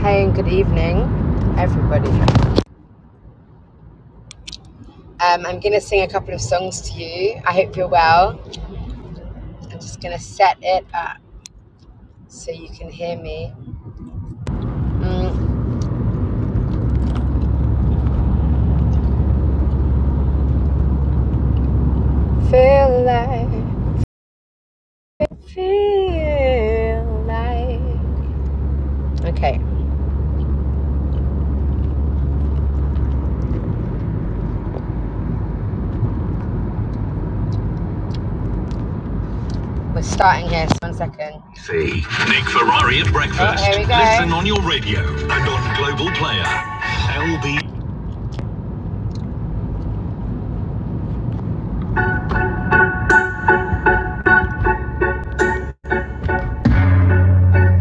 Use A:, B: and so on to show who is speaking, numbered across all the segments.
A: Hi and good evening, everybody. Um, I'm gonna sing a couple of songs to you. I hope you're well. I'm just gonna set it up so you can hear me. Mm. Feel like, feel like. Okay, we're starting here. Just one second. See Nick Ferrari at breakfast. Oh, here we go. Listen on your radio and on Global Player. LB.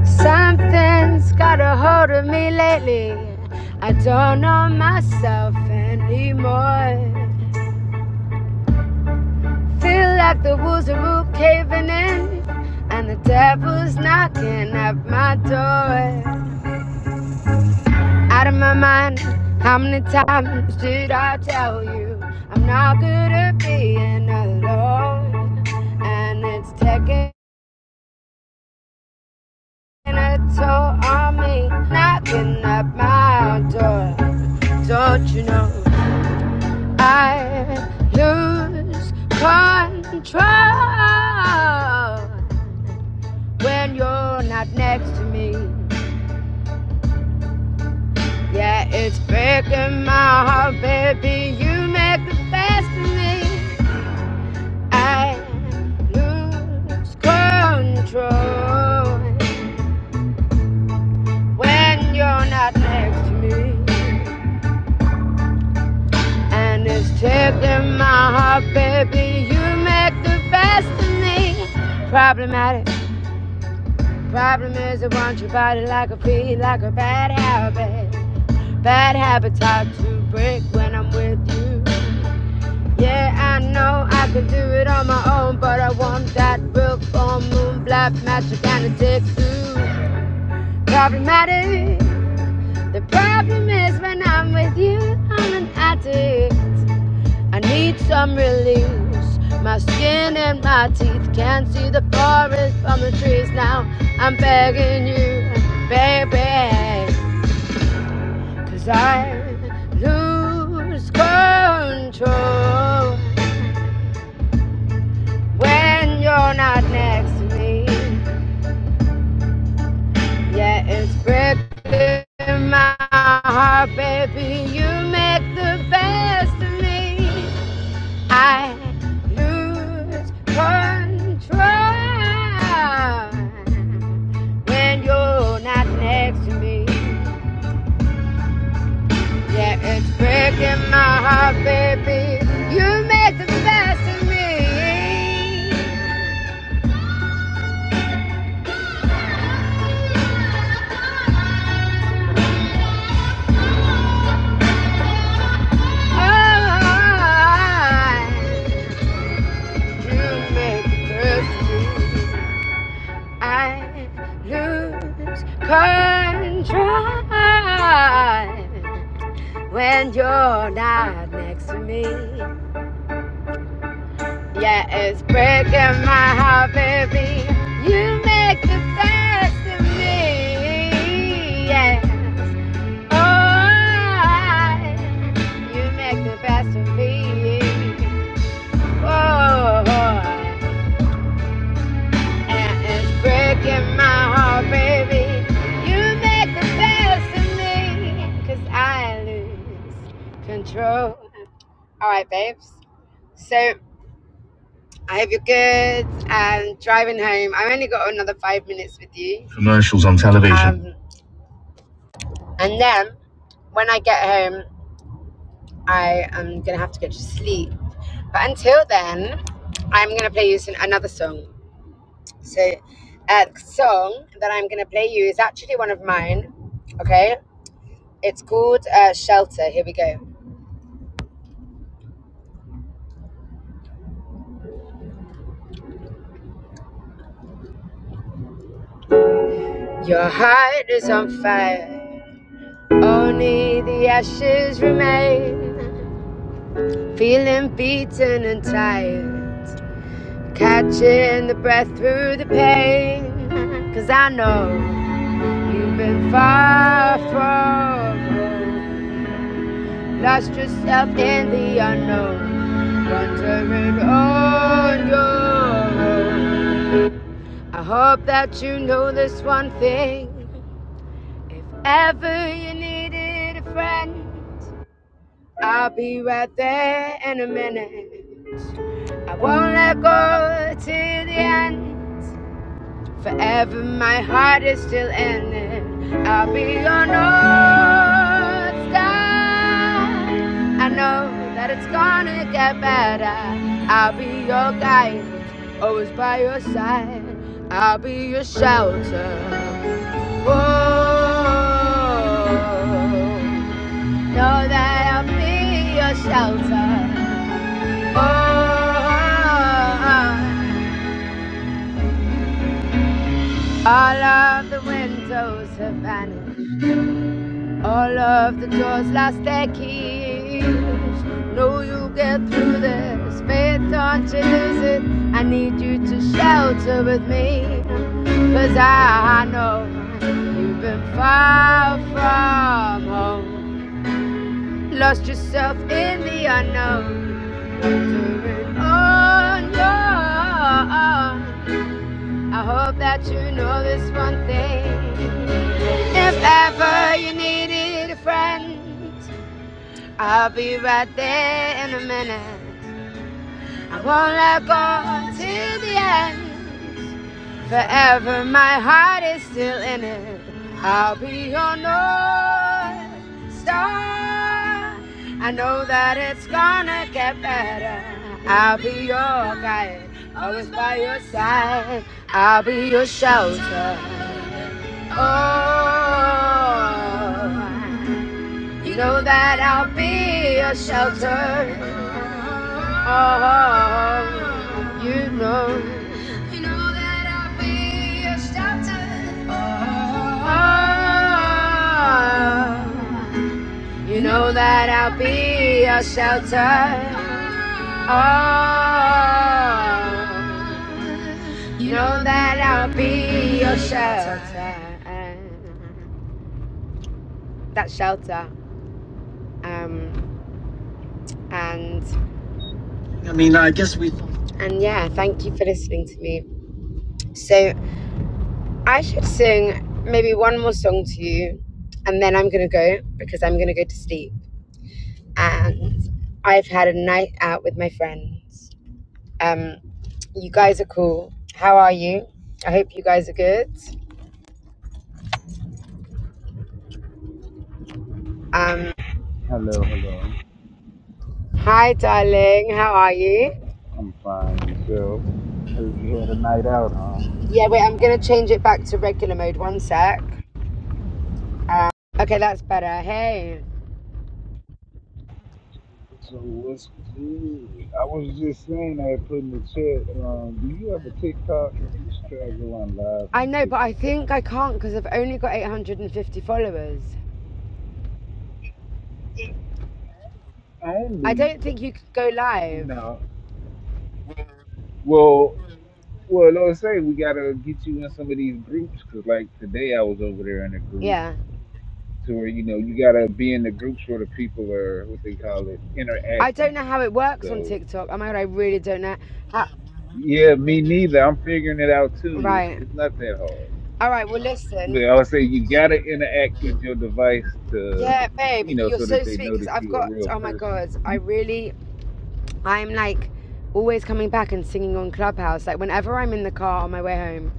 A: Something's got a hold of me lately. I don't know myself anymore. Feel like the walls are all caving in, and the devil's knocking at my door. Out of my mind, how many times did I tell you I'm not good at being alone? And it's taking a toll on me, knocking at my door. Don't you know? I lose control when you're not next to me. Yeah, it's breaking my heart, baby. You make the best of me. I lose control when you're not next to me. And it's taking my heart, baby. You make the best of me. Problematic. Problem is, I want your body like a feed, like a bad habit. Bad habits hard to break when I'm with you. Yeah, I know I can do it on my own, but I want that real full moon, black magic, and it takes two. Problematic. The problem is when I'm with you, I'm an addict. I need some release. My skin and my teeth can't see the forest from the trees. Now I'm begging you, baby, 'cause I lose control when you're not next to me. Yeah, it's breaking my heart, baby. You make the best of me. I lose control when you're not next to me. Yeah, it's breaking my heart, baby. You make the best of me. Oh, you make the best of me. I lose control when you're not next to me. Yeah, it's breaking my heart, baby. You make the best of me. Yes. Oh, I, you make the best of me. Oh, and it's breaking my heart, baby. You make the best of me, 'cause I lose control. All right, babes. So I hope you're good and driving home. I've only got another five minutes with you. Commercials on television. Um, and then when I get home, I am going to have to go to sleep. But until then, I'm going to play you some, another song. So, uh, the song that I'm going to play you is actually one of mine. Okay? It's called uh, Shelter. Here we go. Your heart is on fire, only the ashes remain. Feeling beaten and tired. Catching the breath through the pain, 'cause I know you've been far from home. Lost yourself in the unknown. Wandering on your own. I hope that you know this one thing. If ever you needed a friend, I'll be right there in a minute. I won't let go till the end. Forever my heart is still in it. I'll be your north star. I know that it's gonna get better. I'll be your guide, always by your side. I'll be your shelter. Oh, know that I'll be your shelter. Oh, all of the windows have vanished. All of the doors lost their keys. No, you get through this. Faith, don't you lose it. I need you to shelter with me, 'cause I know you've been far from home. Lost yourself in the unknown. Wandering on your own. I hope that you know this one thing. If ever you needed a friend. I'll be right there in a minute. I won't let go till the end. Forever, my heart is still in it. I'll be your north star. I know that it's gonna get better. I'll be your guide, always by your side. I'll be your shelter. Oh. You know that I'll be your shelter. Oh, you know. You know that I'll be your shelter. Oh, you know that I'll be your shelter. Oh, you know that I'll be your shelter. That shelter. Um, and I mean, I guess we. And yeah, thank you for listening to me. So I should sing maybe one more song to you, and then I'm gonna go because I'm gonna go to sleep. And I've had a night out with my friends. Um, you guys are cool. How are you? I hope you guys are good. Um,
B: Hello, hello.
A: hi, darling. How are you?
B: I'm fine. Yourself? Heard you had a night out, huh?
A: Yeah, wait. I'm gonna change it back to regular mode. One sec. Um, okay, that's better. Hey.
B: So what's good? I was just saying I put in the chat. Um, do you have a TikTok? You should try to go on live
A: I
B: on
A: know, but I
B: TikTok.
A: think I can't because I've only got 850 followers. I
B: Only
A: don't think you could go live.
B: no. Well, well, let's say we gotta get you in some of these groups because, like today, I was over there in a group
A: Yeah.
B: to where you know you gotta be in the groups where the people are what they call it
A: I don't
B: interacting.
A: know how it works on
B: So
A: TikTok. Oh my god, I really don't know. How...
B: yeah, me neither. I'm figuring it out too. It's,
A: Right.
B: it's not that hard.
A: All right, well,
B: But
A: listen.
B: I would say you gotta interact with your device to,
A: Yeah, babe,
B: you know,
A: you're
B: so that
A: so
B: they
A: sweet
B: know
A: because
B: that
A: I've
B: you a
A: got,
B: real
A: oh my
B: person.
A: god, I really, I'm like always coming back and singing on Clubhouse. Like, whenever I'm in the car on my way home,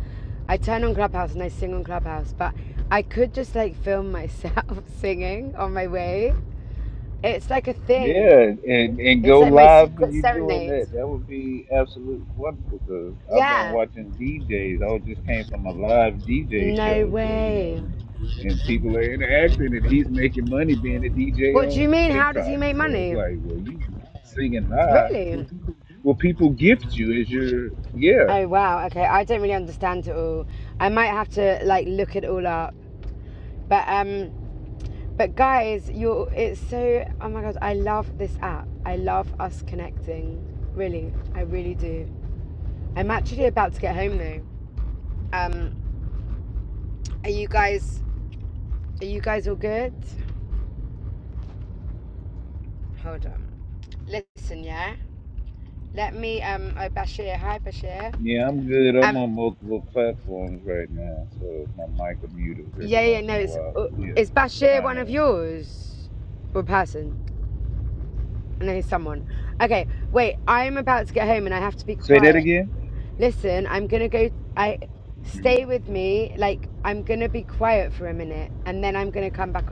A: I turn on Clubhouse and I sing on Clubhouse, but I could just like film myself singing on my way. It's like a thing.
B: Yeah, and and
A: It's
B: go
A: like my
B: live when
A: secret
B: you doing
A: serenade.
B: that. That would be absolutely wonderful. Cause I've been
A: Yeah.
B: watching DJs. I just came from a live DJ
A: No
B: show where you know,
A: way.
B: and people are interacting, and he's making money being a DJ
A: What do you
B: on
A: mean? How does
B: TikTok.
A: he make
B: So it's
A: money?
B: like, well, you singing live.
A: Really?
B: Well, people gift you as your yeah.
A: Oh wow. Okay, I don't really understand it all. I might have to like look it all up. But um, but guys, you're it's so. Oh my god, I love this app. I love us connecting. Really, I really do. I'm actually about to get home though. Um, are you guys? Are you guys all good? Hold on. Listen, yeah. Let me. Um, oh Bashir. Hi Bashir.
B: Yeah, I'm good.
A: Um.
B: I'm on multiple platforms right now, so my mic will mute us
A: Yeah,
B: every
A: yeah,
B: once
A: no,
B: in a
A: it's
B: while.
A: uh,
B: But yeah,
A: it's
B: I'm
A: Bashir,
B: trying
A: one of
B: to
A: yours, or person. No, he's someone. Okay, wait. I'm about to get home and I have to be
B: say that
A: quiet.
B: again.
A: Listen, I'm gonna go. I
B: hmm
A: stay with me. Like I'm gonna be quiet for a minute and then I'm gonna come back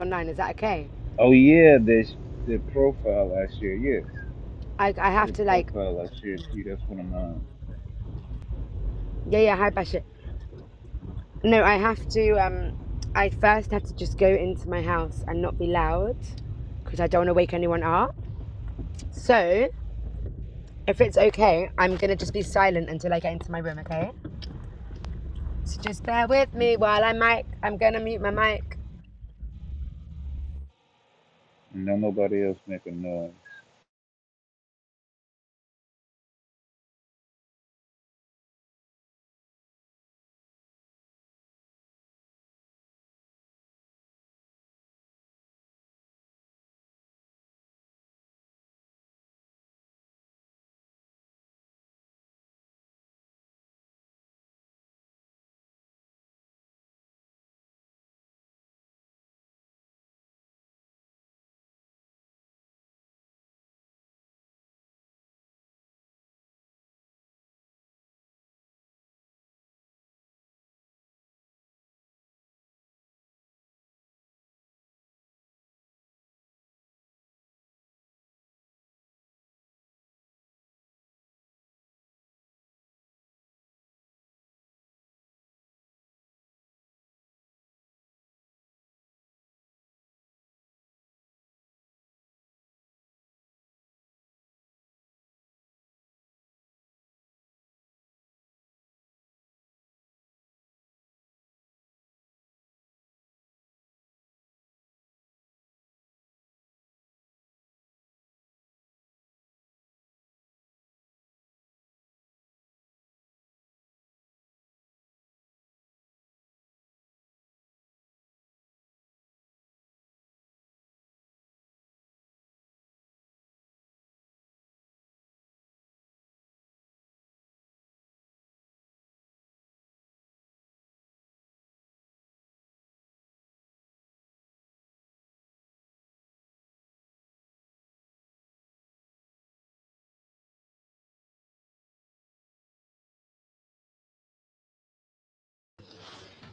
A: online. Is that okay?
B: Oh yeah, the the profile I shared. Yes,
A: I I have
B: the
A: to like
B: profile I shared to you. That's one of mine.
A: yeah yeah hi Bashir. No, I have to um. I first have to just go into my house and not be loud because I don't want to wake anyone up. So If it's okay, I'm gonna just be silent until I get into my room, okay? So just bear with me
B: hmm
A: while I mic. I'm gonna mute my mic.
B: And don't nobody else making noise.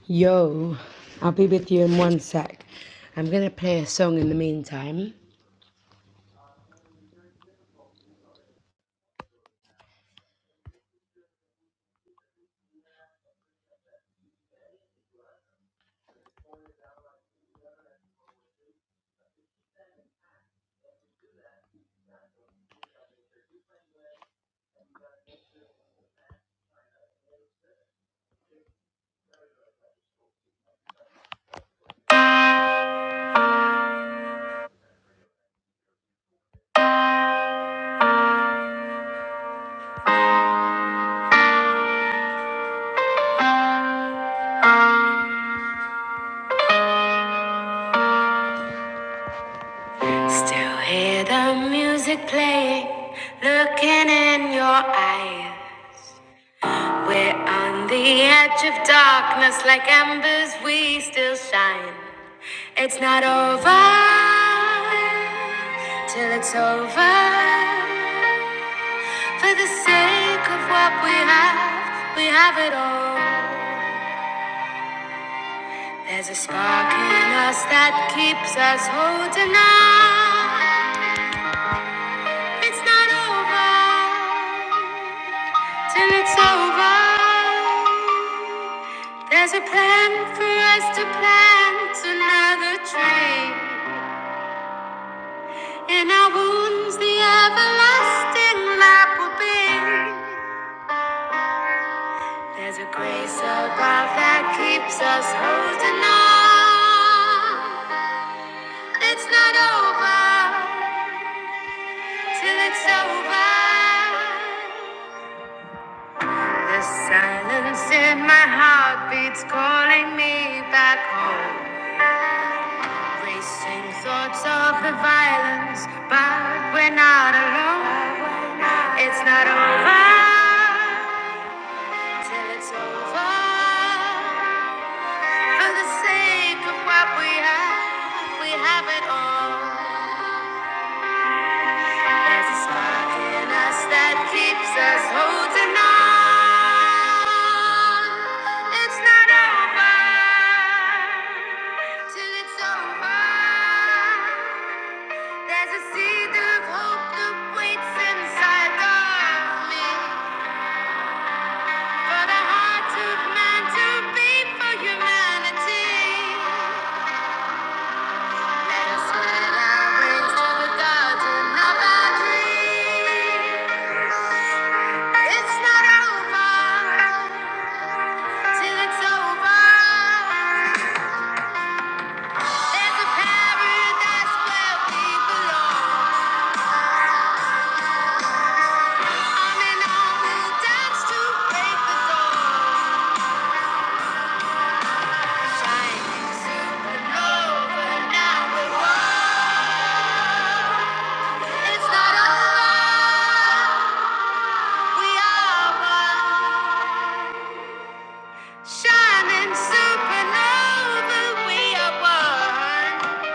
A: Yo, I'll be with you in one sec. I'm gonna play a song in the meantime. Still hear the music playing, looking in your eye. We're on the edge of darkness, like embers, we still shine. It's not over till it's over. For the sake of what we have, we have it all. There's a spark in us that keeps us holding on. It's not over till it's over. There's a plan for us to plant another tree. In our wounds, the everlasting lap will be. There's a grace above that keeps us holding on. It's not over till it's over. The silence in my heart beats calling me back home. Racing thoughts of the violence, but we're not alone. It's not over till it's over. For the sake of what we have, we have it all. There's a spark in us that keeps us holding on. It's not over till it's over. There's a seed of hope that waits inside of me for the heart of man to beat for humanity. Let us swear our rings to the gods and our dreams. It's not over till it's over. There's a paradise where we belong. On and on we'll dance the dawn. Shining supernova, now we're one. It's not over. We are one. Shining supernova. We are one.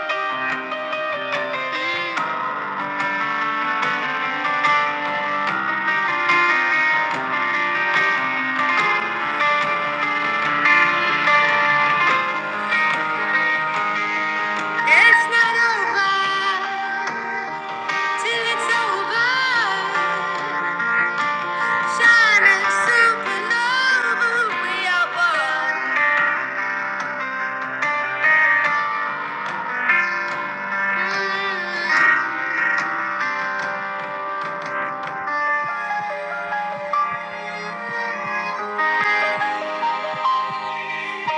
A: It's not over till it's over. Shining supernova. We are one.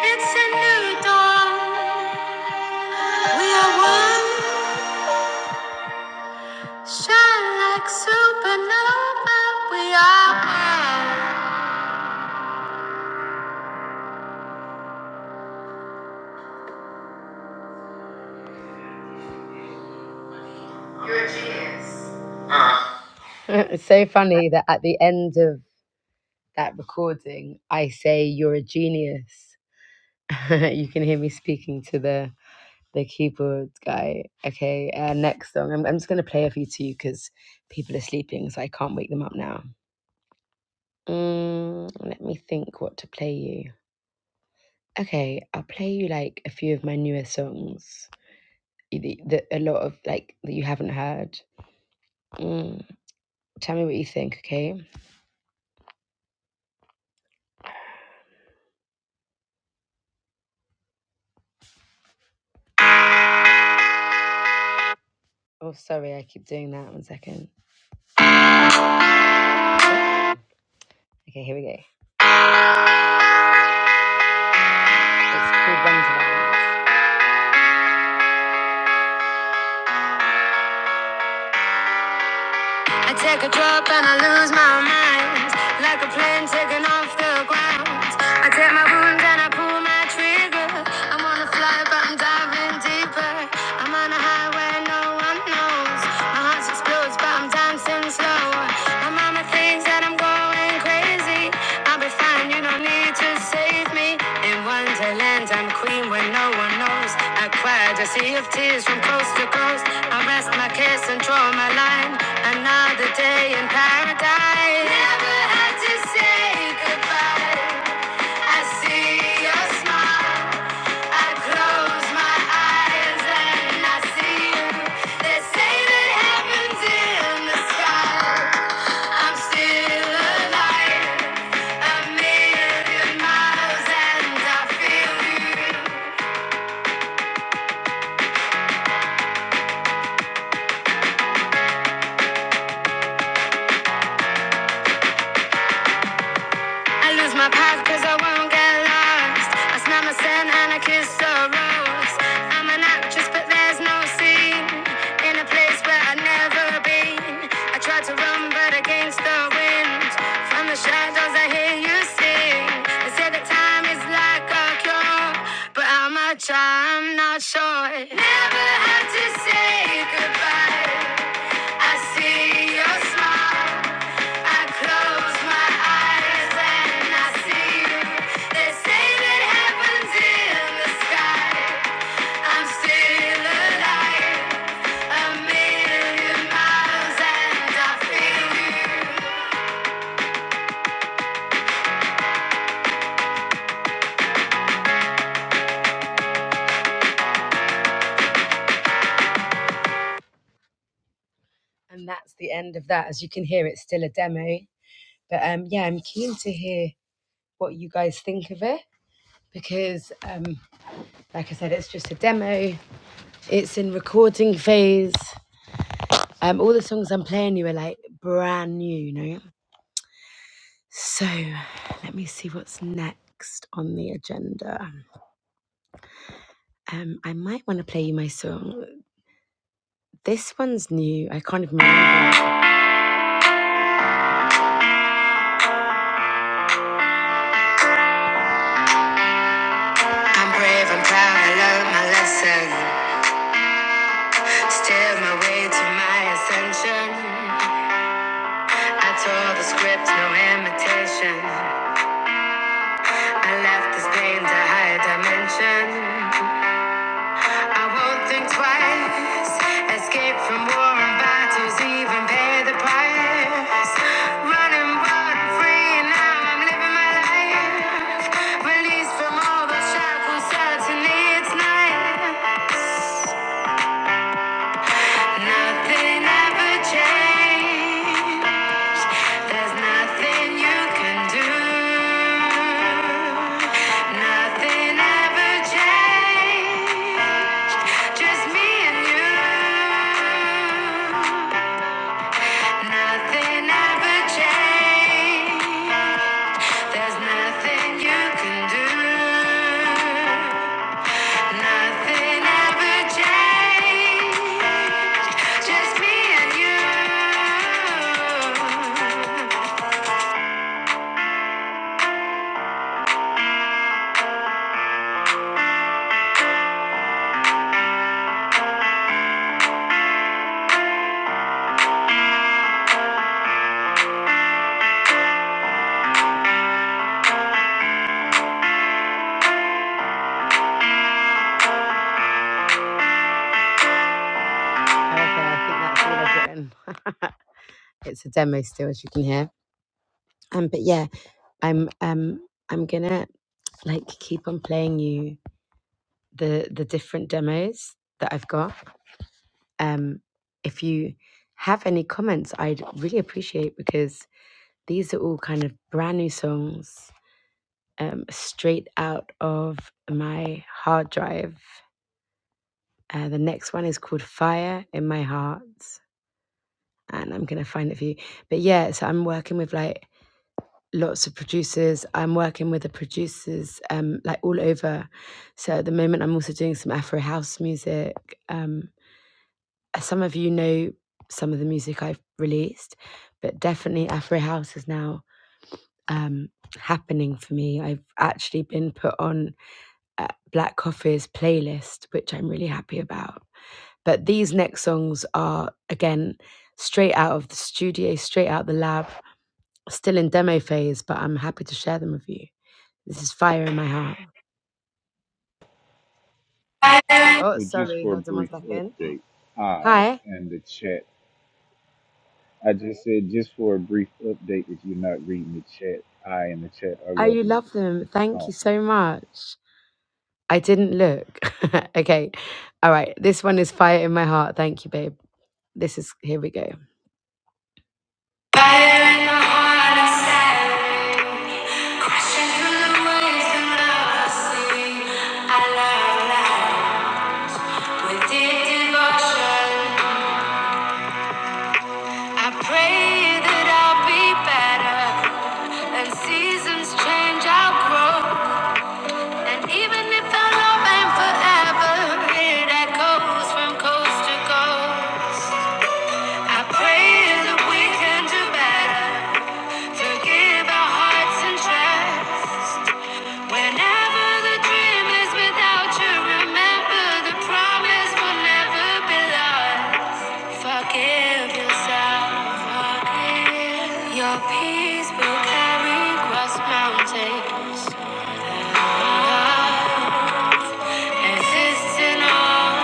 A: It's a new dawn. We are one. Shine like supernova, we are one. it's so funny that at the end of that recording, I say you're a genius. you can hear me speaking to the the keyboard guy. Okay, uh, next song. I'm, I'm just gonna play a few to you because people are sleeping, so I can't wake them up now. Mm, let me think what to play you. Okay, I'll play you like a few of my newer songs. e, The, the, a lot of like that you haven't heard. Mm. Tell me what you think, okay? Oh, sorry, I keep doing that. One second. Okay, here we go. It's called Wonderland. I take a drop and I lose my mind, like a plane taking off the ground. I take my wounds and I pull my trigger. I'm on a fly, but I'm diving deeper. I'm on a high where no one knows. My heart explodes, but I'm dancing slow. My mama thinks that I'm going. going crazy. I'll be fine, you don't need to save me. In Wonderland, I'm queen when no one knows. I cried a sea of tears from coast to coast. I rest my case and draw my line. Another day in paradise. Never had to say goodbye. I see your smile. I close my eyes and I see you. They say that heaven's in the sky. I'm still alive, a million miles, and I feel you. I lose my path cause I won't get lost. I smell my sin and I kiss the rose. I'm an actress, but there's no scene in a place where I've never been. I tried to run, but against the wind. From the shadows, I hear you sing. They say that time is like a cure, but how much I'm not sure. Never had to say goodbye and And that's the end of that. As you can hear, it's still a demo. But um, yeah, I'm keen to hear what you guys think of it because, um, like I said, it's just a demo. It's in recording phase Um, all the songs I'm playing you are like brand new, you know. So let me see what's next on the agenda. Um, I might want to play you my song. This one's new. I can't even remember. I'm brave, I'm proud, I learned my lesson. Steer my way to my ascension. I tore the script, no imitation. I left this pain to higher dimension. I won't think twice. Escape from war and battles, even pay the price. Running wild and free, and now I'm living my life. Released from all the shackles, certainly it's nice. Nothing ever changed. There's nothing you can do. Nothing ever changed. Just me and you. Nothing ever changed. There's nothing you can do. Nothing ever changed. Just me and you. Okay, I think that's all i it's a demo still, as you can hear. Um, but yeah, I'm um, I'm gonna like keep on playing you the the different demos that I've got. Um, if you have any comments, I'd really appreciate because these are all kind of brand new songs, um, straight out of my hard drive. Uh, the next one is called Fire in My Heart, and I'm gonna find it for you. But yeah, so I'm working with like lots of producers. I'm working with the producers um, like all over. So at the moment, I'm also doing some Afro house music. um. some of you know some of the music I've released, but definitely Afro House is now um, happening for me. I've actually been put on uh, Black Coffee's playlist, which I'm really happy about. But these next songs are, again, straight out of the studio, straight out the lab, still in demo phase, but I'm happy to share them with you. This is Fire in My Heart. Oh,
B: Well, just
A: sorry.
B: for
A: Hold
B: a
A: on one
B: brief
A: second.
B: update, I
A: Hi.
B: and the chat. I just said just for a brief update. If you're not reading
A: Oh, you love them. Thank you so much. I didn't look. okay. All right. This one is Fire in My Heart. Thank you, babe. This is, here we go. Fire in my heart, I'm staring. Crashing through the waves through the sea. I love life with deep devotion. I pray that I'll be better. And seasons change, I'll grow. And even if our love ain't forever, it echoes from coast to coast. I pray that we can do better to give our hearts and trust. Whenever the dream is without you, remember the promise will never be lost. Forgive yourself, Your peace will carry across mountains. Love exists all.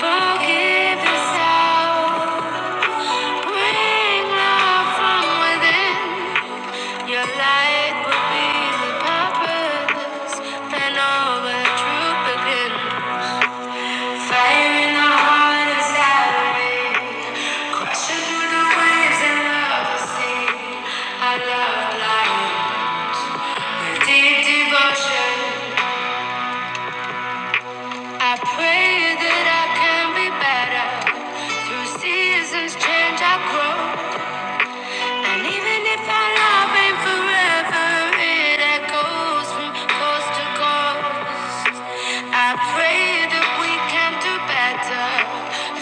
A: Forgive us Bring love from within. Your light will be the purpose. Then all the truth begin. Fire in the heart is gathering. through the waves and love will see. I love life. Deep devotion. I pray that I can be better. Through seasons change, I grow. And even if our love ain't forever, it echoes from coast to coast. I pray that we can do better.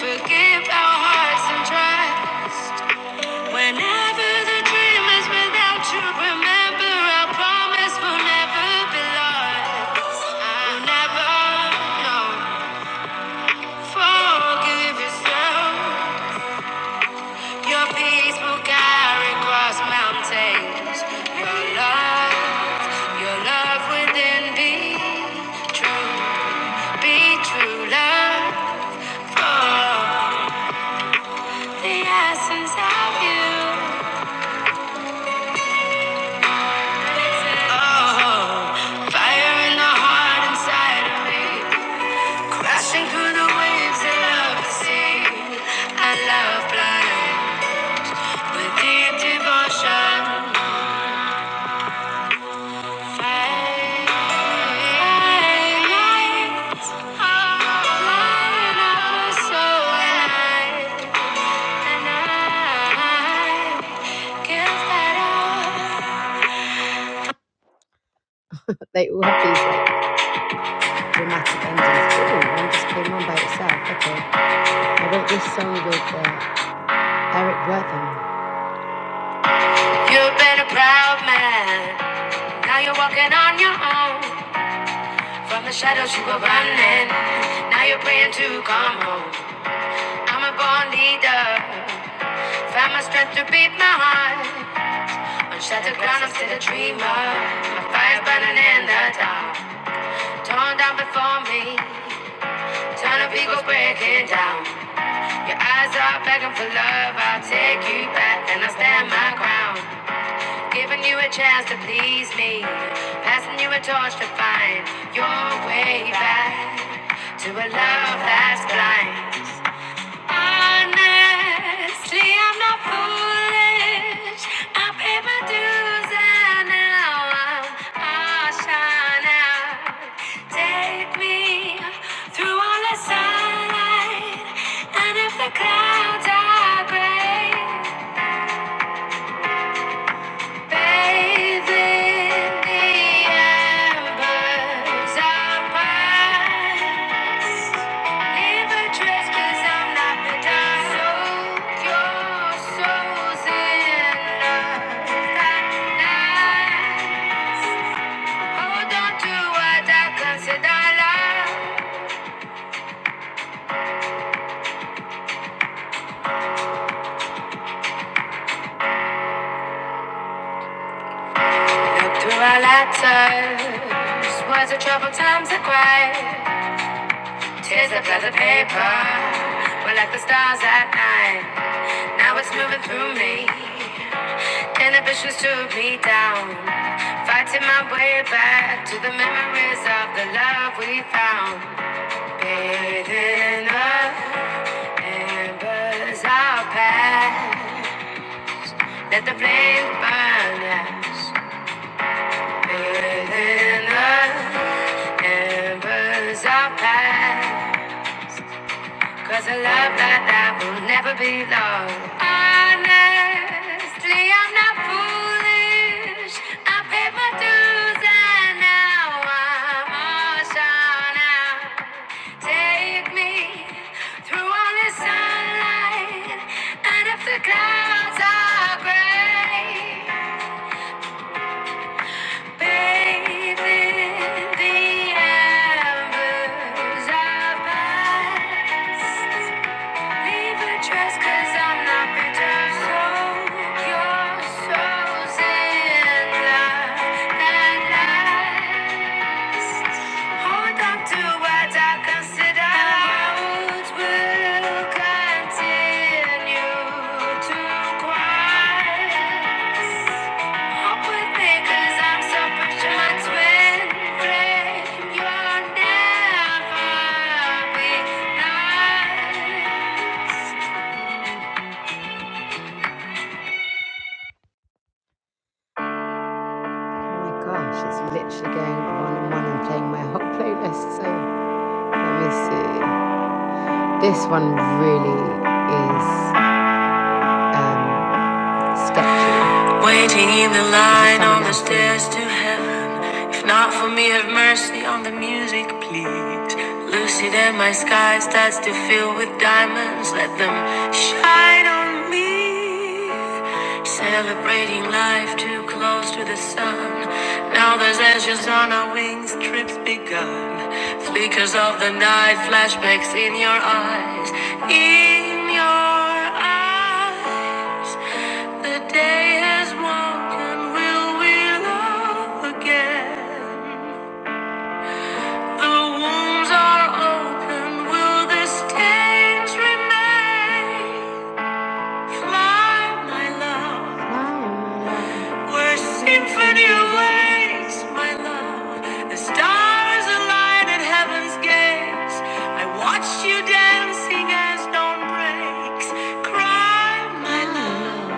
A: Forgive our hearts and tries. Whenever the dream is without you, remember our promise will never be lost. I'll never, no, forgive yourself. Your peace will carry across mountains. Your love, your love within be true, be true love Oh, the essence of you. Oh, fire in the heart inside of me, crashing through the waves I love the sea. I love flying with deep devotion. They all have these like dramatic endings. Oh, one just came on by itself. Okay. I wrote this song with uh, Eric Wortham. You've been a proud man. Now you're walking on your own. From the shadows you were running. Now you're praying to come home. I'm a born leader. Found my strength to beat my heart. On shattered ground, I'm still a dreamer. My fire's burning in the dark. Torn down before me. Turn of ego breaking down. Your eyes are begging for love. I'll take you back and I'll stand my ground. Giving you a chance to please me. Passing you a torch to find your way back to a love that's blind. Honestly, I'm not foolish. I pay my dues and now I'm i shine out. Take me through all the sunlight. And if the clouds are gray, Bathe in the embers of past. Leave 'cause I'm not the Soak your souls in love that lasts. Hold on to what I consider love. Look through our letters. Was it troubled times that cried? Tears that blur the paper. We're like the stars at night. Now it's moving through me. Inhibitions took me down. Fighting my way back to the memories of the love we found. Bathing up, embers our path. Let the flame burn us. Bathing up, embers our path. 'Cause a love like that will never be lost. Honestly, I'm not foolish. I paid my dues and now I'm all shot out. Take me through all the sunlight. And if the clouds are gray, bathe in the embers of past. Leave a trace i I'm not returned. So your soul's in love at last. Hold on to what I consider. Words will continue to quiet so nice. Oh my gosh, it's literally going on and on and playing my hot playlist. So let me see. This one really is. Um, Statue. Waiting in the line song on the stairs to heaven. If not for me, have mercy on the music, please. Lucid and my sky starts to fill with diamonds. Let them shine on me. Celebrating life too close to the sun. Now there's ashes on our wings, trips begun. Flickers of the night, flashbacks in your eyes. In your eyes. The day has woken, will we love again? The wounds are open, will the stains remain? Fly, my love, where symphony awaits, my love. The stars align at heaven's gates. I watched you dancing as dawn breaks. Cry, my love.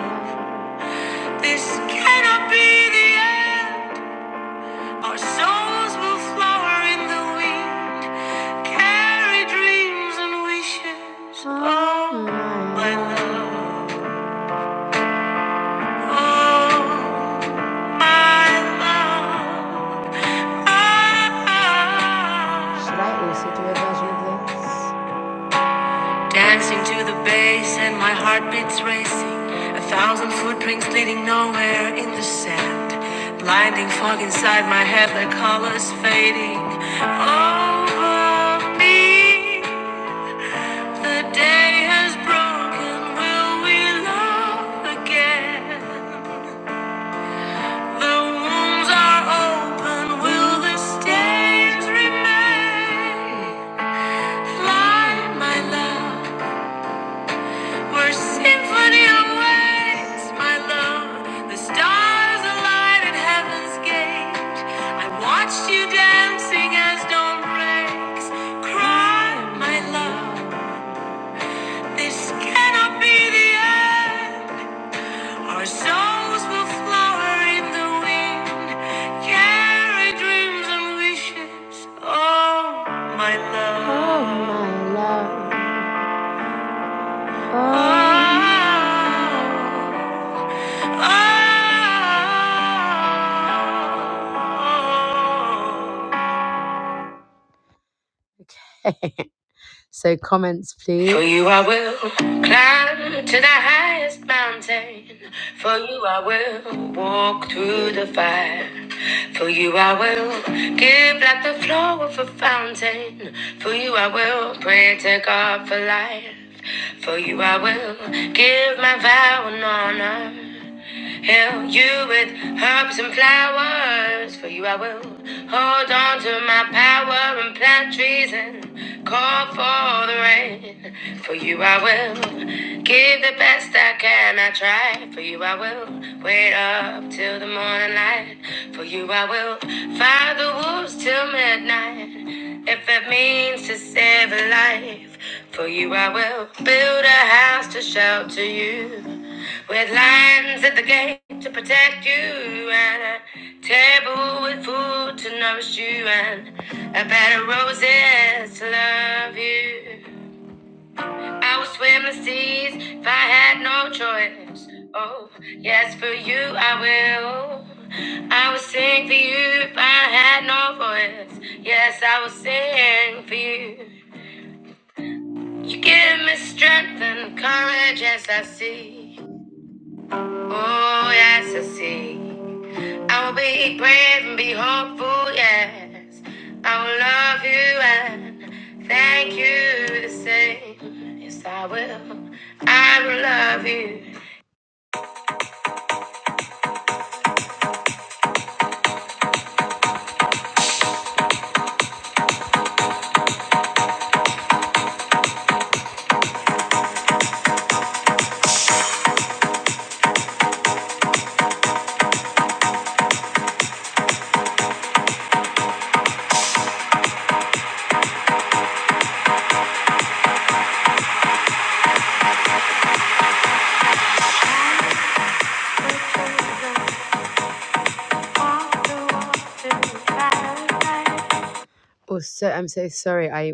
A: This cannot be the end. Our souls will flower in the wind, carry dreams and wishes. Oh, my love. Oh, my love. Ah. Should I also do a version of this? Dancing to the bass and my heartbeats racing. A thousand footprints leading nowhere in the sand. Blinding fog inside my head, the colors fading. Over me, the day has broken. Will we love again? The wounds are open. Will the stains remain? Fly, my love. We're symphony of waves, my love. The stars align at heaven's gate. I watched you dancing as dawn breaks. Cry, my love. This cannot be the end. Our souls will flower in the wind. Carry dreams and wishes. Oh, my love. Oh, my love. so comments, please. For you I will, for you I will walk through the
C: Yay.
A: fire. For you I will give like the flow of a fountain. For you I will pray to God for life. For you I will live my vow with herbs and flowers. For you I will. Hold on to my power and plant trees and call for the rain. For you I will give the best I can. I try. For you I will wait up till the morning light. For you I will fire the wolves till midnight. If it means to save a life, for you I will build a house to shelter you. With lions at the gate to protect you, and a table with food to nourish you, and a bed of roses to love you. Oh, so I'm so sorry. I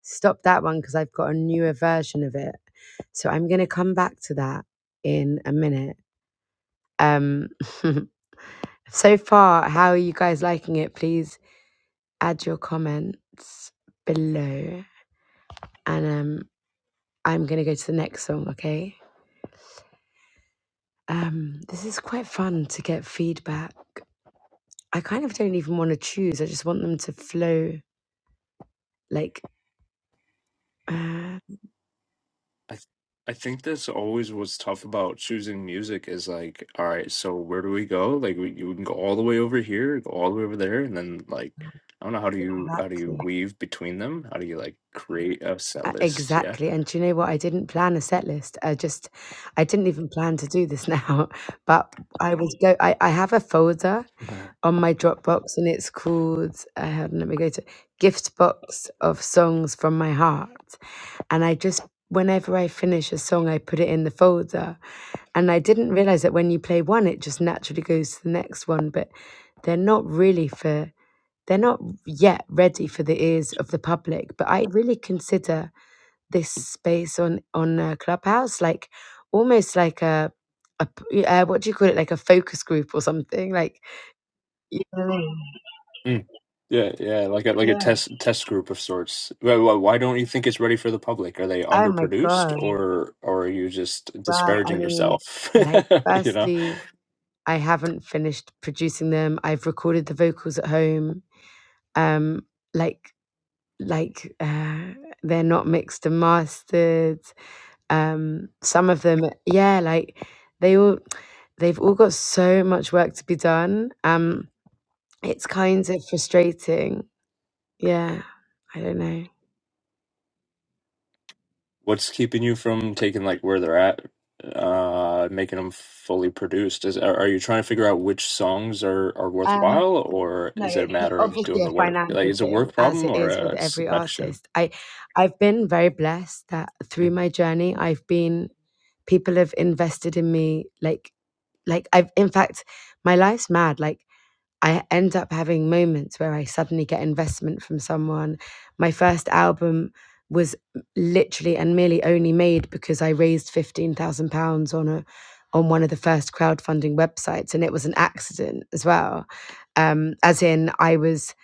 A: stopped that one because I've got a newer version of it. So I'm gonna come back to that in a minute. Um, so far, how are you guys liking it? Please add your comments below. And um, I'm going to go to the next song, okay? Um, this is quite fun to get feedback. I kind of don't even want to choose, I just want them to flow like. Uh,
D: I th- I think that's always what's tough about choosing music is like, all right, so where do we go? Like we you can go all the way over here, go all the way over there, and then like I don't know how do you how do
A: exactly.
D: you weave between them? How do you like create a set
A: Uh,
D: list? Yeah.
A: exactly, and do you know what? I didn't plan a set list. I just I didn't even plan to do this now, but I was go I I have a folder
D: Mhm.
A: on my Dropbox and it's called I had let me go to gift box of songs from my heart. And I just whenever I finish a song I put it in the folder. And I didn't realize that when you play one it just naturally goes to the next one, but they're not really for they're not yet ready for the ears of the public, but I really consider this space on on uh, Clubhouse, like almost like a, a p- uh, what do you call it, like a focus group or something, like you know what I mean?
D: Mm. Yeah, yeah, like a like a
A: yeah.
D: test test group of sorts. Why, why why don't you think it's ready for the public? Are they
A: Oh my
D: underproduced
A: god!
D: or or are you just
A: Wow, I
D: disparaging
A: mean,
D: yourself?
A: like
D: you know?
A: firstly, I haven't finished producing them. I've recorded the vocals at home. Um, like like uh, they're not mixed and mastered. Um, some of them, yeah, like they all they've all got so much work to be done. Um It's kind of frustrating. Yeah, I don't know.
D: What's keeping you from taking like where they're at, uh, making them fully produced? Is are, are you trying to figure out which songs are are
A: Um,
D: worthwhile, or
A: no,
D: is it a
A: it's
D: matter of doing
A: obviously a
D: the work? Like,
A: financial
D: is it a
A: thing,
D: work
A: as
D: problem
A: it
D: or
A: is with
D: a
A: every
D: selection?
A: artist. I, I've been very blessed that through
D: Mhm.
A: my journey, I've been people have invested in me like like i've in fact my life's mad like I end up having moments where I suddenly get investment from someone. My first album was literally and merely only made because I raised fifteen thousand pounds on a on one of the first crowdfunding websites, and it was an accident as well. Um, as in, I was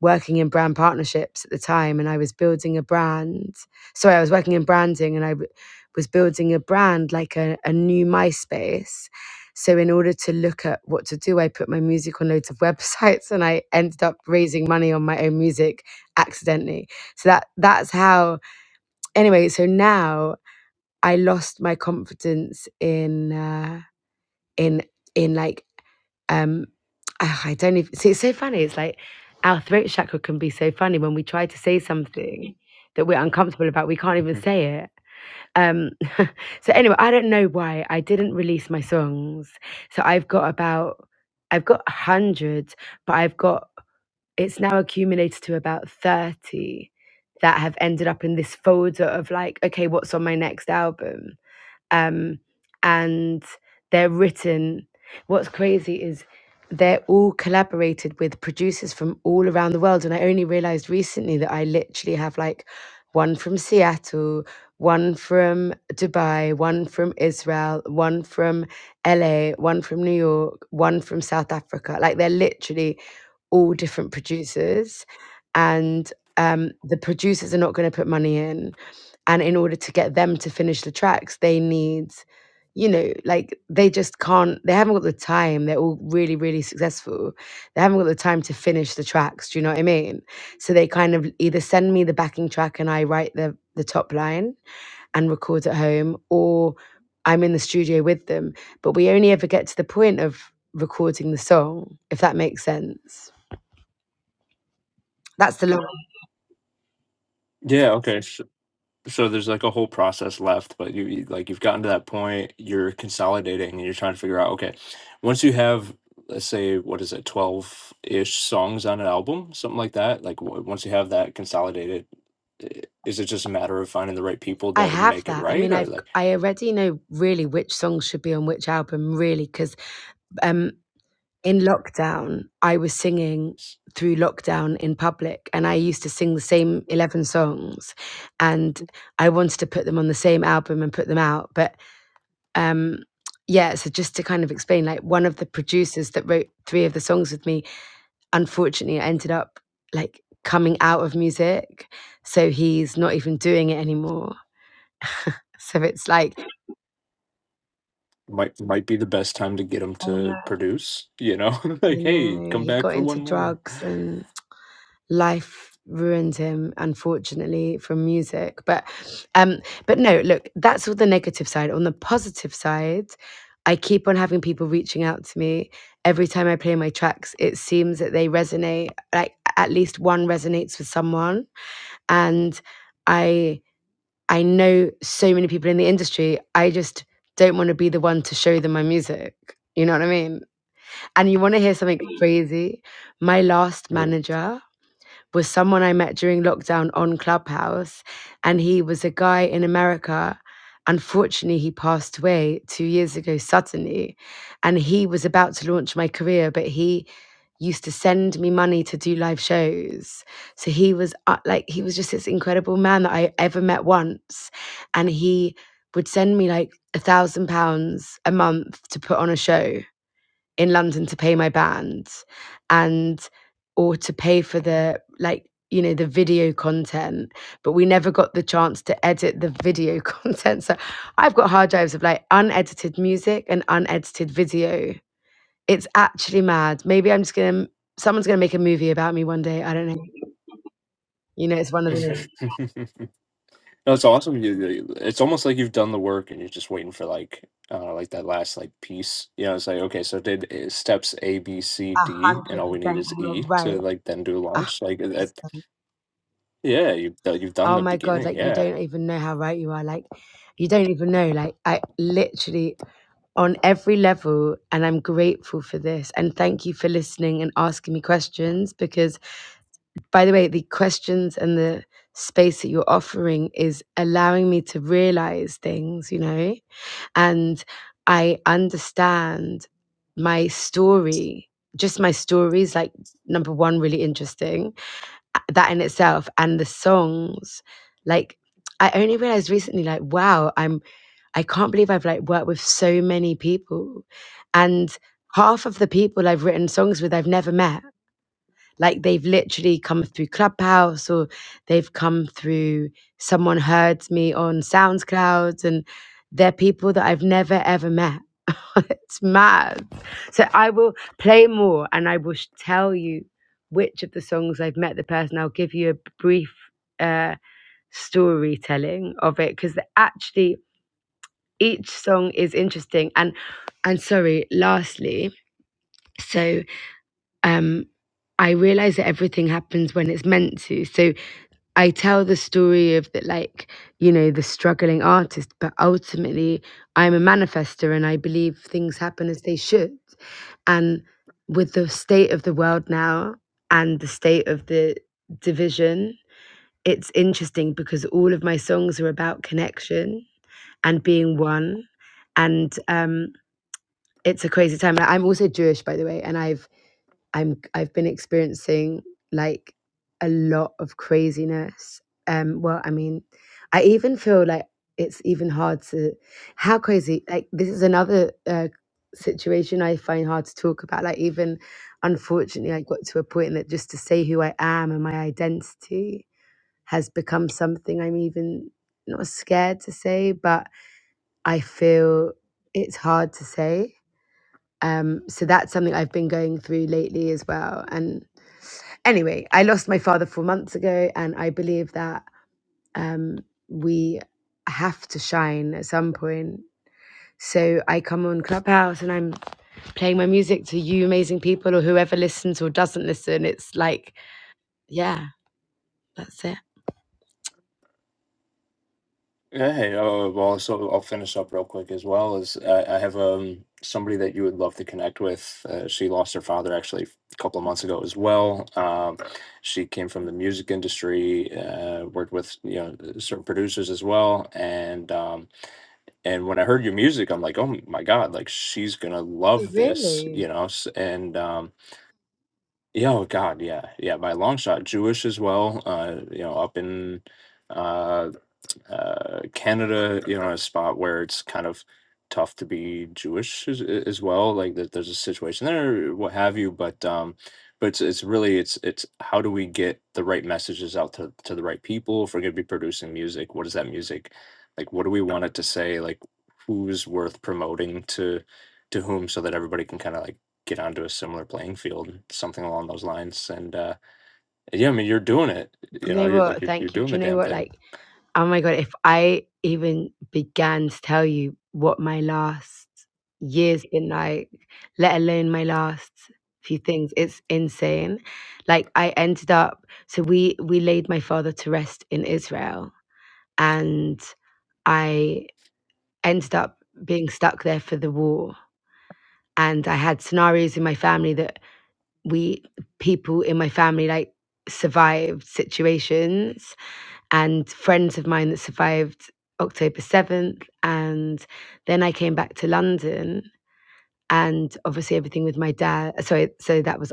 A: working in brand partnerships at the time, and I was building a brand. Sorry, I was working in branding, and I w- was building a brand like a, a new MySpace so, in order to look at what to do, I put my music on loads of websites, and I ended up raising money on my own music accidentally. So that that's how. Anyway, so now I lost my confidence in uh, in in like um ah, I don't even see it's so funny. It's like our throat chakra can be so funny when we try to say something that we're uncomfortable about, we can't even say it. Um, so anyway, I don't know why I didn't release my songs. So I've got about, I've got hundreds, but I've got, it's now accumulated to about 30 that have ended up in this folder of like, okay, what's on my next album? um, and they're written. What's crazy is they're all collaborated with producers from all around the world, and I only realized recently that I literally have like one from Seattle, one from Dubai, one from Israel, one from LA, one from New York, one from South Africa. Like they're literally all different producers, and um, the producers are not going to put money in and in order to get them to finish the tracks they need you know like they just can't they haven't got the time they're all really really successful they haven't got the time to finish the tracks do you know what i mean so they kind of either send me the backing track and i write the the top line and record at home or i'm in the studio with them but we only ever get to the point of recording the song if that makes sense that's the long
D: Yeah. Okay. so there's like a whole process left but you you- like you've gotten to that point you're consolidating and you're trying to figure out okay once you have let's say what is it 12 ish songs on an album something like that like w- once you have that consolidated i- is it just a matter of finding the right people
A: I
D: to
A: have
D: make it
A: that. I
D: right
A: mean,
D: or
A: I've g-
D: like
A: i have I already know really which songs should be on which album, really, because um, in lockdown I was singing
D: s-
A: through lockdown in public, and I used to sing the same eleven songs, and I wanted to put them on the same album and put them out. But um, yeah, so just to kind of explain, like one of the producers that wrote three of the songs with me, unfortunately, ended up like coming out of music, so he's not even doing it anymore. So it's like
D: might might be the best time to get them
A: I
D: to
A: know.
D: produce you know
A: I
D: like hey
A: know.
D: come
A: He
D: back
A: got
D: for one
A: into
D: more
A: drugs and life ruined him, unfortunately, from music. But um, but no, look, that's all the negative side. On the positive side, I keep on having people reaching out to me. Every time I play my tracks, it seems that they resonate, like at least one resonates with someone. And I I know so many people in the industry. I just don't want to be the one to show them my music. You know what I mean? And you want to hear something crazy? My last
D: Or-
A: manager was someone I met during lockdown on Clubhouse, and he was a guy in America. Unfortunately, he passed away two years ago suddenly, and he was about to launch my career, but he used to send me money to do live shows. So he was uh, like, he was just this incredible man that I ever met once, and he would send me like a thousand pounds a month to put on a show in London to pay my band and or to pay for the like you know the video content but we never got the chance to edit the video content so i've got hard drives of like unedited music and unedited video it's actually mad maybe i'm just gonna someone's gonna make a movie about me one day i don't know you know it's one of those.
D: No, it's awesome. You, you- it's almost like you've done the work and you're just waiting for like, uh, like that last like piece. You know, it's like okay, so did uh, steps A, B, C, D, and all we need
A: thank
D: is
A: you
D: E
A: You're
D: to
A: right
D: like then do
A: a hundred
D: launch. Like uh, that,
A: percent.
D: yeah, you've done- you've done
A: oh
D: the
A: my god
D: beginning.
A: like you
D: Yeah.
A: don't even know how right you are like you don't even know like i literally on every level. And I'm grateful for this. And thank you for listening and asking me questions. Because, by the way, the questions and the space that you're offering is allowing me to realize things, you know, and I understand my story, just my stories, like number one, really interesting that in itself and the songs like i only realized recently like wow i'm i can't believe i've like worked with so many people and half of the people i've written songs with i've never met like they've literally come through Clubhouse or they've come through someone heard me on SoundCloud and they're people that I've never ever met. it's mad. So I will play more and I will sh- tell you which of the songs I've met the person. I'll give you a brief uh, storytelling of it because actually each song is interesting. And and sorry, lastly, so um, I realize that everything happens when it's meant to. So I tell the story of that, like, you know, the struggling artist, but ultimately I'm a manifester and I believe things happen as they should. And with the state of the world now and the state of the division, it's interesting because all of my songs are about connection and being one. And um, it's a crazy time. I'm also Jewish, by the way, and I've I'm I've been experiencing like a lot of craziness. Um, well, I mean, I even feel like it's even hard to how crazy. Like this is another uh, situation I find hard to talk about. Like even unfortunately, I got to a point that just to say who I am and my identity has become something I'm even not scared to say, but I feel it's hard to say. Um, so that's something I've been going through lately as well, and Anyway, I lost my father four months ago, and I believe that um, we have to shine at some point. So I come on Clubhouse and I'm playing my music to you amazing people or whoever listens or doesn't listen. It's like, yeah, that's it.
D: Yeah, Hey, uh, well, so I'll finish up real quick as well. Is I, I have um somebody that you would love to connect with. Uh, she lost her father actually a couple of months ago as well. Um, she came from the music industry, uh, worked with you know certain producers as well. And um, and when I heard your music, I'm like, oh my God, like she's gonna
A: Oh,
D: love this,
A: really?
D: you know. s- And um, yeah, oh God, yeah, yeah, by a long shot, Jewish as well. Uh, you know, up in. uh uh, Canada, you know, a spot where it's kind of tough to be Jewish as, as well. Like that, there's a situation there, what have you. But um, but it's it's really it's it's how do we get the right messages out to to the right people? If we're gonna be producing music, what is that music? Like, what do we want it to say? Like, who's worth promoting to to whom, so that everybody can kind of like get onto a similar playing field, something along those lines. And uh, yeah, I mean, you're doing it.
A: Do
D: You
A: you
D: know,
A: know
D: you're like
A: what?
D: you're, you're
A: Thank you.
D: doing
A: Do
D: the
A: you know
D: damn
A: what?
D: thing,
A: Like, Oh my God, if I even began to tell you what my last year's been like, let alone my last few things, it's insane. Like I ended up, so we we laid my father to rest in Israel, and I ended up being stuck there for the war. And I had scenarios in my family that we people in my family like survived situations and friends of mine that survived October 7th. And then I came back to London and obviously everything with my dad. uh, Sorry, so that was,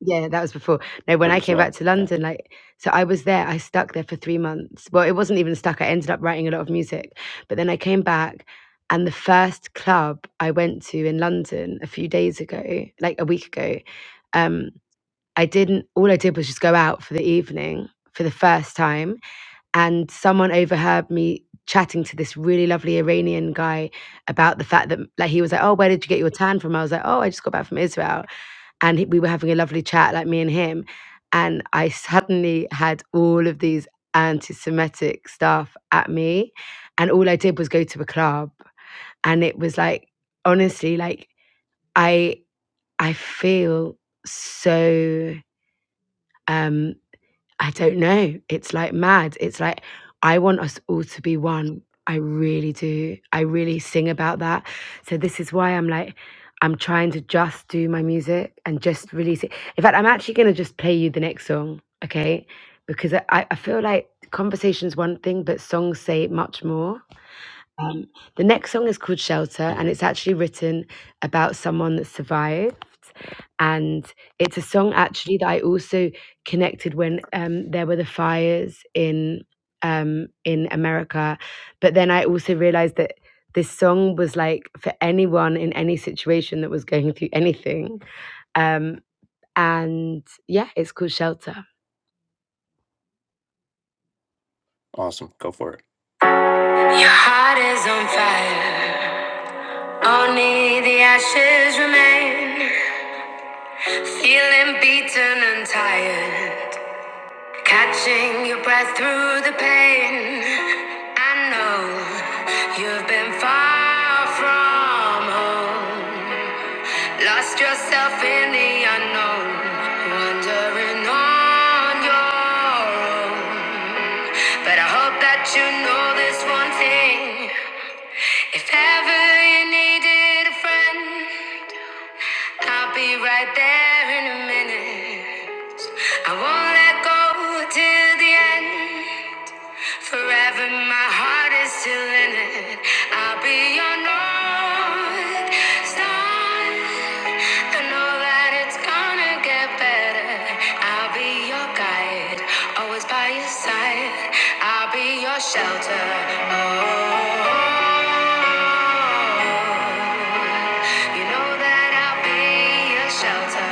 A: yeah, that was before. No, when
D: or
A: I
D: as
A: came back
D: well.
A: to
D: Yeah.
A: London, like, so I was there, I stuck there for three months. Well, it wasn't even stuck, I ended up writing a lot of music. But then I came back. And the first club I went to in London a few days ago, like a week ago, um, I didn't, all I did was just go out for the evening for the first time and someone overheard me chatting to this really lovely Iranian guy about the fact that like he was like, "Oh, where did you get your tan from?" I was like, "Oh, I just got back from Israel." And he, we were having a lovely chat, like me and him, and I suddenly had all of these anti-Semitic stuff at me, and all I did was go to a club, and it was like honestly, like I I feel so um I don't know. It's like mad. It's like I want us all to be one. I really do. I really sing about that. So this is why I'm like I'm trying to just do my music and just release it. In fact, I'm actually going to just play you the next song, okay? Because I, I I feel like conversation's one thing, but songs say much more. Um, the next song is called Shelter,
D: Mhm.
A: and it's actually written about someone that survived. And it's a song actually that I also connected when um, there were the fires in um, in America. But then I also realized that this song was like for anyone in any situation that was going through anything. Um, and yeah, it's called Shelter.
D: Awesome. Go for it.
A: Your heart is on fire. Only the ashes remain. Feeling beaten and tired, catching your breath through the pain. I know you've been far from home, lost yourself in the unknown, wandering on your own. But I hope that you know this one thing. If ever from here in a minute, I won't let go till the end. Forever my heart is still in it. I'll be your north star. I know that it's gonna get better. I'll be your guide, always by your side. I'll be your shelter. Oh, you know that I'll be your shelter.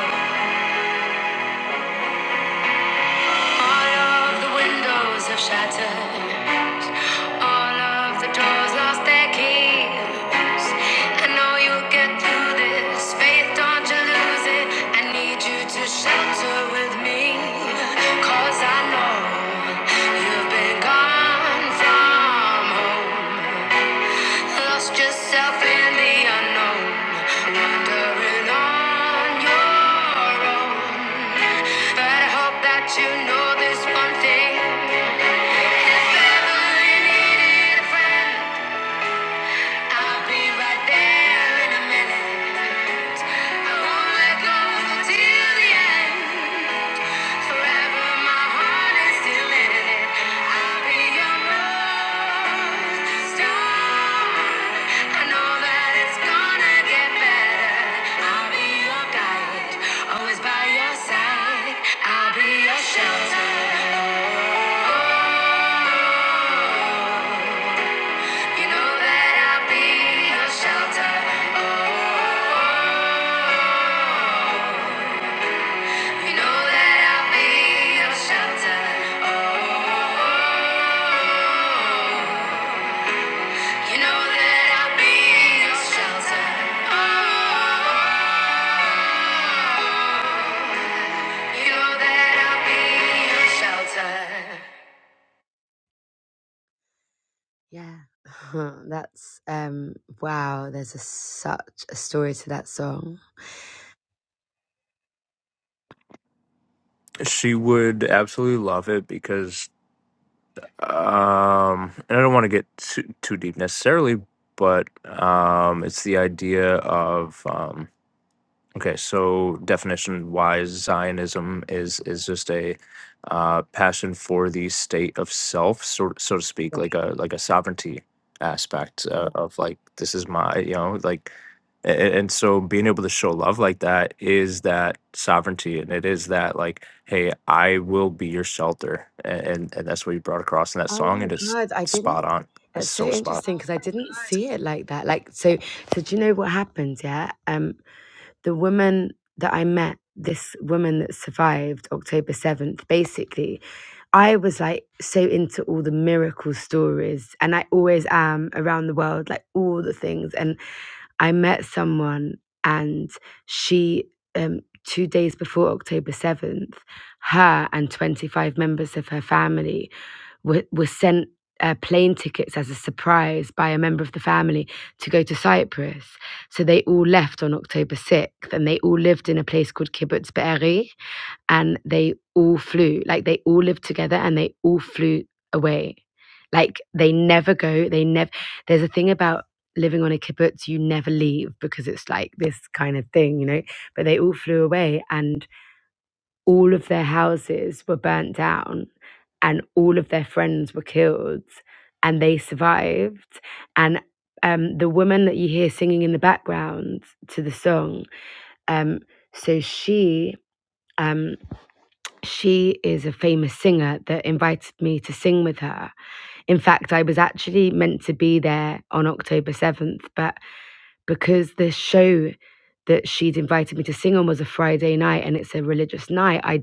A: Oh. All of the windows have shattered. All of the doors lost their keys. I know you'll get through this. Faith, don't you lose it. I need you to shelter with me. I know you've been gone from home. Lost yourself in the unknown, wandering on your own. But I hope that you know this one thing. If ever you needed a friend, I'll be right there. And it's like oh, you know that I'll be your shelter. You know that I'll be your shelter. Oh. oh, oh, oh, oh. Oh, Yeah, that's um wow. There's a, such a story to that song.
D: She would absolutely love it because, um, and I don't want to get too, too deep necessarily, but um, it's the idea of. um, Okay, so definition wise, Zionism is is just a uh, passion for the state of self, so so to speak, like a
A: Yeah.
D: like a sovereignty aspect uh, of like this is my you know like, a- a- and so being able to show love like that is that sovereignty, and it is that like, hey, I will be your shelter, and and, and that's what you brought across in that
A: Oh
D: song,
A: my
D: and it's
A: god, I
D: spot
A: didn't.
D: on. It's
A: That's so
D: so spot
A: interesting because I didn't see it like that. Like so, so do you know what happened? Yeah. Um. the woman that I met, this woman that survived October 7th, basically, I was like so into all the miracle stories, and I always am around the world, like all the things. And I met someone, and she, um, two days before October 7th, her and 25 members of her family were, were sent uh, plane tickets as a surprise by a member of the family to go to Cyprus. So they all left on October 6th and they all lived in a place called Kibbutz Be'eri and they all flew. Like they all lived together and they all flew away. Like they never go. They never, there's a thing about living on a kibbutz, you never leave because it's like this kind of thing, you know? But they all flew away and all of their houses were burnt down and all of their friends were killed and they survived and um, the woman that you hear singing in the background to the song um, so she um, she is a famous singer that invited me to sing with her in fact i was actually meant to be there on october 7th but because the show that she'd invited me to sing on was a friday night and it's a religious night I.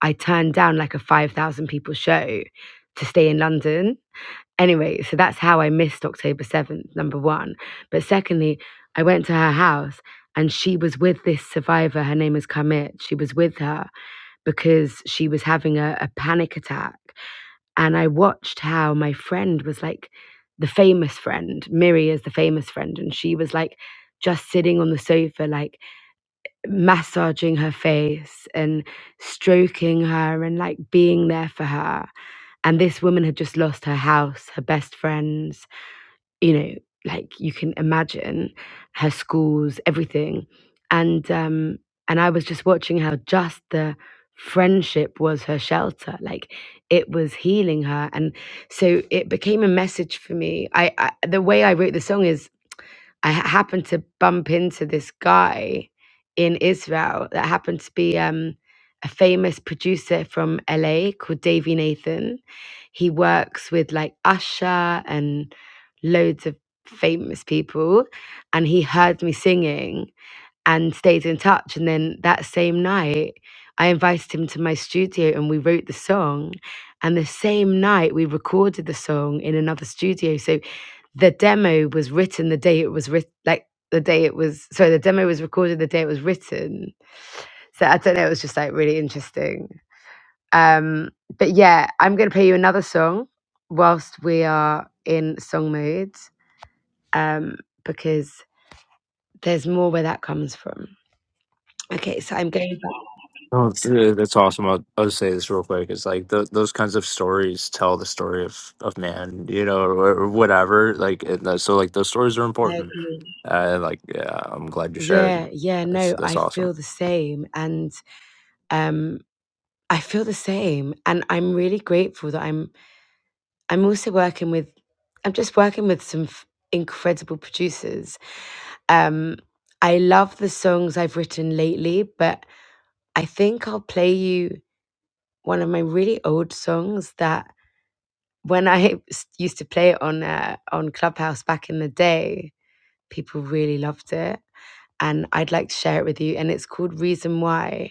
A: I turned down like a 5,000 people show to stay in London. Anyway, so that's how I missed October 7th, number one. But secondly, I went to her house and she was with this survivor. Her name is Kamit. She was with her because she was having a, a panic attack. And I watched how my friend was like, the famous friend, Miri is the famous friend. And she was like, just sitting on the sofa, like, massaging her face and stroking her and like being there for her. And this woman had just lost her house, her best friends, you know, like you can imagine her schools, everything. And um and I was just watching how just the friendship was her shelter. Like it was healing her. And so it became a message for me. I, I the way I wrote the song is I ha- happened to bump into this guy in Israel that happened to be um, a famous producer from LA called Davey Nathan. He works with like Usher and loads of famous people. And he heard me singing and stayed in touch. And then that same night, I invited him to my studio and we wrote the song. And the same night, we recorded the song in another studio. So the demo was written the day it was written like the day it was sorry the demo was recorded the day it was written so i don't know it was just like really interesting um but yeah i'm gonna play you another song whilst we are in song mode um because there's more where that comes from okay so i'm going back
D: No, it's, uh, that's awesome. I'll, I'll just say this real quick. It's like th those kinds of stories tell the story of, of man, you know, or, or whatever. Like, and that- so like those stories are
A: i
D: important.
A: agree
D: Uh, and, like, yeah, I'm glad you
A: Yeah,
D: shared.
A: yeah,
D: That's
A: no,
D: that's
A: I
D: awesome.
A: feel the same and um I feel the same and I'm really grateful that I'm I'm also working with I'm just working with some f- incredible producers. Um I love the songs I've written lately, but I think I'll play you one of my really old songs that when I s- used to play it on uh, on Clubhouse back in the day, people really loved it and I'd like to share it with you and it's called Reason Why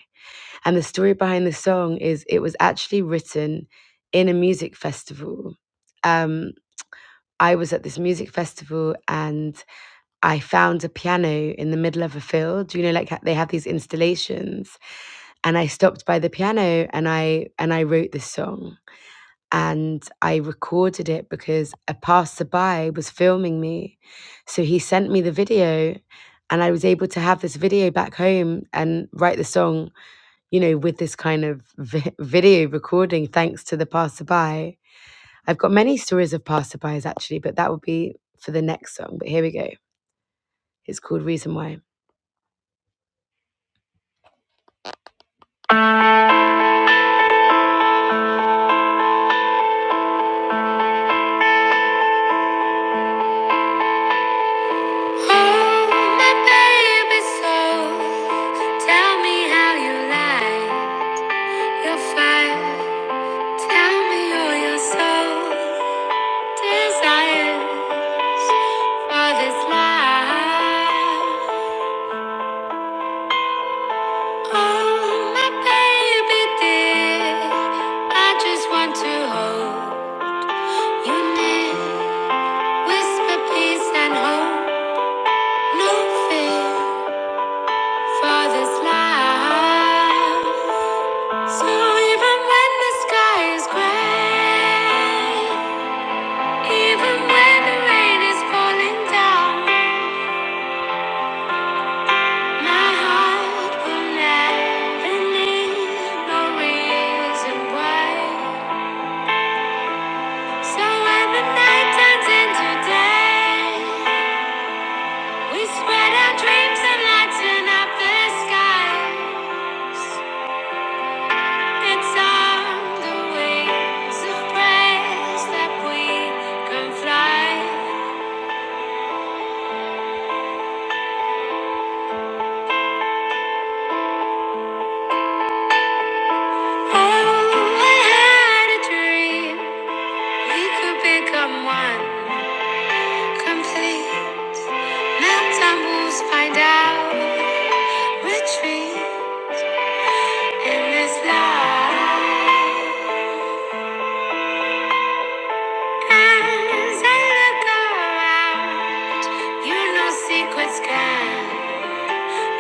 A: And the story behind the song is it was actually written in a music festival. Um, I was at this music festival and I found a piano in the middle of a field. You know, like ha- they have these installations, and I stopped by the piano and I and I wrote this song and I recorded it because a passerby was filming me, so he sent me the video, and I was able to have this video back home and write the song you know, with this kind of vi- video recording, thanks to the passerby. I've got many stories of passerbys actually, but that would be for the next song. But here we go. It's called Reason Why. Oh, my baby soul, tell me how you lie. You're fire, tell me all your soul desires for this life. Oh, my baby dear, I just want to hold you near. Whisper peace and hope, no fear for this life. So even when the sky is gray, even when the rain is falling down, my heart will never need no reason why. So when the night turns into day, we spread our dreams and lighten up the skies. It's on the wings of praise that we can fly. Oh, I had a dream we could become one, complete. Now tumbles find out retreat in this life. As I look around, you're no secrets can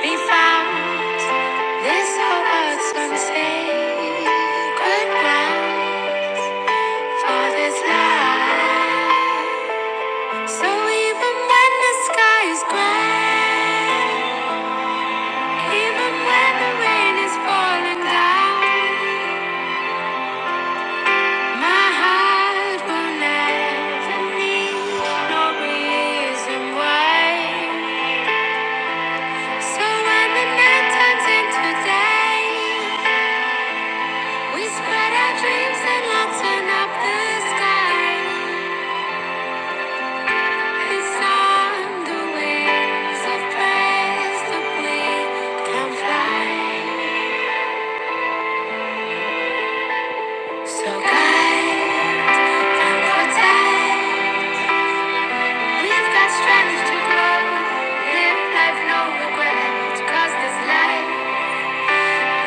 A: be found. This whole earth's on sacred ground for this life. So even when the sky is gray, even when the rain is falling down. My heart will never need no reason why. So when the night turns into day, we spread our dreams and lighten up the sky. It's on the wings of praise that we can fly. So guide and protect. We've got strength to grow. Live life, no regrets. 'Cause this life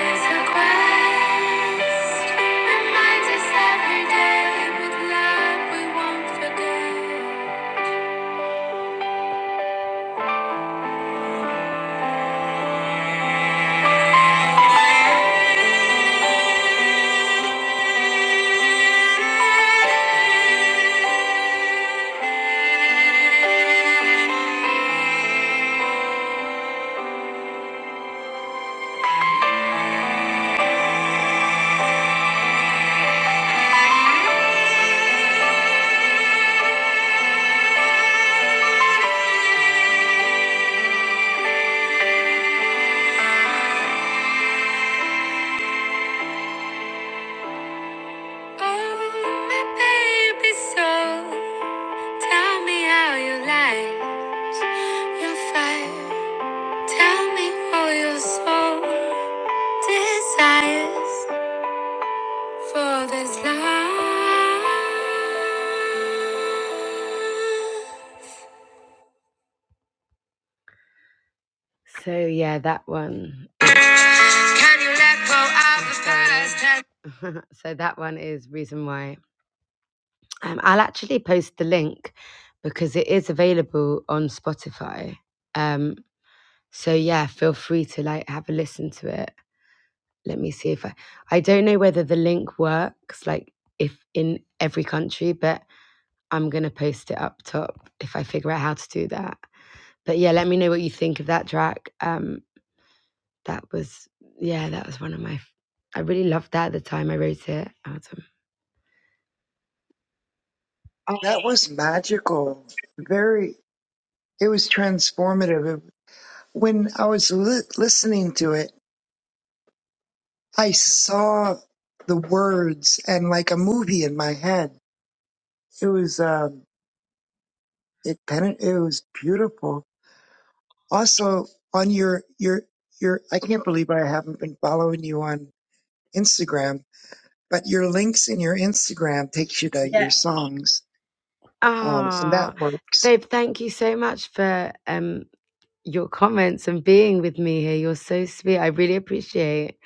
A: is a quest. Remind us every day with love we won't forget. Oh, my baby soul, tell me how you like your fire. Tell me all your soul desires. For this life. So yeah, that one. So, so that one is reason why. Um, I'll actually post the link because it is available on Spotify. Um, so yeah, feel free to like have a listen to it. Let me see if I. I don't know whether the link works like if in every country, but I'm gonna post it up top if I figure out how to do that. But yeah, let me know what you think of that track. Um, that was yeah, that was one of my. I really loved that at the time I wrote it. Awesome. Oh,
E: That was magical. Very, it was transformative. It- When I was li- listening to it, I saw the words and like a movie in my head. It was, um, it, pen- it was beautiful. Also on your, your, your, I can't believe I haven't been following you on Instagram, but your links in your Instagram takes you to your songs. Um, and that
A: ah,
E: works.
A: babe, thank you so much for um your comments and being with me here. You're so sweet. I really appreciate.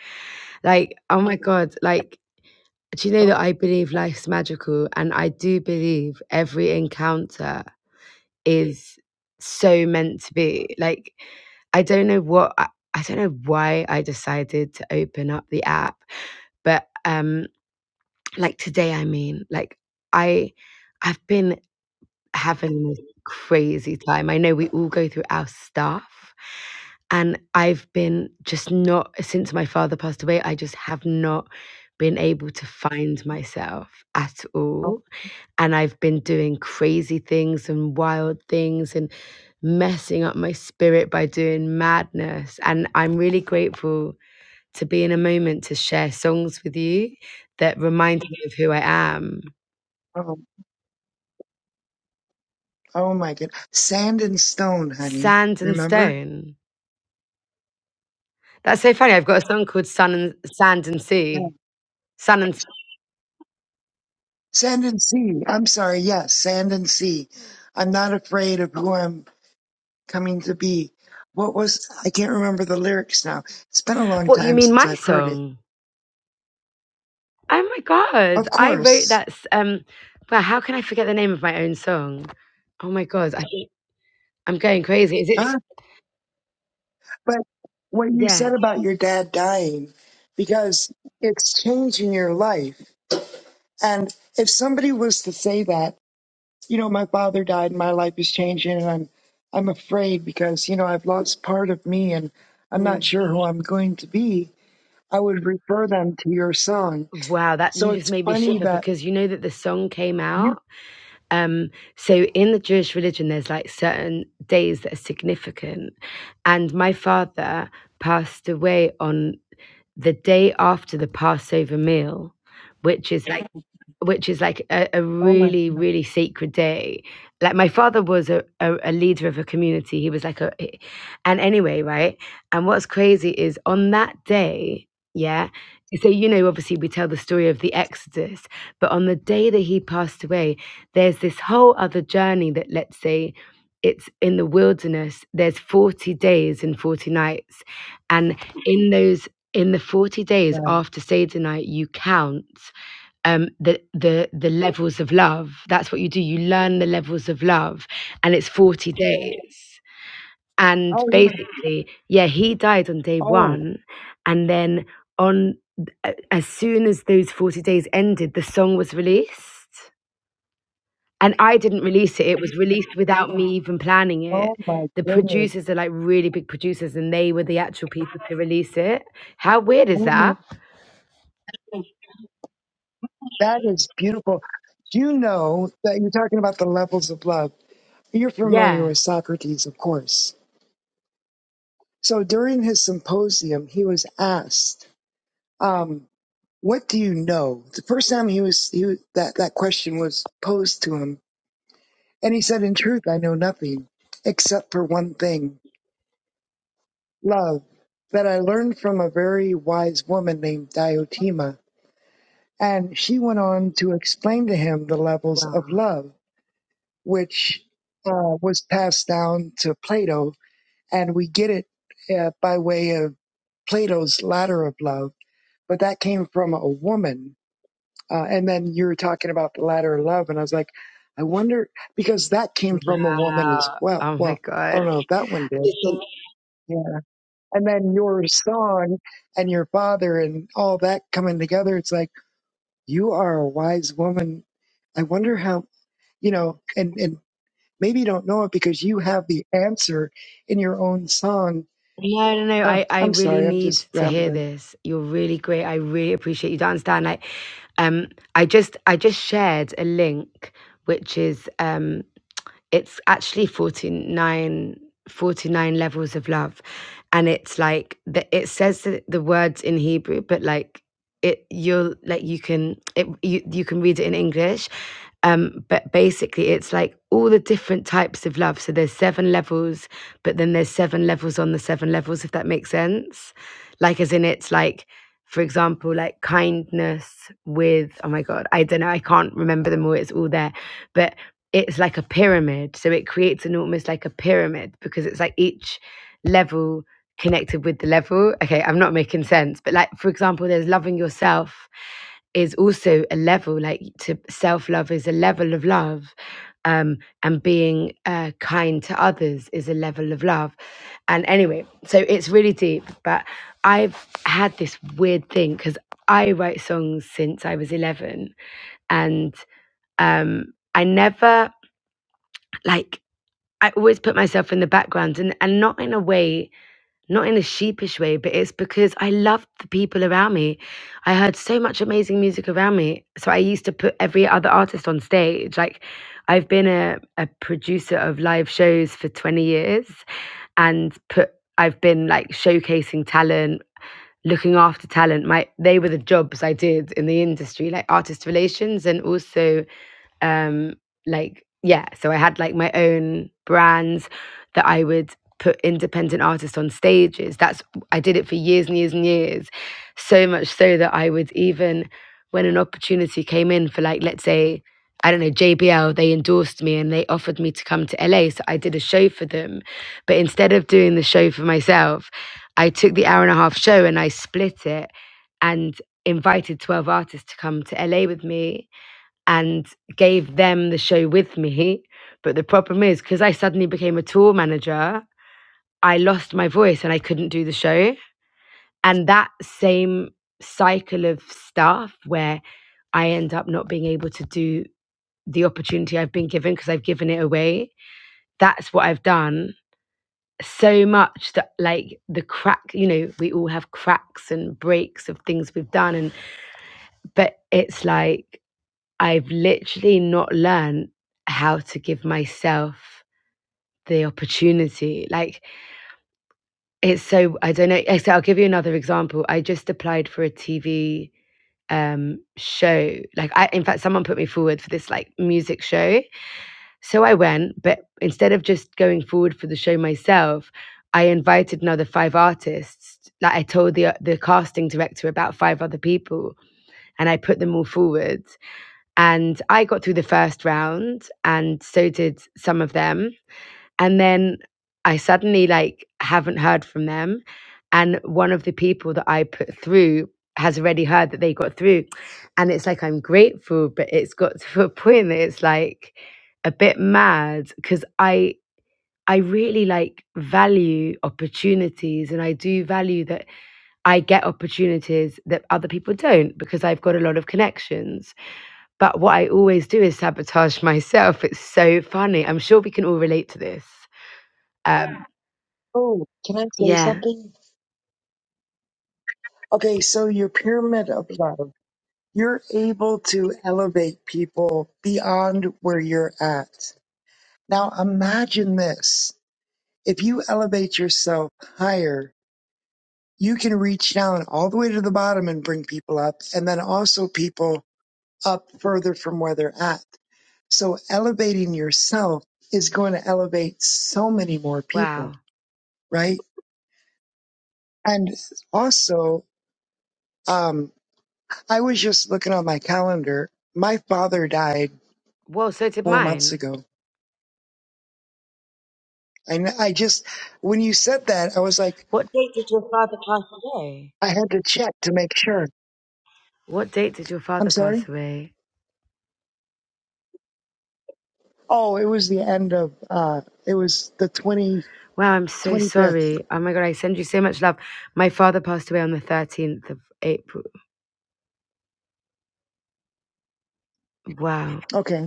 A: Like, oh my god, like. Do you know that I believe life's magical and I do believe every encounter is so meant to be. Like, I don't know what, I, I don't know why I decided to open up the app, but um, like today, I mean, like, I, I've been having this crazy time. I know we all go through our stuff. And I've been just not, since my father passed away, I just have not been able to find myself at
E: Oh.
A: all and I've been doing crazy things and wild things and messing up my spirit by doing madness. And I'm really grateful to be in a moment to share songs with you that remind me of who I am.
E: Oh, oh my God. Sand and stone, honey.
A: Sand and
E: Remember?
A: Stone. That's so funny. I've got a song called Sun and Sand and Sea. Sun and
E: Sand and sea. I'm sorry. Yes, sand and sea. I'm not afraid of who I'm coming to be. What was, I can't remember the lyrics now. It's been a long
A: What you
E: time
A: mean
E: since
A: my
E: I've heard it.
A: song? Oh my god.
E: Of
A: I wrote
E: course.
A: that s- um well, how can I forget the name of my own song? Oh my god. I think I'm going crazy. Is it
E: Huh? But what you
A: yeah.
E: said about your dad dying, because it's changing your life. And if somebody was to say that, you know, my father died my life is changing and I'm, I'm afraid because, you know, I've lost part of me and I'm not
A: Mm.
E: sure who I'm going to be I would refer them to your song.
A: Wow, that
E: So
A: you just
E: it's
A: made me
E: funny
A: shiver
E: that
A: because you know that the song came
E: you,
A: out. Um, so in the Jewish religion, there's like certain days that are significant, and my father passed away on the day after the Passover meal, which is like which is like a, a
E: oh my
A: really
E: goodness,
A: really sacred day like my father was a, a, a leader of a community he was like a and anyway right and what's crazy is on that day yeah so you know obviously we tell the story of the exodus but on the day that he passed away there's this whole other journey that let's say it's in the wilderness there's 40 days and 40 nights and in those in the 40 days
E: yes.
A: after Seder night you count um, the the the levels of love. That's what you do. You learn the levels of love, and it's forty days. And
E: oh yeah,
A: basically, yeah, he died on day
E: oh,
A: one, and then on as soon as those forty days ended, the song was released. And I didn't release it. It was released without me even planning it.
E: oh my
A: The
E: goodness,
A: producers are like really big producers, and they were the actual people to release it. How weird is
E: oh my,
A: that?
E: that is beautiful. You know that you're talking about the levels of love. You're familiar
A: Yeah.
E: with Socrates, of course. So during his symposium, he was asked, um, "What do you know?" The first time he was, he was that that question was posed to him, and he said, "In truth, I know nothing except for one thing." love that I learned from a very wise woman named Diotima. And she went on to explain to him the levels
A: Wow.
E: of love, which uh, was passed down to Plato. And we get it uh, by way of Plato's ladder of love, but that came from a woman. Uh, and then you were talking about the ladder of love. And I was like, I wonder, because that came from a woman as
A: Wow.
E: well.
A: Oh my
E: Well, I
A: God.
E: don't know if that one did.
A: Listen,
E: and then your song and your father and all that coming together it's like you are a wise woman i wonder how you know and and maybe you don't know it because you have the answer in your own song
A: Yeah, no, no!
E: uh,
A: I, I
E: i'm
A: really
E: sorry i'm
A: need
E: just
A: to hear
E: rambling
A: this. You're really great. I really appreciate you. Don't understand. Like, um, I just I just shared a link, which is um, it's actually 49, 49 levels of love, and it's like the, it says the, the words in Hebrew, but like it you'll like you can it you you can read it in English, um, but basically it's like all the different types of love. So there's seven levels but then there's seven levels on the seven levels, if that makes sense. Like, as in, it's like, for example, like kindness with, oh my God, I don't know, I can't remember them all, it's all there, but it's like a pyramid. So it creates an almost like a pyramid because it's like each level connected with the level. Okay, I'm not making sense, but like, for example, there's loving yourself is also a level like to self love is a level of love um and being uh, kind to others is a level of love. And anyway, so it's really deep, but I've had this weird thing because I write songs since I was 11 and um, I never like I always put myself in the background and, and not in a way not in a sheepish way, but it's because I loved the people around me. I heard so much amazing music around me. So I used to put every other artist on stage. Like I've been a, a producer of live shows for 20 years and put I've been like showcasing talent, looking after talent. My they were the jobs I did in the industry, like artist relations and also um like yeah so i had like my own brands that i would put independent artists on stages that's i did it for years and years and years so much so that i would even when an opportunity came in for like let's say i don't know jbl they endorsed me and they offered me to come to la so i did a show for them but instead of doing the show for myself i took the hour and a half show and i split it and invited 12 artists to come to la with me and gave them the show with me. But the problem is, because I suddenly became a tour manager, I lost my voice and I couldn't do the show. And that same cycle of stuff where I end up not being able to do the opportunity I've been given because I've given it away, that's what I've done so much that like the crack you know we all have cracks and breaks of things we've done and but it's like I've literally not learned how to give myself the opportunity. Like it's so I don't know. okay, So I'll give you another example. I just applied for a TV um show like i in fact someone put me forward for this like music show so i went but instead of just going forward for the show myself i invited another five artists like i told the the casting director about five other people and i put them all forward And I got through the first round, and so did some of them. And then I suddenly like haven't heard from them. And one of the people that I put through has already heard that they got through. And it's like I'm grateful, but it's got to a point that it's like a bit mad because I I really like value opportunities and I do value that I get opportunities that other people don't because I've got a lot of connections. But what I always do is sabotage myself. It's so funny. I'm sure we can all relate to this. Um,
E: oh can i say
A: yeah.
E: something okay so your pyramid of love you're able to elevate people beyond where you're at now imagine this if you elevate yourself higher you can reach down all the way to the bottom and bring people up, and then also people up further from where they're at. So elevating yourself is going to elevate so many more people,
A: Wow.
E: right? And also, um, I was just looking on my calendar. My father died
A: Well, so did
E: four months
A: mine.
E: ago. I, kn- I just, when you said that, I was like,
A: What date did your father pass away?
E: I had to check to make sure.
A: What date did your
E: I'm
A: father
E: sorry.
A: pass away?
E: Oh, it was the end of, uh, it was the 20,
A: Wow, I'm so
E: 25th.
A: sorry. Oh my God, I send you so much love. My father passed away on the 13th of April. Wow.
E: Okay.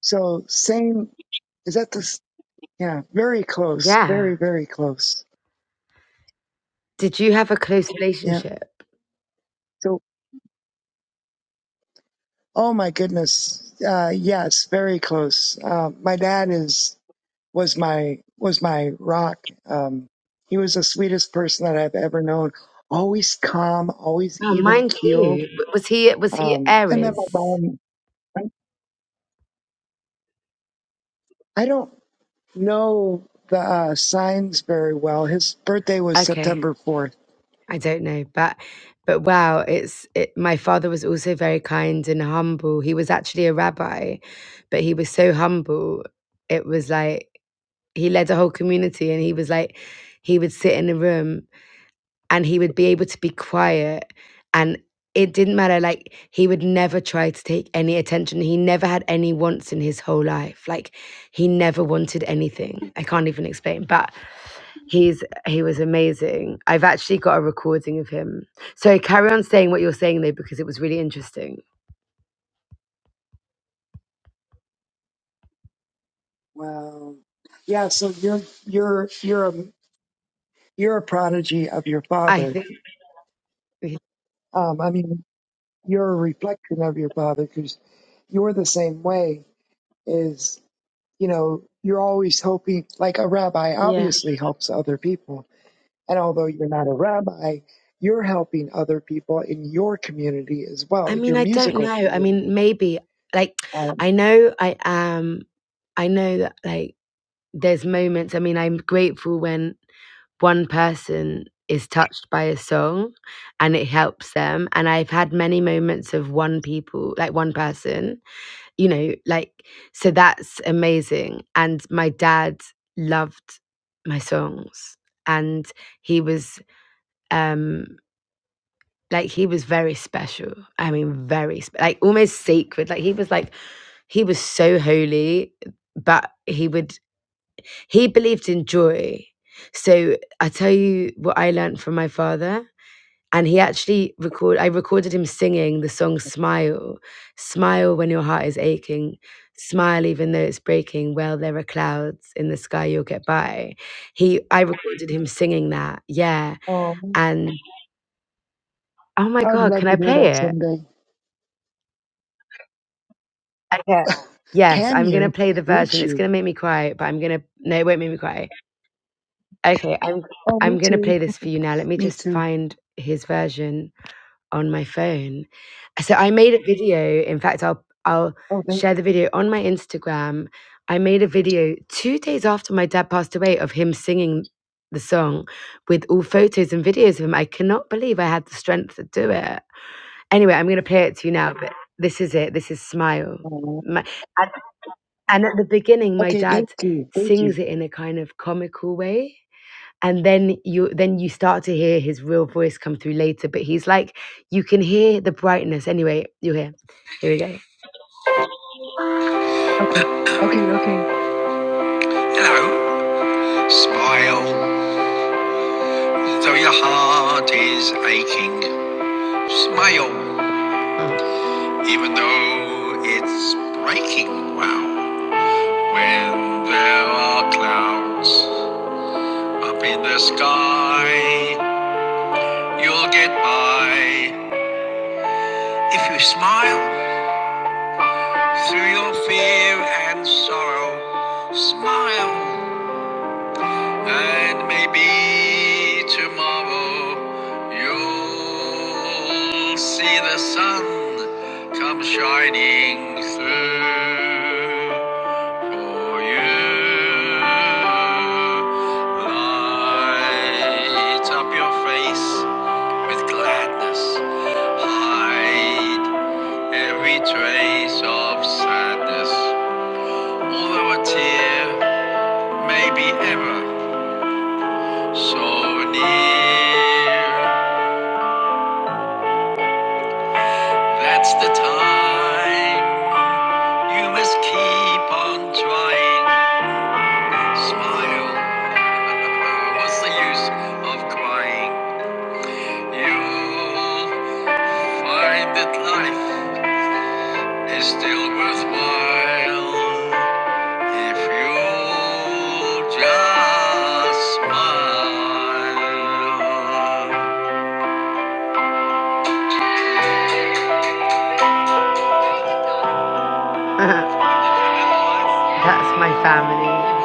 E: So same is that the s- yeah, very close,
A: Yeah.
E: very very close.
A: Did you have a close
E: Yeah.
A: relationship?
E: So oh my goodness, uh, yes, very close. Uh, my dad is was my was my rock. Um, he was the sweetest person that I've ever known. Always calm, always
A: Oh,
E: even
A: mine too.
E: keeled.
A: Was he was he
E: Um, and then my
A: Aries?
E: mom, I don't know the uh, signs very well. His birthday was
A: Okay.
E: September fourth.
A: I don't know, but but wow, it's it, my father was also very kind and humble. He was actually a rabbi, but he was so humble. It was like he led a whole community, and he was like he would sit in a room and he would be able to be quiet and it didn't matter like he would never try to take any attention he never had any wants in his whole life like he never wanted anything i can't even explain but he's he was amazing i've actually got a recording of him so carry on saying what you're saying though because it was really interesting
E: Wow. Yeah, so you're you're you're a you're a prodigy of your
A: i
E: father.
A: think Mhm.
E: Um, I mean, you're a reflection of your father because you're the same way. Is you know, you're always hoping. Like a rabbi,
A: Yeah.
E: obviously helps other people, and although you're not a rabbi, you're helping other people in your community as
A: I
E: well,
A: mean,
E: your
A: I don't know.
E: musical
A: I mean,
E: community.
A: maybe like
E: Um,
A: I know I am I know that like there's moments. I mean, I'm grateful when one person is touched by a song and it helps them and I've had many moments of one people, like one person you know, like, so that's amazing. And my dad loved my songs and he was, um, like he was very special. I mean, very sp- like almost sacred. Like he was like he was so holy, but he would he believed in joy. So I tell you what I learned from my father and he actually record i recorded him singing the song smile smile when your heart is aching smile even though it's breaking well there are clouds in the sky you'll get by he i recorded him singing that yeah
E: um,
A: and oh my
E: I would
A: god
E: love
A: can
E: to
A: i
E: hear
A: play
E: that
A: it
E: someday.
A: okay yes
E: Can
A: i'm gonna
E: you?
A: play the
E: Would
A: version it's gonna
E: you?
A: make me cry but i'm gonna no it won't make me cry okay i'm
E: Oh, me
A: i'm gonna
E: too.
A: play this for you now let me
E: Me
A: just
E: too.
A: find his version on my phone. So I made a video. In fact, I'll I'll
E: Oh.
A: share the video on my Instagram. I made a video two days after my dad passed away of him singing the song with all photos and videos of him. I cannot believe I had the strength to do it. Anyway, I'm going to play it to you now. But this is it. This is Smile.
E: Oh,
A: My, and, and at the beginning, my
E: Okay, thank
A: dad
E: you. Thank you.
A: sings it in a kind of comical way and then you then you start to hear his real voice come through later but he's like you can hear the brightness anyway you'll hear here we go
E: Okay. Okay, okay.
A: smile though your heart is aching smile even though it's breaking wow when there are clouds up in the sky you'll get by if you smile through your fear and sorrow smile And maybe tomorrow you'll see the sun come shining through for you. Light up your face with gladness, hide every trace of sadness, although a tear may be ever. So near, that's the time. You must keep on trying. Smile. What's the use of crying? You'll find that life is still worthwhile if you just smile. That's my family.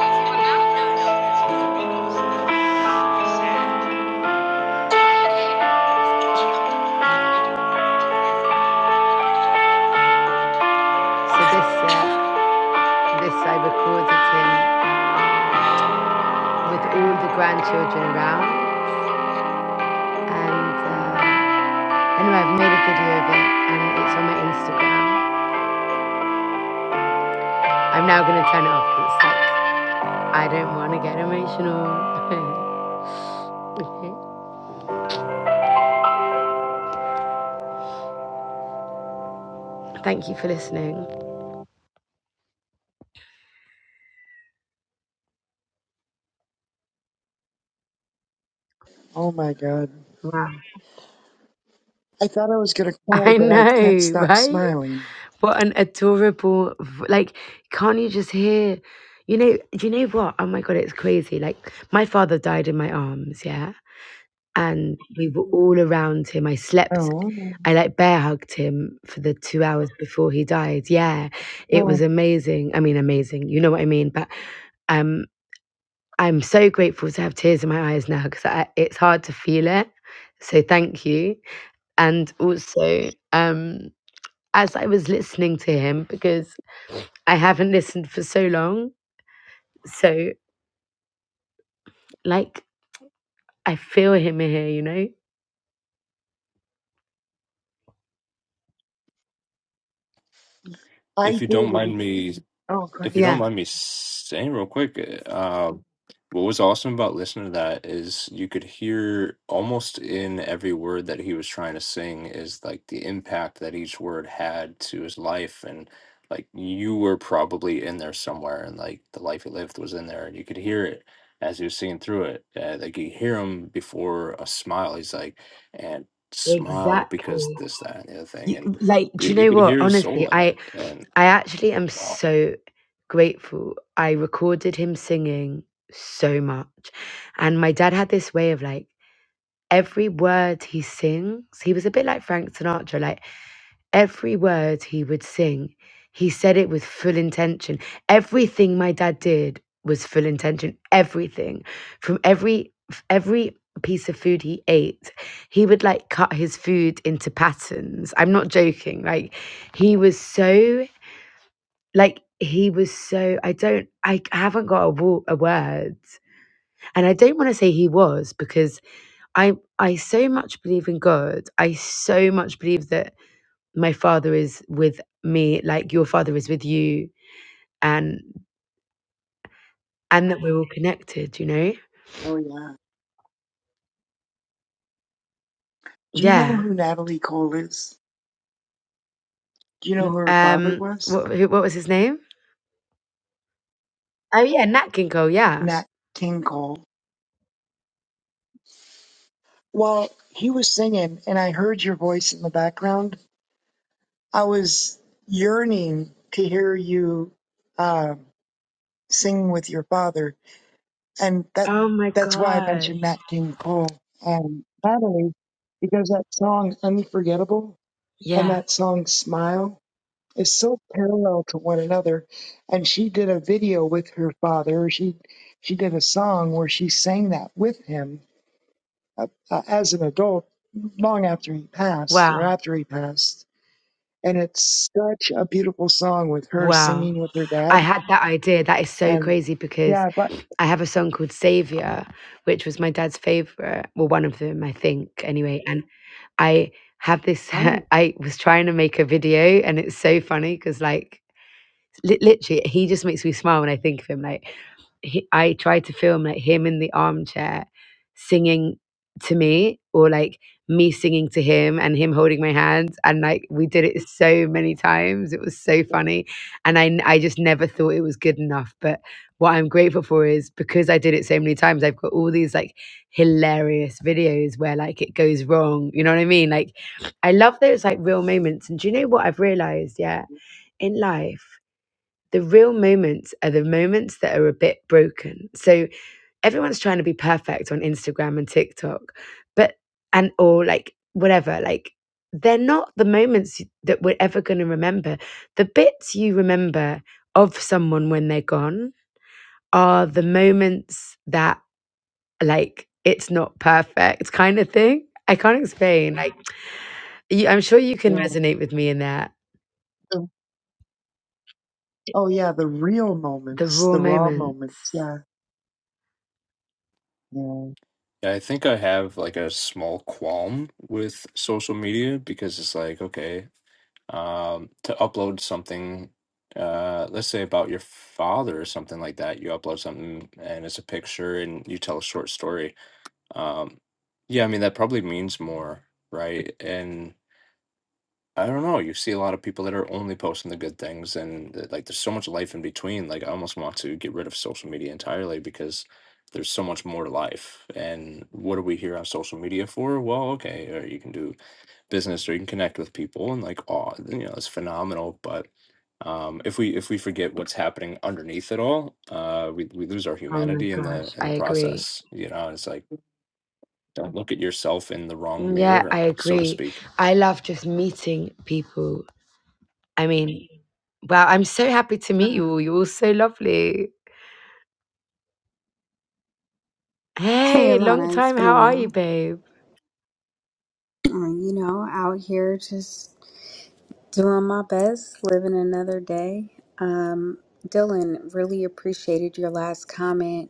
A: So this. Uh, This I recorded him with all the grandchildren around, and uh, anyway, I've made a video of it, and it's on my Instagram. I'm now going to turn it off because it's like I don't want to get emotional. Okay. Thank you for listening.
E: Oh my god.
A: Wow.
E: I thought I was gonna cry,
A: I
E: but I can't
A: know,
E: stop
A: right?
E: smiling.
A: What an adorable, like, can't you just hear? You know, do you know what? Oh my God, it's crazy. Like, my father died in my arms, yeah? and we were all around him. I slept,
E: Oh.
A: I like bear hugged him for the two hours before he died. Yeah, it was
E: oh
A: amazing. I mean, amazing. You know what I mean? But um, I'm so grateful to have tears in my eyes now because it's hard to feel it. So thank you. And also, um, as I was listening to him, because I haven't listened for so long, so like I feel him here, you know?
E: I
D: If you don't
E: did it.
D: mind me
E: Oh, go
D: if you
E: ahead.
D: don't
A: Yeah,
D: mind me saying real quick, uh, what was awesome about listening to that is you could hear almost in every word that he was trying to sing is like the impact that each word had to his life and like you were probably in there somewhere and like the life he lived was in there and you could hear it as he was singing through it uh, like you hear him before a smile he's like and smile because
A: exactly.
D: this that and the other thing
A: You,
D: and
A: like,
D: you,
A: do you
D: you
A: know
D: could
A: what?
D: hear his
A: Honestly,
D: soul in it
A: I
D: and
A: I actually am
D: wow.
A: so grateful. I recorded him singing so much. And my dad had this way of like every word he sings, he was a bit like Frank Sinatra. Like Every word he would sing, he said it with full intention. Everything my dad did was full intention. Everything, from every every piece of food he ate, he would like cut his food into patterns. I'm not joking. Like he was so like he was so I don't I haven't got a, wo- a word, and I don't want to say he was because I I so much believe in God. I so much believe that my father is with me like your father is with you and and that we're all connected you know
E: Oh yeah. Do you know
A: yeah
E: who Natalie Cole is? Do you know
A: N-
E: who her father
A: um
E: was?
A: what, who, what was his name oh yeah nat king cole yeah
E: Nat King Cole. Well, he was singing and I heard your voice in the background I was yearning to hear you uh, sing with your father, and that
A: oh my
E: that's why I
A: god
E: mentioned Nat King Cole and Natalie, because that song "Unforgettable" and
A: yeah
E: that song "Smile" is so parallel to one another. And she did a video with her father. She she did a song where she sang that with him uh, uh, as an adult, long after he passed
A: wow
E: or after he passed And it's such a beautiful song with her
A: wow
E: singing with her
A: i
E: dad.
A: had that idea that is so
E: And
A: crazy because
E: yeah, but
A: i have a song called savior which was my dad's favorite well one of them i think anyway and i have this
E: oh,
A: i was trying to make a video and it's so funny because like Li- literally, he just makes me smile when I think of him. Like, he, I tried to film like him in the armchair singing to me, or like me singing to him and him holding my hand, and like we did it so many times. It was so
E: yeah,
A: funny, and I n- I just never thought it was good enough. But what I'm grateful for is because I did it so many times, I've got all these like hilarious videos where like it goes wrong. You know what I mean? Like, I love those like real moments. And do you know what I've realized? Yeah in life. The real moments are the moments that are a bit broken. So everyone's trying to be perfect on Instagram and TikTok, but and or like whatever, like they're not the moments that we're ever going to remember. The bits you remember of someone when they're gone are the moments that like it's not perfect kind of thing. I can't explain. Like you, I'm sure you can
E: yeah.
A: resonate with me in that.
E: The- oh yeah, the real
A: The
E: moments,
A: raw
E: the raw
A: moments.
E: moments. Yeah, yeah,
D: Yeah, I think I have like a small qualm with social media because it's like, okay, um, to upload something, uh, let's say about your father or something like that, you upload something and it's a picture and you tell a short story. Um, yeah, I mean, that probably means more, right? I don't know. You see a lot of people that are only posting the good things, and th- like there's so much life in between. Like I almost want to get rid of social media entirely because there's so much more to life. And what are we here on social media for? Well, okay, or you can do business or you can connect with people, and like, oh, you know, it's phenomenal. But um, if we if we forget what's happening underneath it all, uh, we we lose our
A: Oh my
D: humanity in the
A: gosh,
D: in
A: I
D: the
A: agree.
D: process. You know, it's like don't look at yourself in the wrong
E: yeah.
A: Yeah, I
D: mirror, so to
A: agree.
D: speak
A: I love just meeting people. I mean, wow, I'm so happy to meet you
E: Ah.
A: all. You're all so lovely.
F: Hey,
A: Hey, long
F: Alana, it's
A: time.
F: been
A: How
F: a
A: are you,
F: while.
A: babe?
F: Uh, you know, out here just doing my best, living another day. Um, Dylan, really appreciated your last comment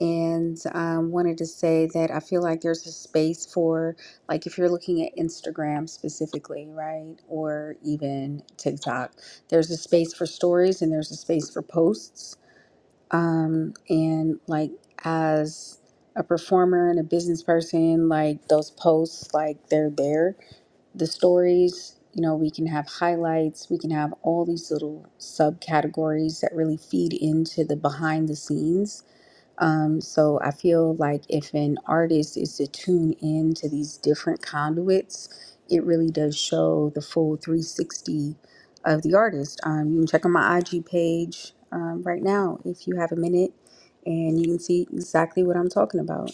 F: and um, wanted to say that I feel like there's a space for, like, if you're looking at Instagram specifically, right? Or even TikTok, there's a space for stories and there's a space for posts um, and like as a performer and a business person like those posts like they're there the stories you know we can have highlights we can have all these little subcategories that really feed into the behind the scenes um, so I feel like if an artist is to tune in to these different conduits, it really does show the full 360 of the artist. Um, you can check on my IG page um, right now if you have a minute, and you can see exactly what I'm talking about.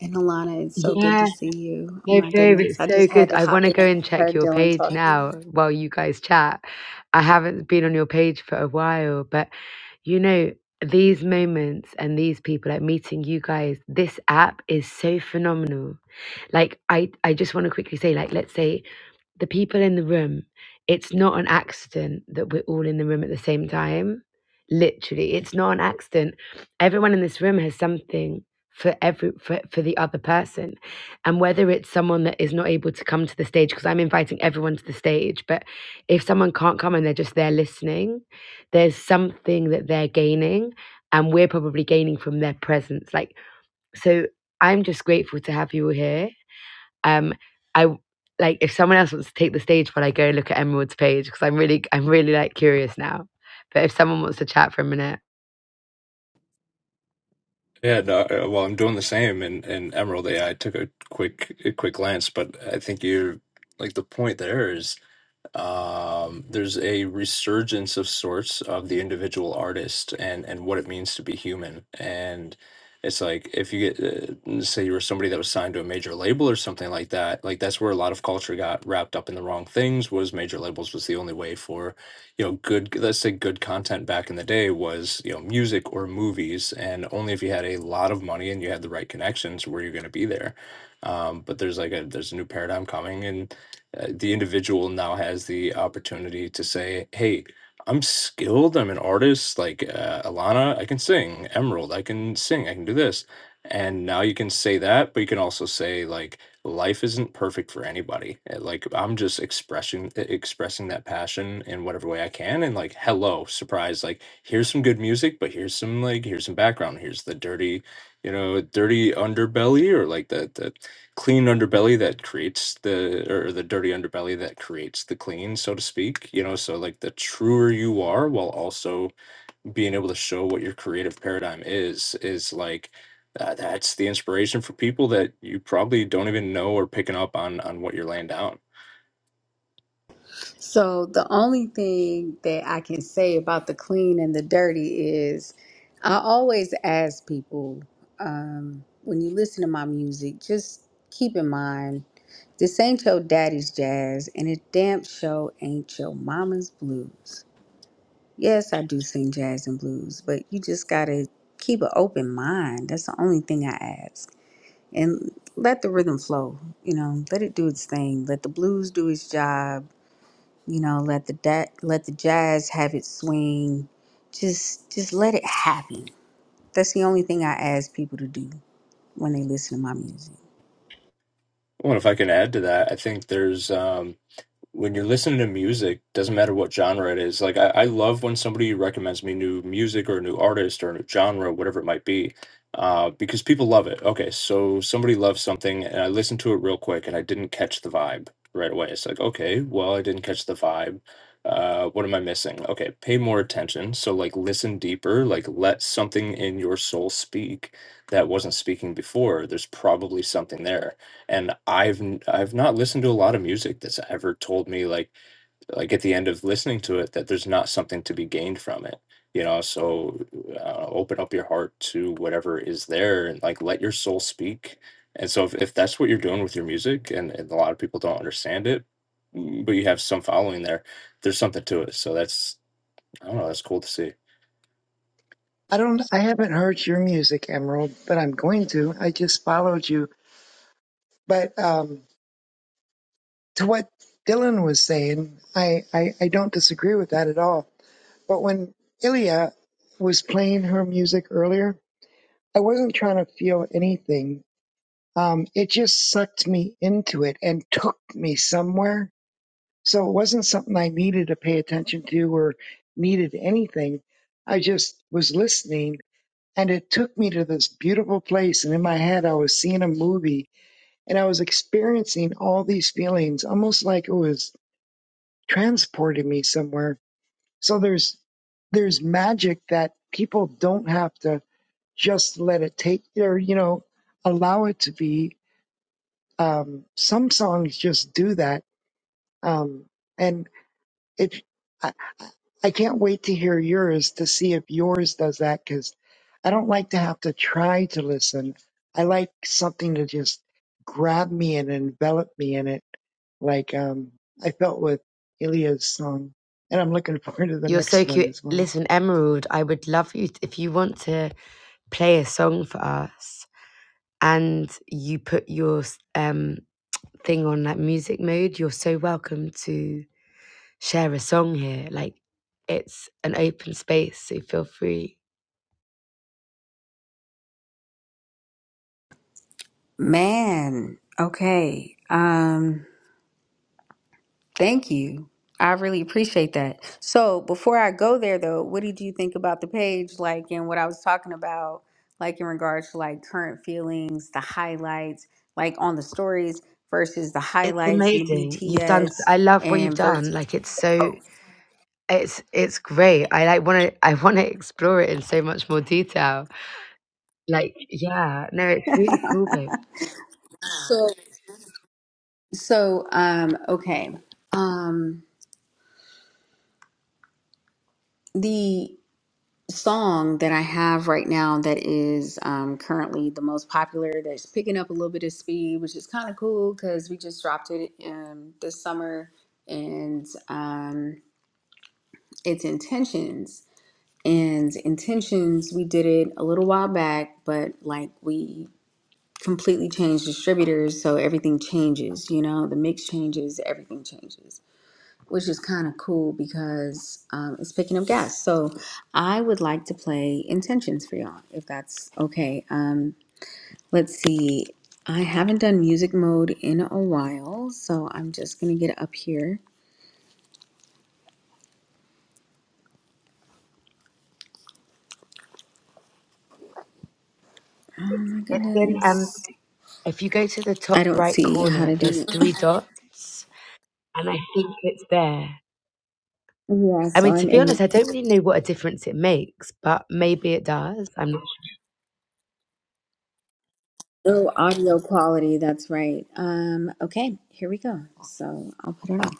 F: And Alana, it's so good to
A: Yeah.
F: see you. Oh
A: Hey,
F: my
A: babe,
F: goodness,
A: it's
F: I
A: so
F: just
A: good.
F: had to
A: I
F: hop
A: want to go
F: in. when
A: and
F: I
A: check
F: heard
A: your
F: Dylan
A: page
F: talking.
A: now while you guys chat. I haven't been on your page for a while, but you know, these moments and these people, like meeting you guys, this app is so phenomenal. Like, I, I just want to quickly say, like, let's say the people in the room, it's not an accident that we're all in the room at the same time. Literally, it's not an accident. Everyone in this room has something for every for, for the other person. And whether it's someone that is not able to come to the stage, because I'm inviting everyone to the stage, but if someone can't come and they're just there listening, there's something that they're gaining and we're probably gaining from their presence. Like so I'm just grateful to have you all here. Um, I like if someone else wants to take the stage while I go and look at Emerald's page because I'm really I'm really like curious now. But if someone wants to chat for a minute,
D: Yeah, no, uh, well, I'm doing the same in, in Emerald AI. took a quick a quick glance, but I think you like the point there is um, there's a resurgence of sorts of the individual artist and and what it means to be human and it's like if you get uh, say you were somebody that was signed to a major label or something like that like that's where a lot of culture got wrapped up in the wrong things was major labels was the only way for you know good let's say good content back in the day was you know music or movies and only if you had a lot of money and you had the right connections were you going to be there um, but there's like a there's a new paradigm coming and uh, the individual now has the opportunity to say, "Hey, I'm skilled. I'm an artist. Like uh, Alana, I can sing. Emerald, I can sing. I can do this." And now you can say that, but you can also say like, "Life isn't perfect for anybody. Uh, Like I'm just expressing e- expressing that passion in whatever way I can." And like, "Hello, surprise! Like here's some good music, but here's some like here's some background. Here's the dirty." You know, dirty underbelly, or like that clean underbelly that creates the or the dirty underbelly that creates the clean so to speak you know so like the truer you are while also being able to show what your creative paradigm is is like uh, that's the inspiration for people that you probably don't even know are picking up on on what you're laying down
F: So the only thing that I can say about the clean and the dirty is I always ask people um, when you listen to my music, just keep in mind this ain't your daddy's jazz and it damn show ain't your mama's blues. Yes, I do sing jazz and blues, but you just gotta keep an open mind. That's the only thing I ask. And let the rhythm flow, you know, let it do its thing. Let the blues do its job you know, let the da- let the jazz have its swing. Just just let it happen. That's the only thing I ask people to do when they listen to my music.
D: well if i can add to that i think there's um when you're listening to music, doesn't matter what genre it is. Like I, I love when somebody recommends me new music or a new artist or a new genre, whatever it might be, uh, because people love it. Okay, so somebody loves something, and I listened to it real quick, and I didn't catch the vibe right away. It's like, okay, well, I didn't catch the vibe. Uh, what am I missing? Okay, pay more attention. So like, listen deeper. Like, let something in your soul speak that wasn't speaking before. There's probably something there and I've n- I've not listened to a lot of music that's ever told me like like at the end of listening to it that there's not something to be gained from it. You know, so uh, open up your heart to whatever is there and like let your soul speak. And so if, if that's what you're doing with your music and, and a lot of people don't understand it, mm, but you have some following there, there's something to it. So that's I don't know, that's cool to see.
E: I don't, I haven't heard your music, Emerald, but I'm going to. I just followed you. But um, to what Dylan was saying, I, I, I don't disagree with that at all. But when Ilya was playing her music earlier, I wasn't trying to feel anything um, it just sucked me into it and took me somewhere. So it wasn't something I needed to pay attention to or needed anything. I just was listening and it took me to this beautiful place. And in my head, I was seeing a movie and I was experiencing all these feelings almost like it was transporting me somewhere. So there's, there's magic that people don't have to just let it take their, you know, allow it to be Um, some songs just do that. Um, and it, I, I can't wait to hear yours to see if yours does that because I don't like to have to try to listen. I like something to just grab me and envelop me in it, like um, I felt with Ilya's song. And I'm looking forward to the
A: You're so
E: next one
A: cute.
E: as well.
A: Listen, Emerald, I would love you t- if you want to play a song for us and you put your s- um thing on like music mode, you're so welcome to share a song here. Like it's an open space, so feel free.
F: Man, okay. Um thank you. I really appreciate that. So, before I go there though, what did you think about the page like and what I was talking about like in regards to like current feelings, the highlights, like on the stories versus the
A: It's
F: highlights and the
A: amazing. You've done
F: BTS
A: I love what you've
F: and
A: done.
F: versus
A: Like it's
F: the
A: so
F: post.
A: It's it's great. I like want to I want to explore it in so much more detail. Like yeah, no, it's really cool, babe.
F: So, so, um, okay. Um, the song that I have right now that is um, currently the most popular, that's picking up a little bit of speed, which is kind of cool because we just dropped it um, this summer, and um, it's Intentions. And Intentions, we did it a little while back, but like we completely changed distributors, so everything changes, you know, the mix changes, everything changes. which is kind of cool because um, it's picking up gas. So I would like to play intentions for y'all, if that's okay. Um, let's see. I haven't done music mode in a while, so I'm just gonna get up here. Oh my
A: And then um,
F: goodness.
A: if you go to the
F: I
A: top
F: don't
A: right
F: see how
A: corner,
F: to
A: there's
F: do it.
A: three dots, and I think it's there.
F: Yeah,
A: I
F: so
A: mean, to
F: I'm
A: be
F: in
A: honest, I don't really know what a difference it makes, but maybe it does. I'm not
F: low audio quality. That's right. Um, okay, here we go. So I'll put it on.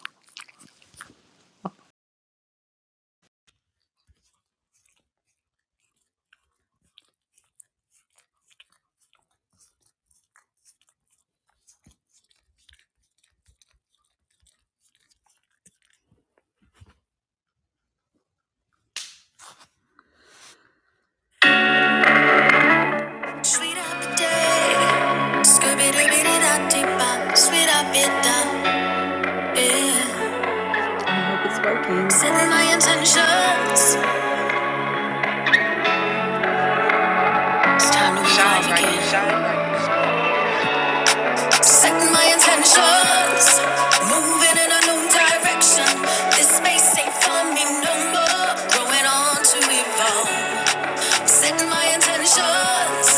F: Sweet up the day. Scooby-Dooby-Dee-Dah-Dee-Bah. Sweet up it down. Yeah, I hope it's working. setting my intentions. It's time to shine again. Bright, shine bright. Setting my intentions. Moving in a new direction. This space ain't for me no more. Growing on to evolve. Set my intentions,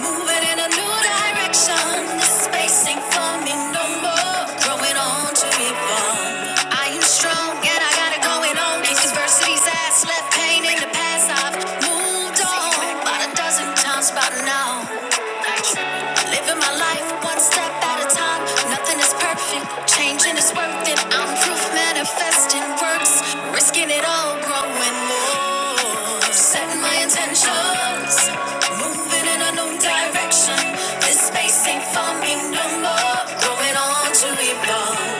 F: moving in a new direction. This space ain't for me no more. Growing on to be fun. I am strong and I got it going on. These adversities has left pain in the past. I've moved on about a dozen times by now. Living my life one step at a time. Nothing is perfect. Changing is worth it. I'm proof manifesting works. Risking it all, growing more. Setting my intentions. Moving in a new direction. This space ain't for me no more. Growing on to evolve.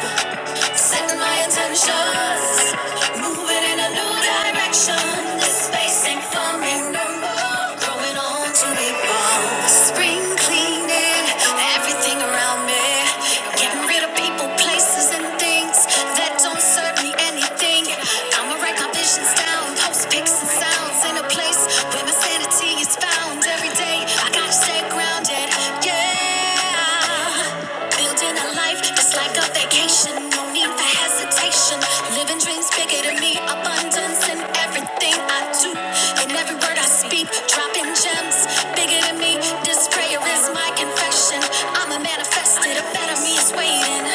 F: Setting my intentions, moving in a new direction. This space ain't for me no more. Growing on to be born. Spring cleaning everything around me. Getting rid of people, places, and things that don't serve me anything. I'ma write my visions down, post pics and sounds in a place where my sanity clarity is found every day. I gotta stay grounded, yeah. Building a life that's like a vacation, no need for hesitation. Living dreams bigger than me, abundance in everything I do, in every word I speak, dropping gems bigger than me. This prayer is my confession. I'ma manifest it. A better me is waiting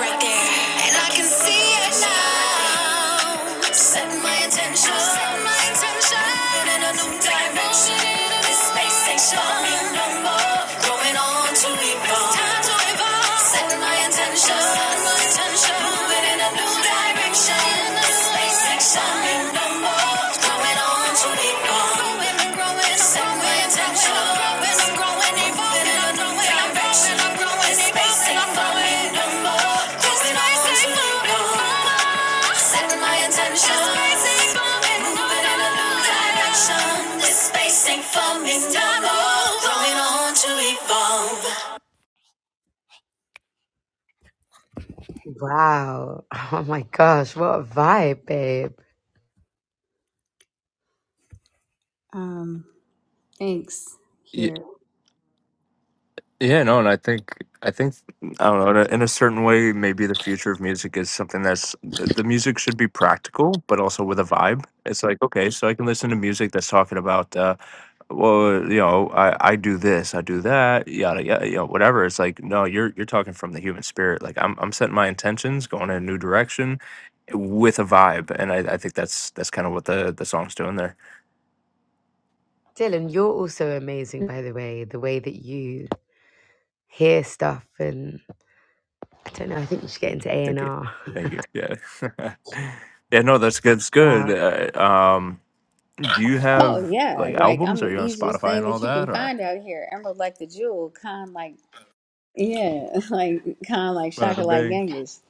F: right there. And I can see it now. Set my intention. Set In a new direction. space station. No more. Growing on to evolve. It's time to evolve. Set my intention. Moving in a new direction. space station. No more.
A: sure. Wow. Oh my gosh, what a vibe, babe.
F: Um, thanks. Here.
D: Yeah, no, and I think I think I don't know. In a, in a certain way, maybe the future of music is something that's the the music should be practical, but also with a vibe. It's like okay, so I can listen to music that's talking about, uh, well, you know, I I do this, I do that, yada yada, you know, whatever. It's like no, you're you're talking from the human spirit. Like I'm I'm setting my intentions, going in a new direction, with a vibe, and I, I think that's that's kind of what the the song's doing there.
A: Dylan, you're also amazing, by the way. The way that you hear stuff, and I don't know. I think you should get
D: Mm,
A: into A and
D: Thank you.
A: R.
D: Thank you. Yeah. yeah, no, that's good. That's
A: Wow.
D: good. Uh, um, do you
F: Oh
D: have
F: yeah,
D: like
F: like I'm
D: albums? Are
F: the
D: you on
F: easiest
D: Spotify
F: thing
D: and all
F: that you
D: that?
F: can
D: Or
F: find out here. Emerald like the jewel, kind like Yeah, like kind of like Shaka
D: bada
F: like
D: bang.
F: Genghis.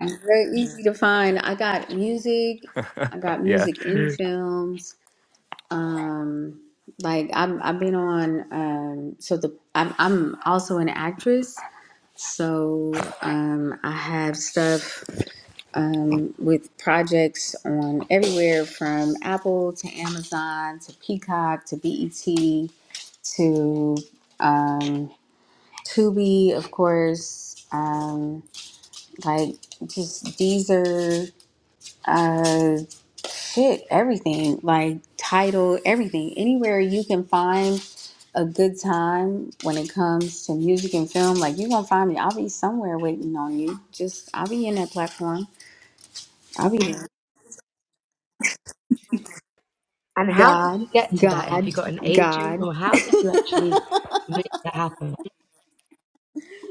F: Very easy to find. I got music. I got
D: yeah.
F: music in films. Um, like I'm, I've been on. Um, so the I'm, I'm also an actress. So um, I have stuff um, with projects on everywhere from Apple to Amazon to Peacock to BET to um, Tubi, of course. Um, like just Deezer, uh, shit, everything. Like title, everything. Anywhere you can find a good time when it comes to music and film, like you're gonna find me. I'll be somewhere waiting on you. Just I'll be in that platform. I'll be there.
A: And how did
F: God,
A: you get to that? Have
F: God,
A: you got an agent
F: God.
A: or how did you actually make that happen?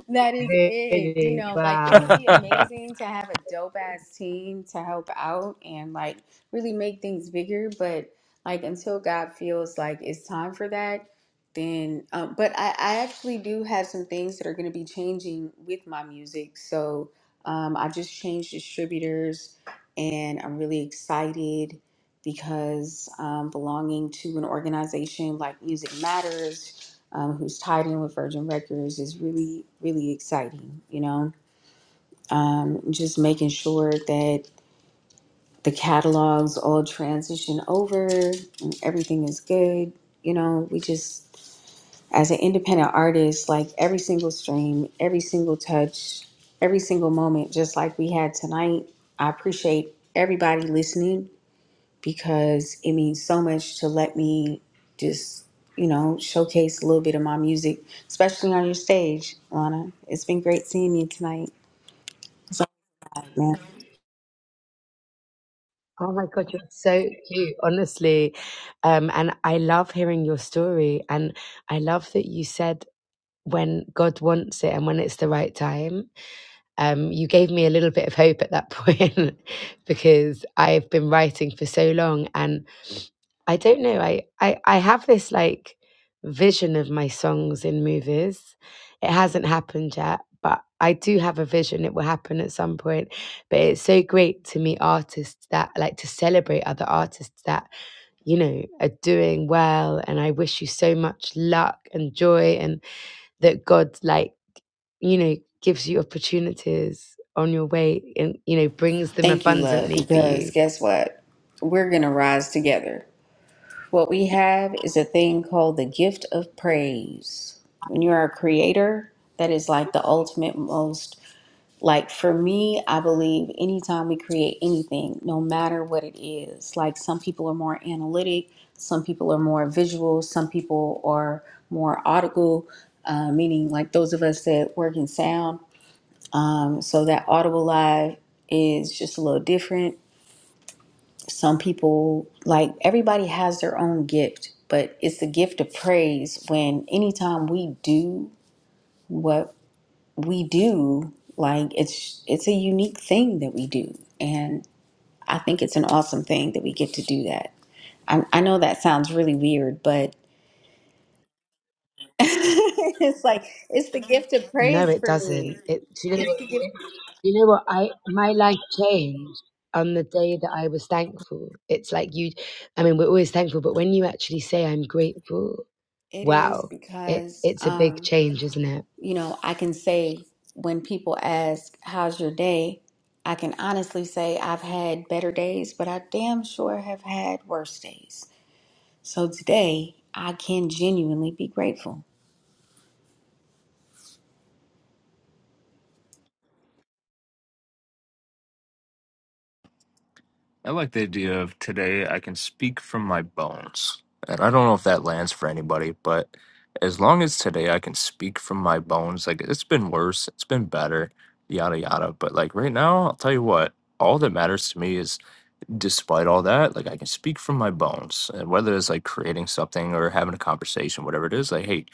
F: that is it. You
A: Really,
F: know, like it would
A: wow.
F: be amazing to have a dope ass team to help out and like really make things bigger. But like until God feels like it's time for that, then. Um, but I, I actually do have some things that are going to be changing with my music. So um, I just changed distributors and I'm really excited because um, belonging to an organization like Music Matters, um, who's tied in with Virgin Records, is really, really exciting. You know, um, just making sure that the catalogs all transition over and everything is good. You know, we just, as an independent artist, like every single stream, every single touch, every single moment, just like we had tonight, I appreciate everybody listening because it means so much to let me just, you know, showcase a little bit of my music, especially on your stage, Lana. It's been great seeing you tonight. Man.
A: Oh my God, you're so cute, honestly. Um, and I love hearing your story. And I love that you said when God wants it and when it's the right time. um, you gave me a little bit of hope at that point because I've been writing for so long and I don't know I, I I have this like vision of my songs in movies it hasn't happened yet but I do have a vision it will happen at some point but it's so great to meet artists that like to celebrate other artists that you know are doing well and I wish you so much luck and joy and that God like you know, gives you opportunities on your way and, you know, brings them
F: Thank you, love,
A: abundantly for
F: because
A: you.
F: guess what? We're going to rise together. What we have is a thing called the gift of praise. When you're a creator, that is like the ultimate most. Like for me, I believe anytime we create anything, no matter what it is, like some people are more analytic, some people are more visual, some people are more audible, uh, meaning like those of us that work in sound. Um, so that audible live is just a little different. Some people, like everybody has their own gift, but it's the gift of praise when anytime we do what we do, like it's it's a unique thing that we do. and. I think it's an awesome thing that we get to do that. I, I know that sounds really weird, but it's like it's the gift of
A: No,
F: praise
A: it
F: for me.
A: doesn't. It, do you know,
F: It's the gift.
A: what- you know what? I, my life changed on the day that I was thankful. It's like you, I mean, we're always thankful, but when you actually say I'm grateful,
F: It is
A: wow, it,
F: because
A: it's a big
F: um,
A: change, isn't it?
F: you know I can say when people ask, "How's your day?" I can honestly say I've had better days, but I damn sure have had worse days. So today I can genuinely be grateful.
D: I like the idea of today I can speak from my bones. And I don't know if that lands for anybody, but as long as today I can speak from my bones, like it's been worse, it's been better, yada yada. But like right now, I'll tell you what, all that matters to me is despite all that, like I can speak from my bones. And whether it's like creating something or having a conversation, whatever it is, like, hey,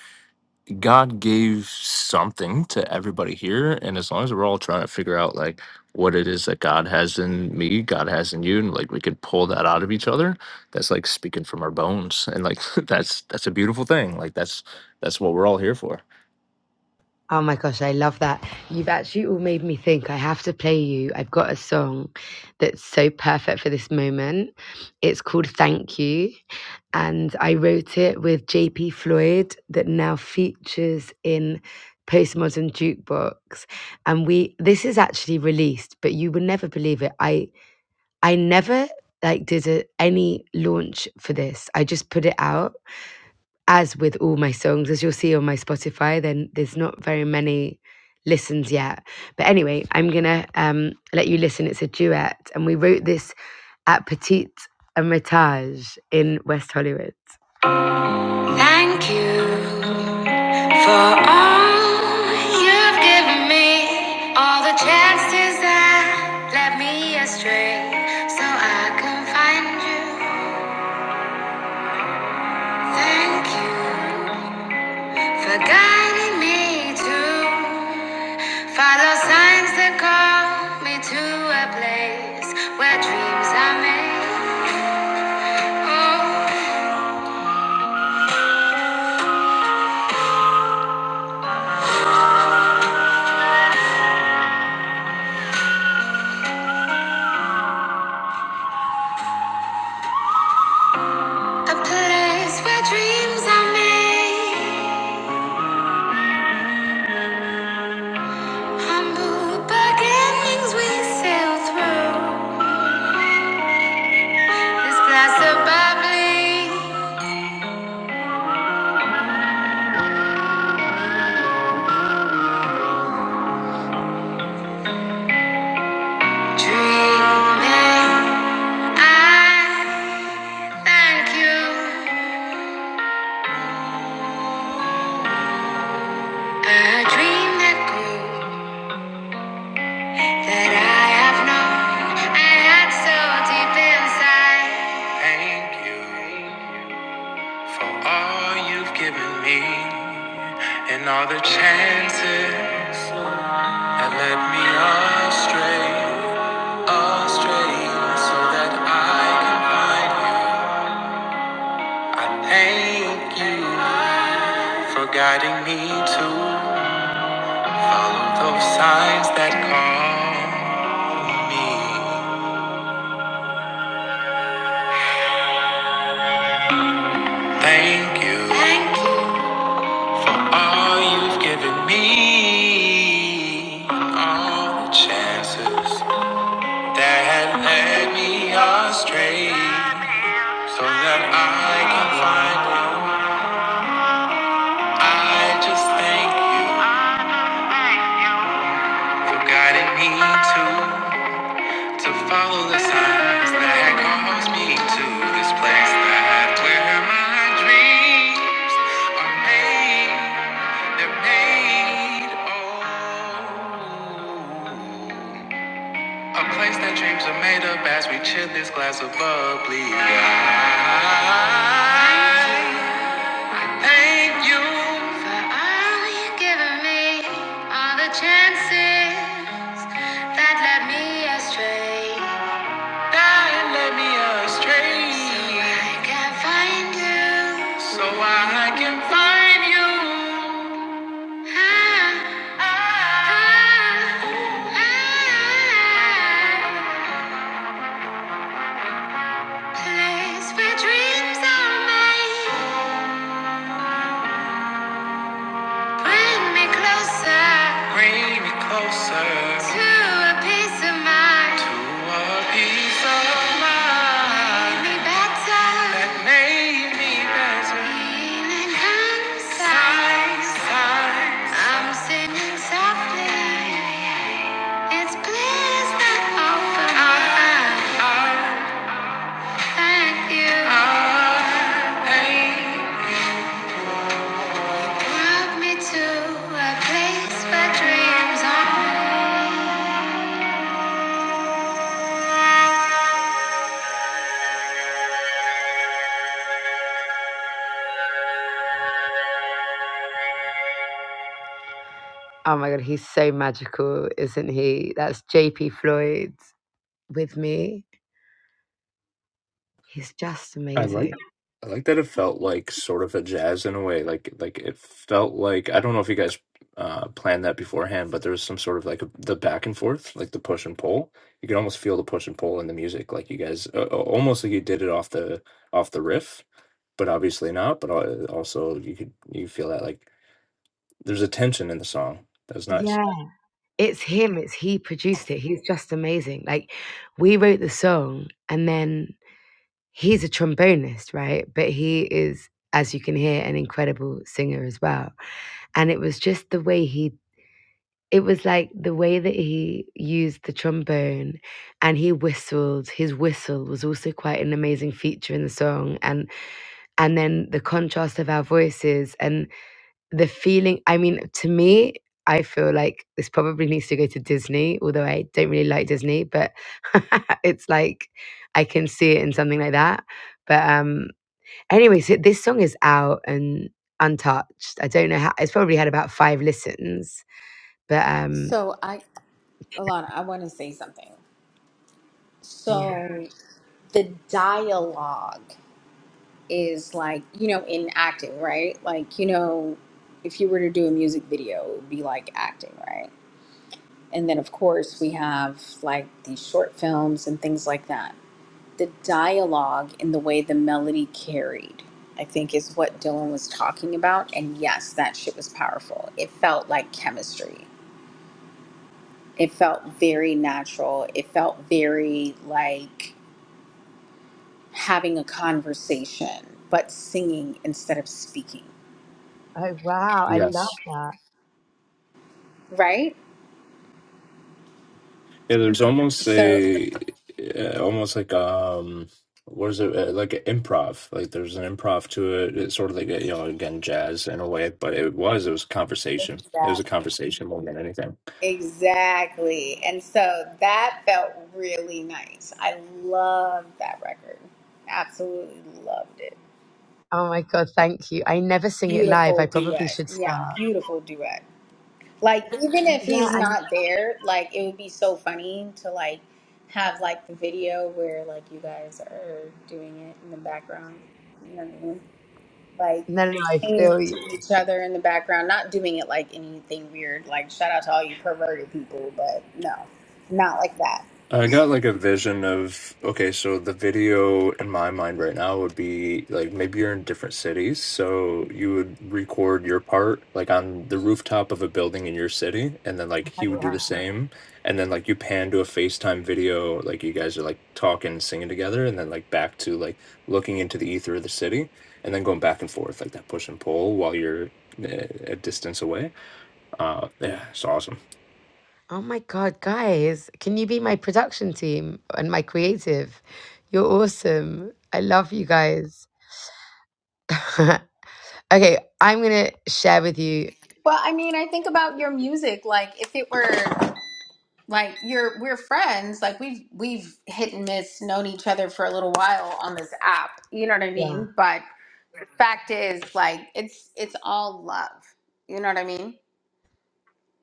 D: God gave something to everybody here. And as long as we're all trying to figure out like what it is that God has in me, God has in you, and like we could pull that out of each other, that's like speaking from our bones. And like that's that's a beautiful thing. Like that's that's what we're all here for.
A: Oh my gosh, I love that. You've actually all made me think I have to play you. I've got a song that's so perfect for this moment. It's called Thank You. And I wrote it with JP Floyd, that now features in Postmodern Jukebox. And we this is actually released, but you would never believe it. I I never like did a, any launch for this. I just put it out as with all my songs, as you'll see on my Spotify, then there's not very many listens yet. But anyway, I'm gonna um, let you listen. It's a duet, and we wrote this at Petite Hermitage in West Hollywood. Thank you for all you've given me, all the chances that led me astray, so I can find you. Thank you. For guiding me to follow signs that call me to a place where dreams are made. Oh, a place where dreams are made. Humble beginnings we sail through. This glass of bubbly dreaming. I thank you. A dream that grew. that I have known I had so deep inside. Thank you for all you've given me and all the chances that led me astray, astray, so that I can find you. I thank you for guiding me to follow those signs that call me. Thank you. Thank you. For All you've given me, all the chances that had led me astray, so that I can find you. I just thank you for guiding me to to follow the signs that had caused me to this place that where my dreams are made, they're made. Oh. A place that dreams are made of as we chill this glass of bubbly. I I thank you for all you've given me, all the chances that led me astray and let me astray. So I can find you. So I can find you. Ah, ah, ah, ah. Place where dreams are made. Bring me closer. Bring me closer. To a peace of mind. To a peace of mind. Make me better. That made me better. Healing comes. Signs, signs. I'm singing softly. It's bliss that opens my eyes. Thank you. I ain't Oh my god, he's so magical, isn't he? That's JP Floyd with me. He's just
D: I
A: amazing.
D: like I like that it felt like sort of a jazz in a way. Like like it felt like I don't know if you guys uh planned that beforehand, but there was some sort of like a, the back and forth, like the push and pull. You could almost feel the push and pull in the music. Like you guys uh, almost like you did it off the off the riff, but obviously not, but al- also you could you feel that like there's a tension in the song. That was nice.
A: Yeah. It's him, it's he produced it. He's just amazing. Like we wrote the song and then he's a trombonist, right? But he is as you can hear an incredible singer as well. And it was just the way he It was like the way that he used the trombone and he whistled. His whistle was also quite an amazing feature in the song and and then the contrast of our voices and the feeling I mean to me I feel like this probably needs to go to Disney, although I don't really like Disney, but it's like I can see it in something like that. But um anyway, so this song is out and untouched. I don't know how it's probably had about 5 listens, but um
F: So I, Alana, I want to say something. So the dialogue is like you know in acting right like you know if you were to do a music video it would be like acting right and then of course we have like these short films and things like that the dialogue and the way the melody carried i think is what dylan was talking about and yes that shit was powerful it felt like chemistry it felt very natural it felt very like having a conversation, but singing instead of speaking,
A: Oh wow, I
D: Yes.
A: love that.
F: right?
D: Yeah, there's almost
F: So
D: a uh, almost like um what is it uh, like an improv like there's an improv to it it's sort of like a, you know again jazz in a way but it was it was conversation it was
F: that
D: a conversation more than anything
F: exactly. And so that felt really nice. I loved that record. Absolutely loved it.
A: Oh my god, thank you. I never sing it live. I
F: Beautiful
A: probably
F: duet.
A: should
F: Yeah,
A: start.
F: beautiful duet. Like even if
A: Yeah,
F: he's
A: and
F: not there, like it would be so funny to like have like the video where like you guys are doing it in the background. You know what I mean? like
A: no, no, I
F: singing
A: feel you.
F: to each other in the background, not doing it like anything weird. Like shout out to all you perverted people, but no, not like that.
D: I got like a vision of okay, so the video in my mind right now would be like maybe you're in different cities, so you would record your part like on the rooftop of a building in your city, and then like he would do the same, and then like you pan to a FaceTime video, like you guys are like talking, singing together, and then like back to like looking into the ether of the city, and then going back and forth like that push and pull while you're uh, a distance away. Uh, yeah, it's awesome.
A: Oh my god, guys, can you be my production team and my creative? You're awesome. I love you guys. okay, I'm gonna share with you.
F: Well, I mean, I think about your music. Like if it were like you're we're friends, like we've we've hit and miss known each other for a little while on this app. You know what I
A: Yeah.
F: mean? But fact is, like it's it's all love. You know what I mean?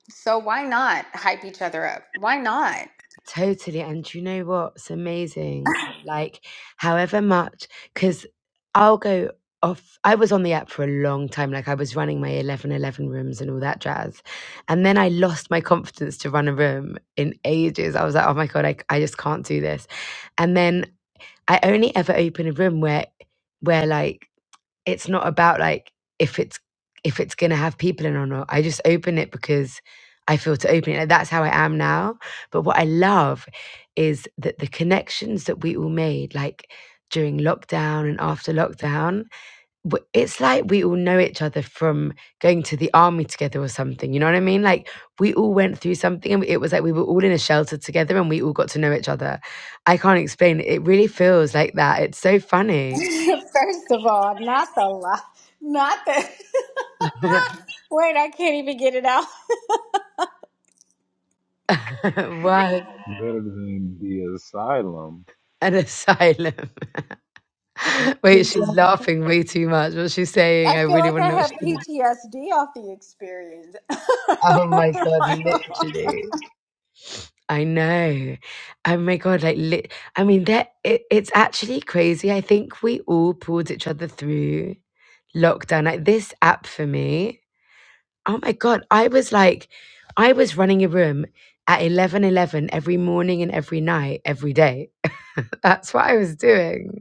F: So why not hype each other up? Why not?
A: Totally, and do you know what's amazing? Like, however much, because I'll go off. I was on the app for a long time. Like, I was running my eleven eleven rooms and all that jazz. And then I lost my confidence to run a room in ages. I was like, oh my God, I, I just can't do this. And then I only ever open a room where, where like, it's not about like if it's if it's gonna have people in or not. I just open it because I feel to open it. Like that's how I am now. But what I love is that the connections that we all made, like during lockdown and after lockdown, w- it's like we all know each other from going to the army together or something. You know what I mean? Like we all went through something, and it was like we were all in a shelter together, and we all got to know each other. I can't explain. It It really feels like that. It's so funny.
F: First of all, not the love, not the. Wait, I can't even get it out.
A: wow.
B: the
A: An asylum. Wait, she's laughing way too much. What's she saying?
F: I
A: I
F: feel
A: really
F: like
A: want to
F: I
A: know what
F: have
A: she's saying.
F: PTSD off the experience.
A: Oh my god, literally. I know. Oh my god, like lit. I mean, that it, it's actually crazy. I think we all pulled each other through lockdown. Like this app for me. Oh my god, I was like, I was running a room at eleven eleven every morning and every night, every day. That's what I was doing.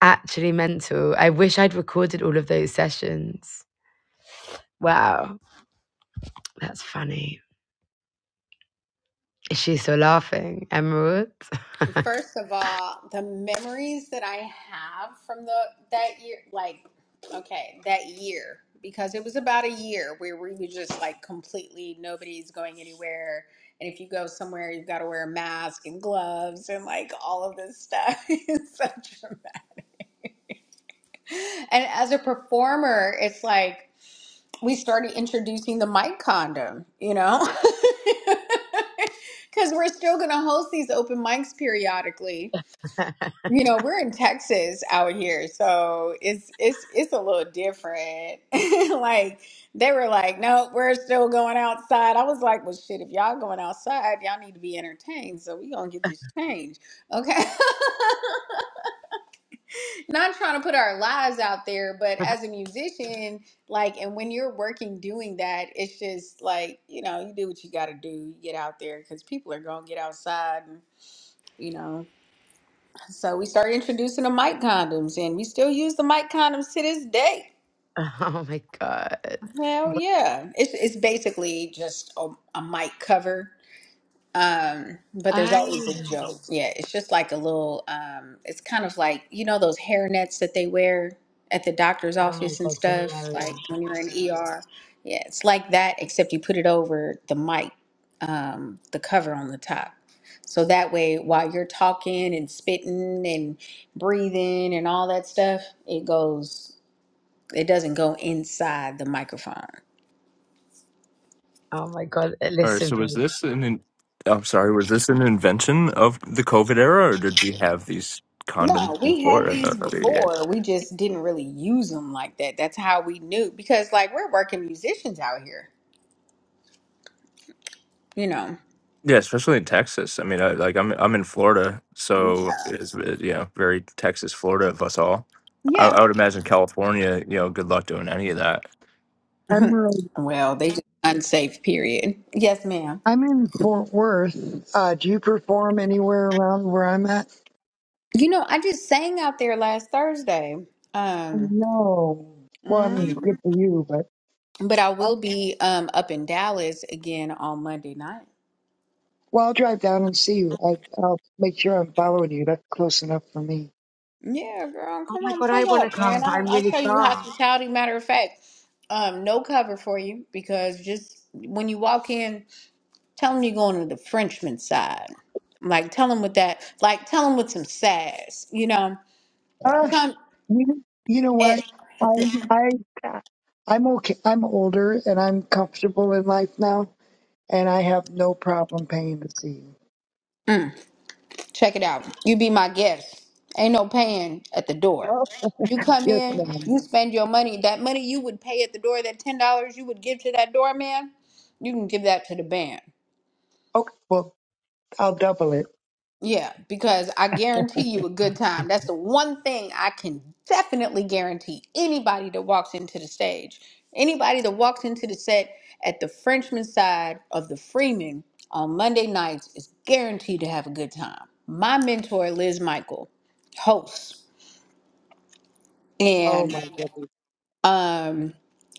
A: Actually mental. I wish I'd recorded all of those sessions. Wow, that's funny. Is she still laughing, Emerald?
F: First of all, the memories that I have from the that year, like okay, that year because it was about a year where we were just like completely nobody's going anywhere, and if you go somewhere, you've got to wear a mask and gloves and like all of this stuff. it's so dramatic. And as a performer, it's like. we started introducing the mic condom, you know? Because we're still going to host these open mics periodically. You know, we're in Texas out here, so it's it's it's a little different. Like they know we're still going outside. I was like, well, shit, if y'all going outside, y'all need to be entertained. So we gonna get this change, okay? not trying to put our lives out there, but as a musician, like, and when you're working doing that, it's just like, you know, you do what you got to do. You get out there because people are going to get outside and, you know. So we started introducing the mic condoms and we still use the mic condoms to this day.
A: oh my god.
F: Hell yeah. It's, it's basically just a, a mic cover Um, but there's
A: Oh,
F: always a joke. Yeah, it's just like a little, um, it's kind of like, you know, those hairnets that they wear at the doctor's
A: oh my
F: office and
A: god,
F: stuff, like
A: hilarious.
F: when you're in ER. Yeah, it's like that, except you put it over the mic, um, the cover on the top. So that way, while you're talking and spitting and breathing and all that stuff, it goes, it doesn't go inside the microphone.
A: Oh my god,
D: All right.
A: listen,
D: So was
A: babe.
D: this an? In- I'm sorry. Was this an invention of the COVID era, or did we have these condoms
F: No, we
D: before?
F: had
D: it? Uh,
F: these
D: Yeah.
F: before. We just didn't really use them like that. That's how we knew because like we're working musicians out here, you know.
D: Yeah, especially in Texas. I mean, I, like I'm I'm in Florida, so it's uh, you know very Texas, Florida of us all. I,
F: Yeah.
D: I would imagine California. You know, good luck doing any of that.
E: Emerald,
F: Well, they just unsafe period. Yes, ma'am.
E: I'm in Fort Worth. Uh, do you perform anywhere around where I'm at?
F: You know, I just sang out there last Thursday. Um
E: No. Well, I mean,
F: mhm.
E: good for you, but.
F: but I
E: Uh,
F: will be um up in Dallas again on Monday night.
E: Well, I'll drive down and see you. I, I'll make sure I'm following you. That's close enough for me.
F: Yeah, girl,
A: Oh
F: come
A: my
F: on,
A: god, I
F: pull
A: want to
F: up,
A: come,
F: man.
A: but
F: I
A: I'm
F: I
A: really
F: show you
A: far.
F: hospitality. Matter of fact, um, no cover for you because just when you walk in Tell them you're going to the Frenchman side. Like, tell them with that, like, tell them with some sass, you know?
E: Uh,
F: Tell 'em-
E: you, you know
F: eh,
E: what? I, I, I'm okay. I'm older and I'm comfortable in life now, and I have no problem paying to see you.
F: check it out. You be my guest. Ain't no paying at the door.
E: Oh,
F: You come
E: yes,
F: in,
E: ma'am.
F: you spend your money. That money you would pay at the door, that $10 you would give to that doorman, you can give that to the band.
E: Okay, well, I'll double it.
F: Yeah, because I guarantee you a good time. That's the one thing I can definitely guarantee anybody that walks into the stage, anybody that walks into the set at the Frenchman side of the Freeman on Monday nights is guaranteed to have a good time. My mentor, Liz Michael, hosts.
E: Oh
F: and.
E: my goodness.
F: Um,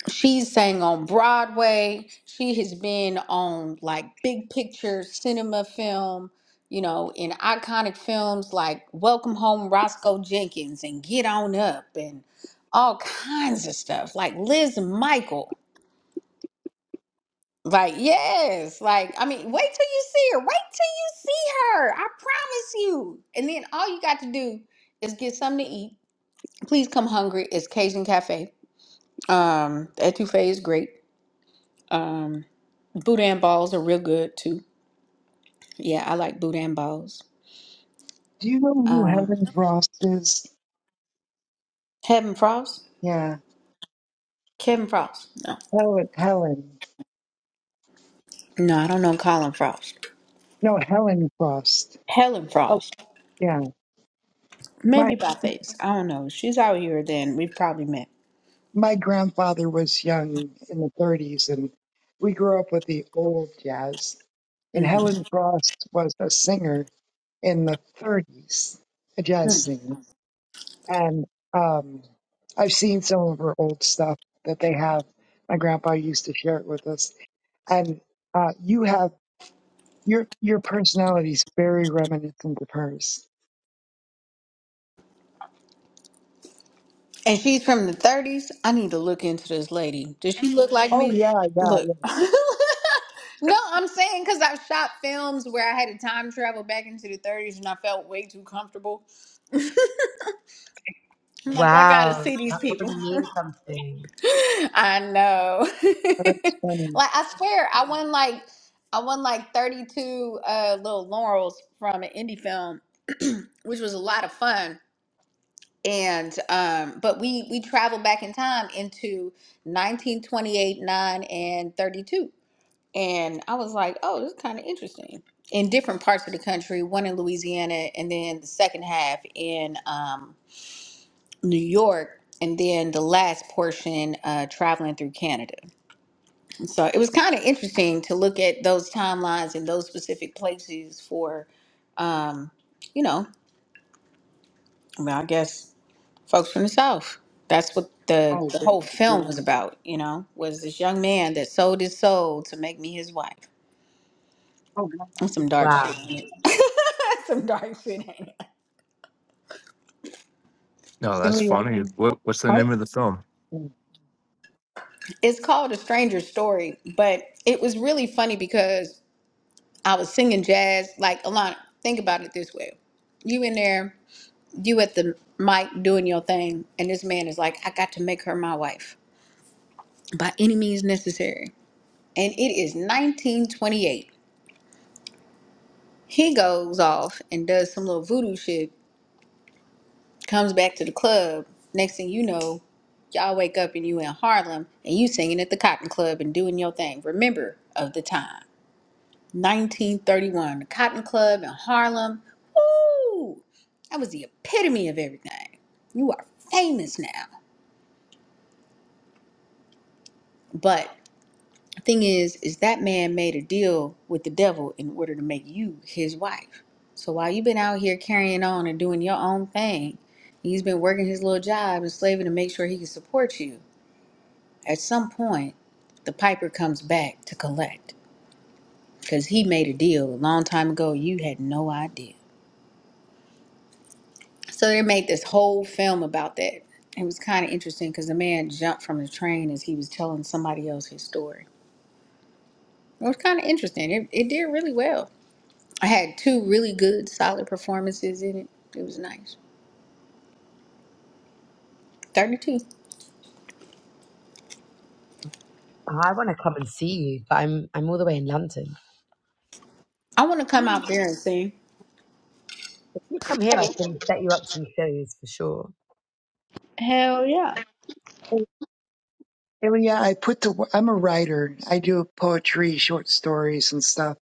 F: she's sang on Broadway. She has been on like big picture cinema film, you know, in iconic films like Welcome Home Roscoe Jenkins and Get On Up and all kinds of stuff. Like Liz Michael. Like, yes, like, I mean, wait till you see her. Wait till you see her. I promise you. And then all you got to do is get something to eat. Please come hungry. It's Cajun Cafe. Um, Etouffee is great. Um, Boudin balls are real good too. Yeah, I like boudin balls.
E: Do you know who
F: Um,
E: Helen Frost is?
F: Kevin Frost?
E: Yeah,
F: Kevin Frost. No.
E: Helen. Helen.
F: No, I don't know Colin Frost.
E: No, Helen Frost.
F: Helen
E: Oh,
F: Frost.
E: yeah.
F: Maybe by face. I don't know. She's out here then. We've probably met.
E: my grandfather was young in the 30s, and we grew up with the old jazz. And
F: hmm
E: Helen Frost was a singer in the 30s, a jazz singer. And um, I've seen some of her old stuff that they have. My grandpa used to share it with us. And uh, you have your your personality is very reminiscent of hers.
F: And she's from the 30s. I need to look into this lady. Does she look like
E: Oh
F: me?
E: yeah, yeah,
F: Look.
E: yeah.
F: no, I'm saying because I've shot films where I had to time travel back into the 30s and I felt way too comfortable. I'm like, I
A: Wow,
F: gotta see these
A: that
F: people.
A: probably means something.
F: I know.
E: That's funny.
F: like I swear, I won like I won like 32 uh, little laurels from an indie film, which was a lot of fun. And um, but we we traveled back in time into 1928, 9, and 32. And I was like, oh, this is kind of interesting. In different parts of the country, one in Louisiana, and then the second half in um, New York, and then the last portion uh, traveling through Canada. So it was kind of interesting to look at those timelines and those specific places for, you know, I, mean, I guess folks from the South. That's what the,
E: Oh,
F: the whole
E: goodness,
F: film
E: yeah.
F: was about, you know, was this young man that sold his soul to make me his wife.
E: Oh, God.
F: That's some dark
A: Wow,
F: shit, ain't it? That's some dark shit, ain't it?
D: No, that's
E: Billy,
D: funny. What what's the name of the film?
F: It's called A Stranger's Story, but it was really funny because I was singing jazz. Like, Alana, think about it this way. You in there, you at the mic doing your thing, and this man is like, I got to make her my wife. by any means necessary. And it is 1928. He goes off and does some little voodoo shit, comes back to the club. Next thing you know, y'all wake up and you in Harlem and you singing at the Cotton Club and doing your thing. Remember of the time. 1931, the Cotton Club in Harlem. Woo! That was the epitome of everything. You are famous now. but. Thing is, is that man made a deal with the devil in order to make you his wife. So while you've been out here carrying on and doing your own thing, he's been working his little job and slaving to make sure he can support you. At some point, the piper comes back to collect because he made a deal a long time ago. You had no idea. So they made this whole film about that. It was kind of interesting because the man jumped from the train as he was telling somebody else his story. It was kind of interesting. It, it did really well I had two really good, solid performances in it. It was nice. 32.
A: Oh, I want to come and see you, but I'm I'm all the way in London.
F: I want to come out there and sing.
A: If you come here, I can set you up some shows for sure.
E: I, Oh, yeah, I put to, I'm a writer. I do poetry, short stories and stuff,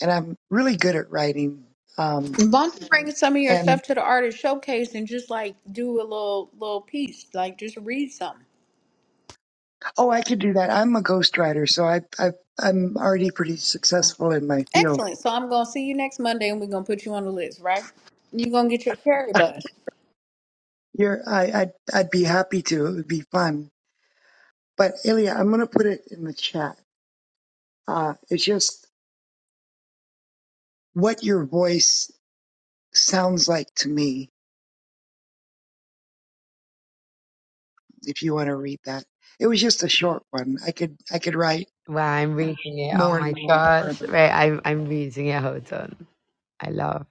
E: and I'm really good at writing. Um,
F: Why don't you bring some of your
E: and
F: stuff to the artist showcase and just like do a little little piece, like just read something.
E: oh, I could do that. I'm a ghostwriter, so I, I, I'm already pretty successful in my field.
F: Excellent. So I'm gonna see you next Monday, and we're gonna put you on the list, right? You're gonna get your carry bus.
E: You're, I, I'd, I'd be happy to. It would be fun. But Ilya, I'm going to put it in the chat. Uh, it's just what your voice sounds like to me. If you want to read that, it was just a short one. I could, I could write
A: Wow, I'm reading it. Oh
E: more and
A: my
E: more and
A: gosh.
E: more.
A: Right, I'm I'm reading it. Hold on. I love.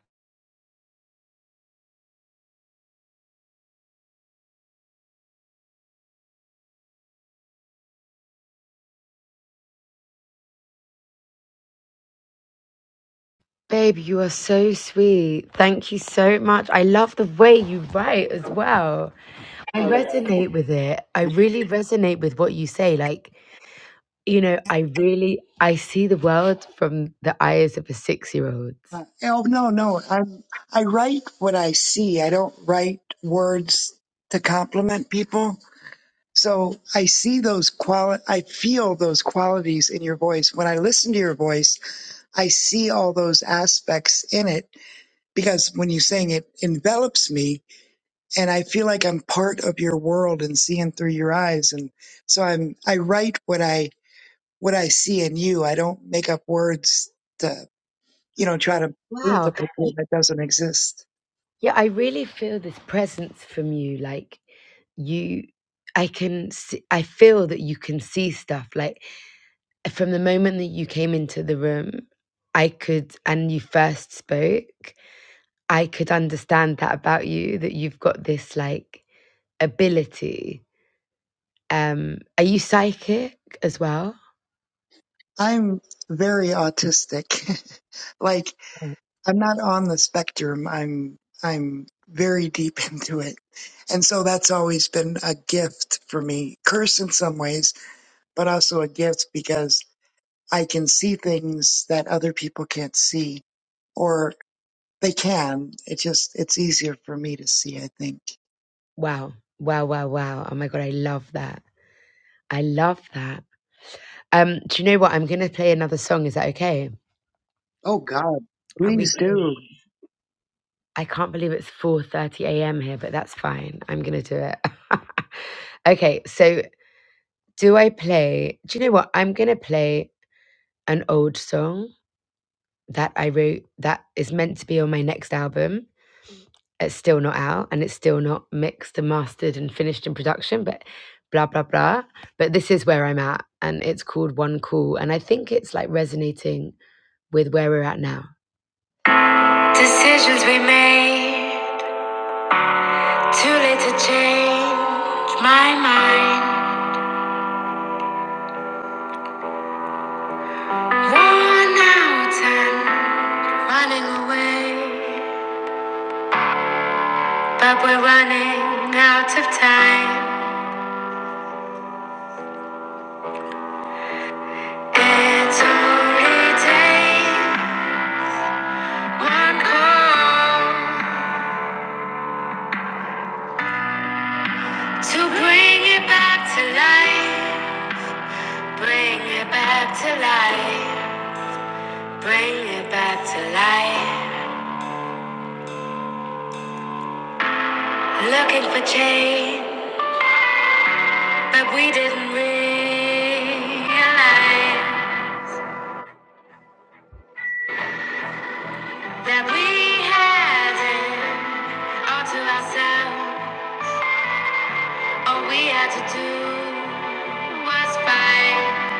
A: Babe, you are so sweet. Thank you so much. I love the way you write as well. I resonate with it. I really resonate with what you say. Like, you know, I really I see the world from the eyes of a six year old.
E: Uh, oh no, no. I'm I write what I see. I don't write words to compliment people. So I see those quali I feel those qualities in your voice. When I listen to your voice, I see all those aspects in it because when you sing it envelops me and I feel like I'm part of your world and seeing through your eyes and so I'm I write what I what I see in you. I don't make up words to you know try to paint
A: Wow.
E: a picture that doesn't exist.
A: Yeah, I really feel this presence from you. Like you, I can, see, I feel that you can see stuff. Like from the moment that you came into the room, I could, and you first spoke, I could understand that about you, that you've got this like ability. Um, are you psychic as well?
E: I'm very autistic. like I'm not on the spectrum. I'm I'm very deep into it. And so that's always been a gift for me. Curse in some ways, but also a gift because I can see things that other people can't see or they can. It just it's easier for me to see, I think.
A: Wow. Wow, wow, wow. Oh my God, I love that. I love that. Um, do you know what? I'm going to play another song. Is that okay?
E: Oh god,
A: Uh, we
E: please do.
A: I can't believe it's 4:30 a.m. here, but that's fine. I'm going to do it. okay, so do I play Do you know what? I'm going to play an old song that I wrote that is meant to be on my next album. It's still not out and it's still not mixed and mastered and finished in production, but blah blah blah. But this is where I'm at and it's called One Call and I think it's like resonating with where we're at now. Decisions we made Too late to change my mind. Worn out and running away. But we're running out of time. It only takes one call to bring it back to life. Bring it back to life. Bring it back to life. Looking for change, but we didn't realize. that we had it all to ourselves. All we had to do was fight.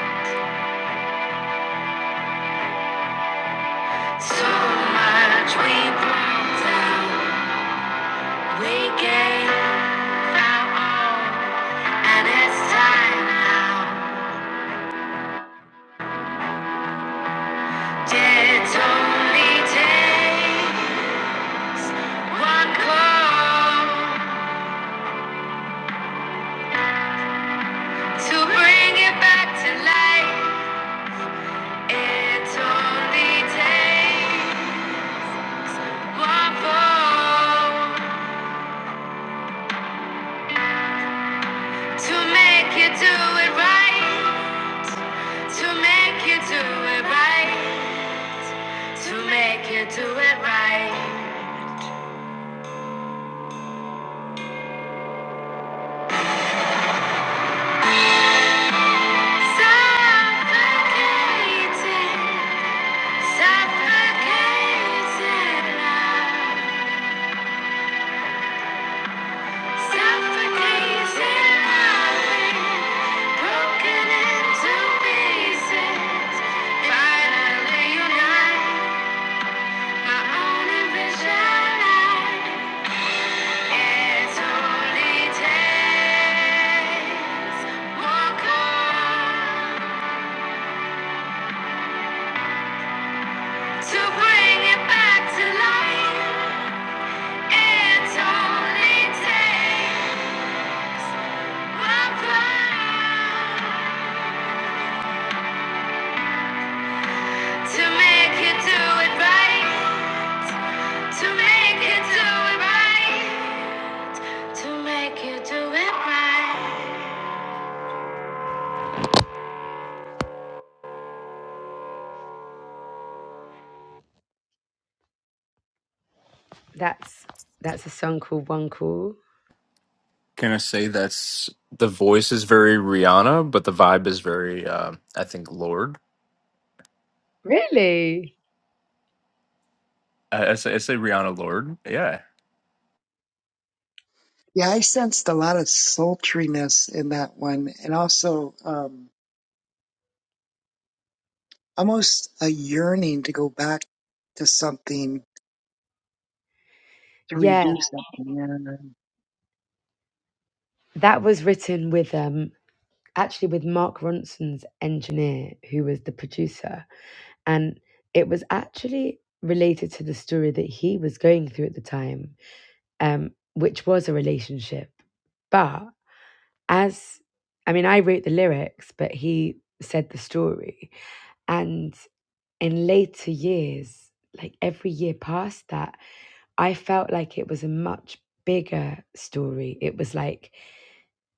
A: So much we pulled down. We gave our all, and it's time now. It only takes one call to bring it back to life. It only takes one fall. To make you do it right. To make you do it right. To make you do it right. Suffocating, suffocating love. Suffocating loving. Broken into pieces. Finally unite. My own envision. It only takes one call to bring it back to life. It only takes one call to make it do it right. To make it do it right. To make it do it right. That's that's a song called One Call.
D: Can I say that's the voice is very Rihanna, but the vibe is very, uh, I think, Lord.
A: Really?
D: I, I, say, I say Rihanna Lord. Yeah.
E: Yeah, I sensed a lot of sultriness in that one and also um almost a yearning to go back to something to
A: Yeah.
E: redo something and
A: That was written with um actually with Mark Ronson's engineer, who was the producer, and it was actually related to the story that he was going through at the time, um, which was a relationship. But as I mean, I wrote the lyrics, but he said the story. And in later years, like every year past that, I felt like it was a much bigger story. It was like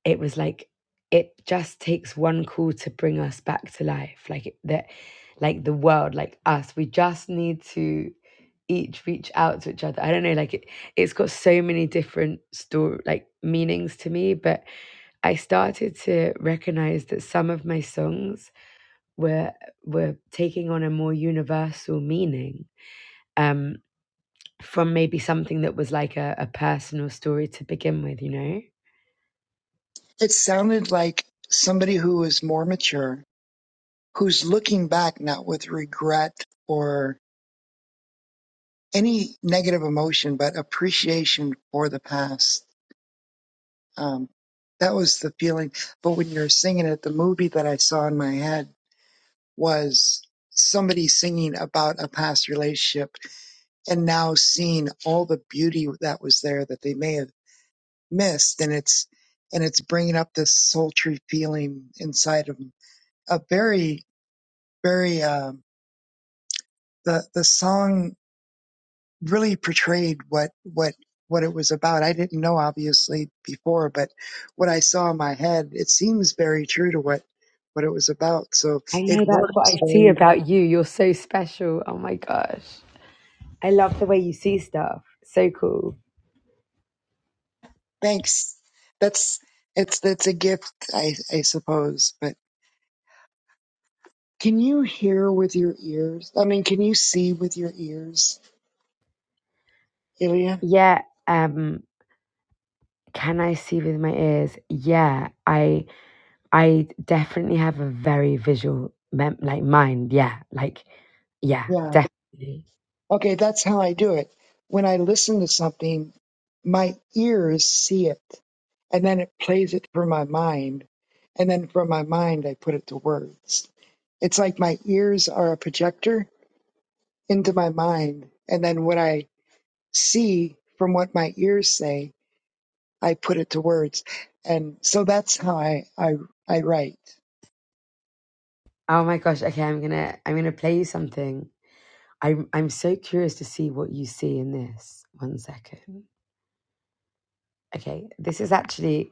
A: it was like it just takes one call to bring us back to life like it- that like the world like us we just need to each reach out to each other i don't know like it it's got so many different story like meanings to me but i started to recognize that some of my songs were were taking on a more universal meaning um from maybe something that was like a, a personal story to begin with you know
E: it sounded like somebody who is more mature who's looking back not with regret or any negative emotion but appreciation for the past um, that was the feeling but when you're singing it the movie that i saw in my head was somebody singing about a past relationship and now seeing all the beauty that was there that they may have mist and it's and it's bringing up this sultry feeling inside of him a very very um the the song really portrayed what what what it was about i didn't know obviously before but what i saw in my head it seems very true to what what it was about so
A: I
E: it
A: know that's what
E: works
A: I see
E: Um,
A: about you. You're so special. Oh my gosh. I love the way you see stuff. So cool.
E: thanks that's it's that's a gift i i suppose but can you hear with your ears i mean can you see with your ears Ilya?
A: Yeah, um can I see with my ears? Yeah, I I definitely have a very visual mem- like mind. Yeah, like yeah,
E: Yeah.
A: definitely.
E: Okay, that's how I do it. When I listen to something, my ears see it, and then it plays it for my mind, and then from my mind, I put it to words. It's like my ears are a projector into my mind, and then what I see from what my ears say, I put it to words. And so that's how I, I, I write.
A: Oh my gosh. Okay, I'm going to I'm going to play you something. I'm I'm so curious to see what you see in this. One second. Okay, this is actually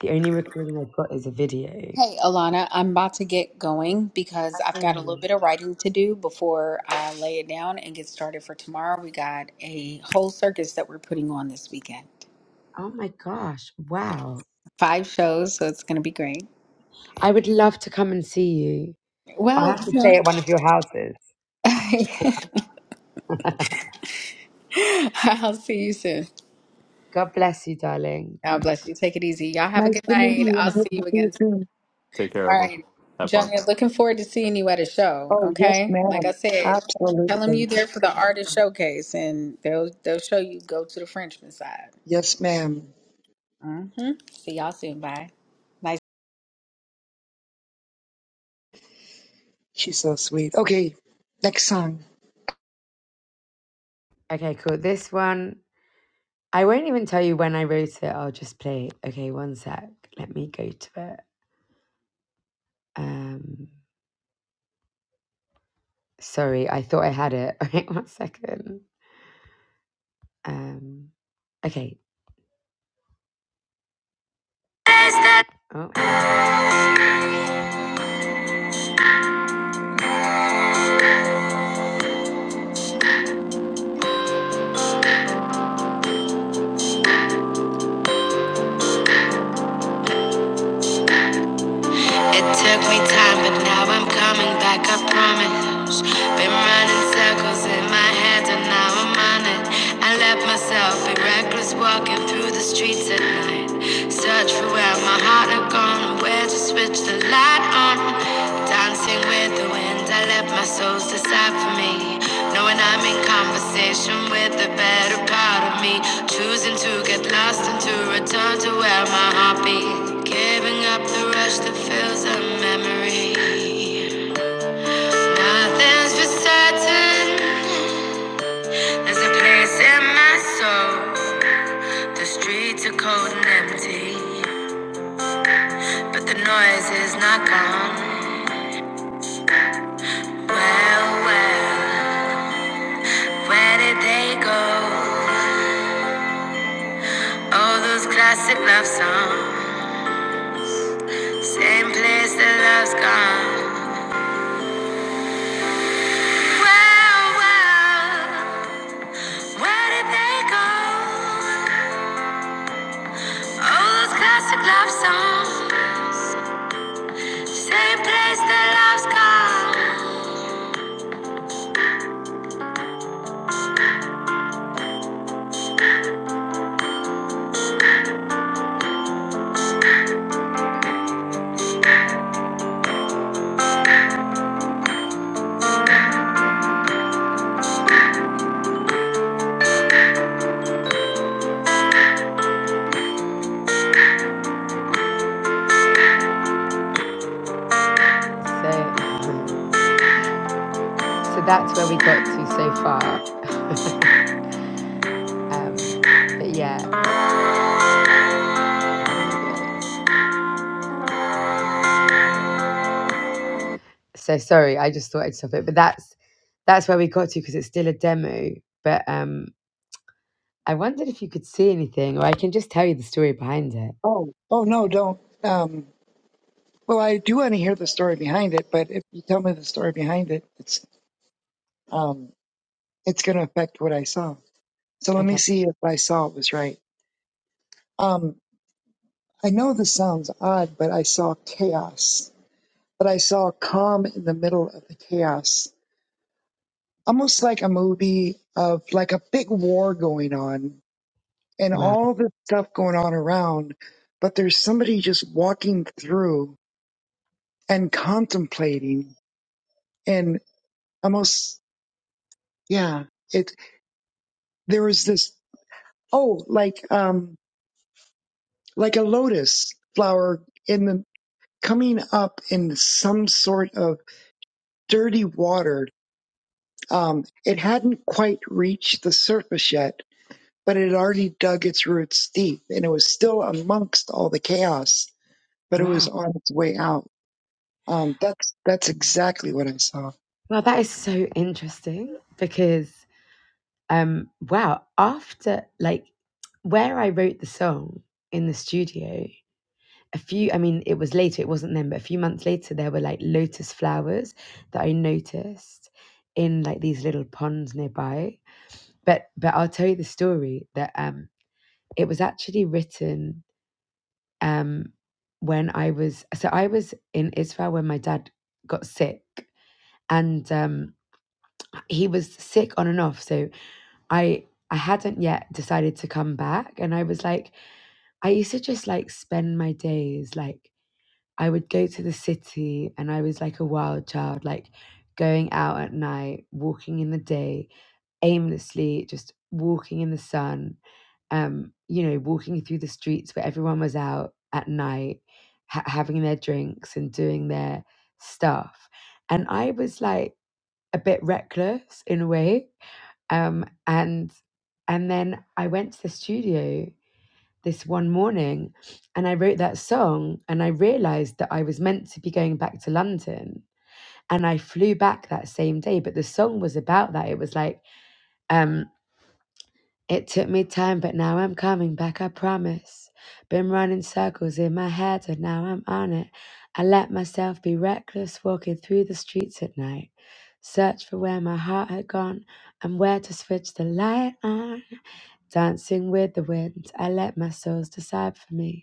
A: the only recording I've got is a video.
F: Hey, Alana, I'm about to get going because I've
A: Oh
F: got a
A: my
F: little bit of writing to do before I lay it down and get started for tomorrow. We got a whole circus that we're putting on this weekend.
A: Oh my gosh. Wow.
F: five shows, so it's going to be great.
A: I would love to come and see you. I'll
F: Well,
A: have to stay at one of your houses.
F: you know, I'll see you soon.
A: God bless you, darling.
F: God bless you. Take it easy. Y'all have a
E: Nice
F: good
E: to meet
F: night.
E: you. I
F: I'll
E: hope
F: see you
E: to see you
F: again.
E: soon.
D: Take care,
F: All
D: bro.
F: right.
D: Have fun.
F: Junior, looking forward to seeing you at a show.
E: Oh, yes,
F: Okay. Like I
E: ma'am.
F: said, tell them you
E: Absolutely.
F: there for the artist showcase and they'll they'll show you go to the Frenchman side.
E: Yes, ma'am.
F: Mm-hmm. See y'all soon. Bye. Nice.
E: She's so sweet. Okay, next song.
A: Okay, cool. This one, I won't even tell you when I wrote it. I'll just play it. Okay, one sec. Let me go to it. Um, sorry, I thought I had it. Wait, one second. Um, okay. Oh. It took me time, but now I'm coming back, I promise. Been running circles in my head, and now I'm on it. I let myself be reckless, walking through the streets at night. Search for where my heart had gone, and where to switch the light on. Dancing with the wind, I let my souls decide for me. Knowing I'm in conversation with the better part of me. Choosing to get lost and to return to where my heart beats. Giving up the rush that fills a memory. Nothing's for certain. There's a place in my soul. The streets are cold and empty, but the noise is not gone. Well, well, where did they go? All those classic love songs, same place the love's gone. Well, well, where did they go? All those classic love songs, same place the love's gone. So, um, so that's where we got to so far. um, but yeah, so sorry, I just thought I'd stop it. But that's that's where we got to because it's still a demo. But um, I wondered if you could see anything, or I can just tell you the story behind it.
E: Oh, oh no, don't. Um, well, I do want to hear the story behind it, but if you tell me the story behind it, it's um, it's going to affect what I saw. So let me
A: Okay.
E: see if I saw it was right. Um, I know this sounds odd, but I saw chaos. But I saw calm in the middle of the chaos, almost like a movie of like a big war going on and
A: Wow.
E: all this stuff going on around. But there's somebody just walking through and contemplating and almost yeah it there was this oh like um like a lotus flower in the coming up in some sort of dirty water um it hadn't quite reached the surface yet but it had already dug its roots deep and it was still amongst all the chaos but it was
A: Wow.
E: on its way out um that's that's exactly what i saw
A: Well, that is so interesting because, um, wow, after like where I wrote the song in the studio, a few i mean it was later it wasn't then but a few months later there were like lotus flowers that i noticed in like these little ponds nearby but but i'll tell you the story that um it was actually written um when i was so i was in israel when my dad got sick and um he was sick on and off so i i hadn't yet decided to come back and i was like i used to just like spend my days like I would go to the city and I was like a wild child, like going out at night, walking in the day, aimlessly just walking in the sun, um, you know, walking through the streets where everyone was out at night, ha- having their drinks and doing their stuff. And I was like a bit reckless in a way. Um, and and then I went to the studio this one morning and I wrote that song and I realized that I was meant to be going back to London and I flew back that same day but the song was about that it was like um it took me time but now I'm coming back I promise been running circles in my head and now I'm on it I let myself be reckless walking through the streets at night search for where my heart had gone and where to switch the light on dancing with the wind I let my souls decide for me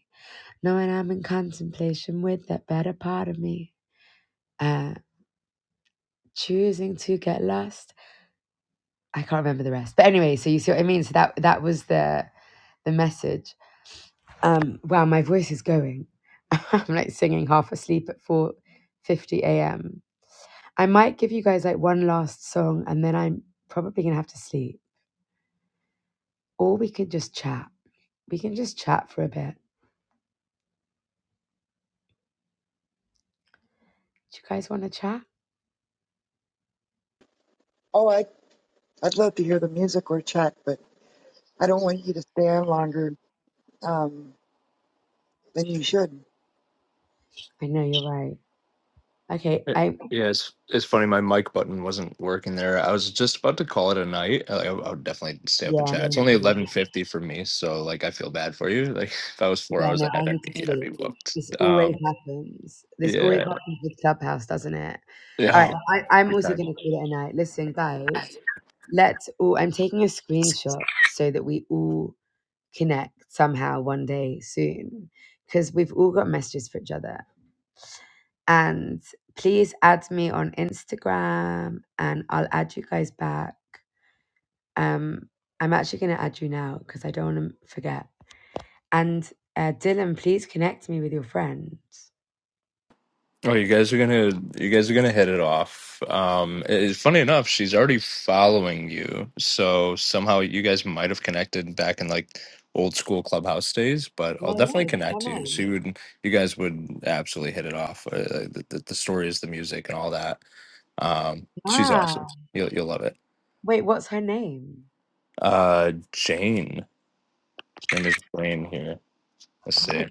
A: knowing I'm in contemplation with that better part of me, uh, choosing to get lost. I can't remember the rest, but anyway, so you see what I mean. So that that was the the message. Um, wow, my voice is going. I'm like singing half asleep at four fifty a.m. I might give you guys like one last song, and then I'm probably gonna have to sleep, or we could just chat. We can just chat for a bit. Do you guys want to chat?
E: oh i i'd love to hear the music or chat but I don't want you to stay on longer um, than you should.
A: I know you're right. Okay,
D: Yeah,
A: I
D: yeah, it's it's funny. My mic button wasn't working there. I was just about to call it a night. I, I would definitely stay up and
A: yeah,
D: chat. It's
A: me
D: only
A: too.
D: eleven fifty for me, so like I feel bad for you. Like if I was four
A: Yeah,
D: hours
A: no, I
D: ahead, I'd
A: need to
D: be I'd be
A: sleep.
D: whooped.
A: This always
D: Um,
A: happens. This always
D: yeah,
A: happens with Clubhouse, doesn't it?
D: yeah,
A: All right,
D: oh, God,
A: I, I'm
D: every
A: also going to
D: time.
A: call it a night. Listen, guys, let's all, I'm taking a screenshot so that we all connect somehow one day soon because we've all got messages for each other. And please add me on Instagram and I'll add you guys back. Um, I'm actually going to add you now because I don't want to forget. And uh, Dylan, please connect me with your friends.
D: Oh, you guys are gonna you guys are gonna hit it off. Um, it's funny enough, she's already following you, so somehow you guys might have connected back in like old school clubhouse days. But I'll
A: No,
D: definitely
A: no, what's her
D: connect you. So
A: name?
D: you would you guys would absolutely hit it off. Uh, uh, the, the, the stories, the music, and all that. Um, she's awesome.
A: Ah,
D: You'll you'll love it.
A: wait, what's her name?
D: Uh, Jane, her name is Jane here. Let's
A: Oh my
D: see.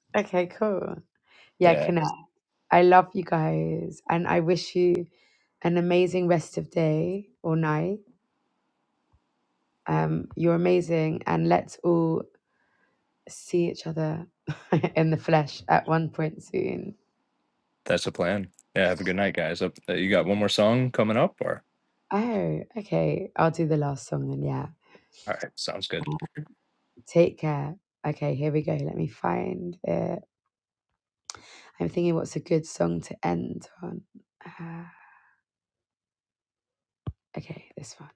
A: god. Okay, cool. Yeah,
D: Yeah,
A: connect. I love you guys, and I wish you an amazing rest of day or night. Um, you're amazing, and let's all see each other in the flesh at one point soon.
D: that's the plan. Yeah, have a good night, guys. Up, uh, you got one more song coming up, or
A: Oh, okay. I'll do the last song then. Yeah.
D: all right, sounds good.
A: Take care. Okay, here we go. Let me find it. I'm thinking what's a good song to end on. Uh, okay, this one.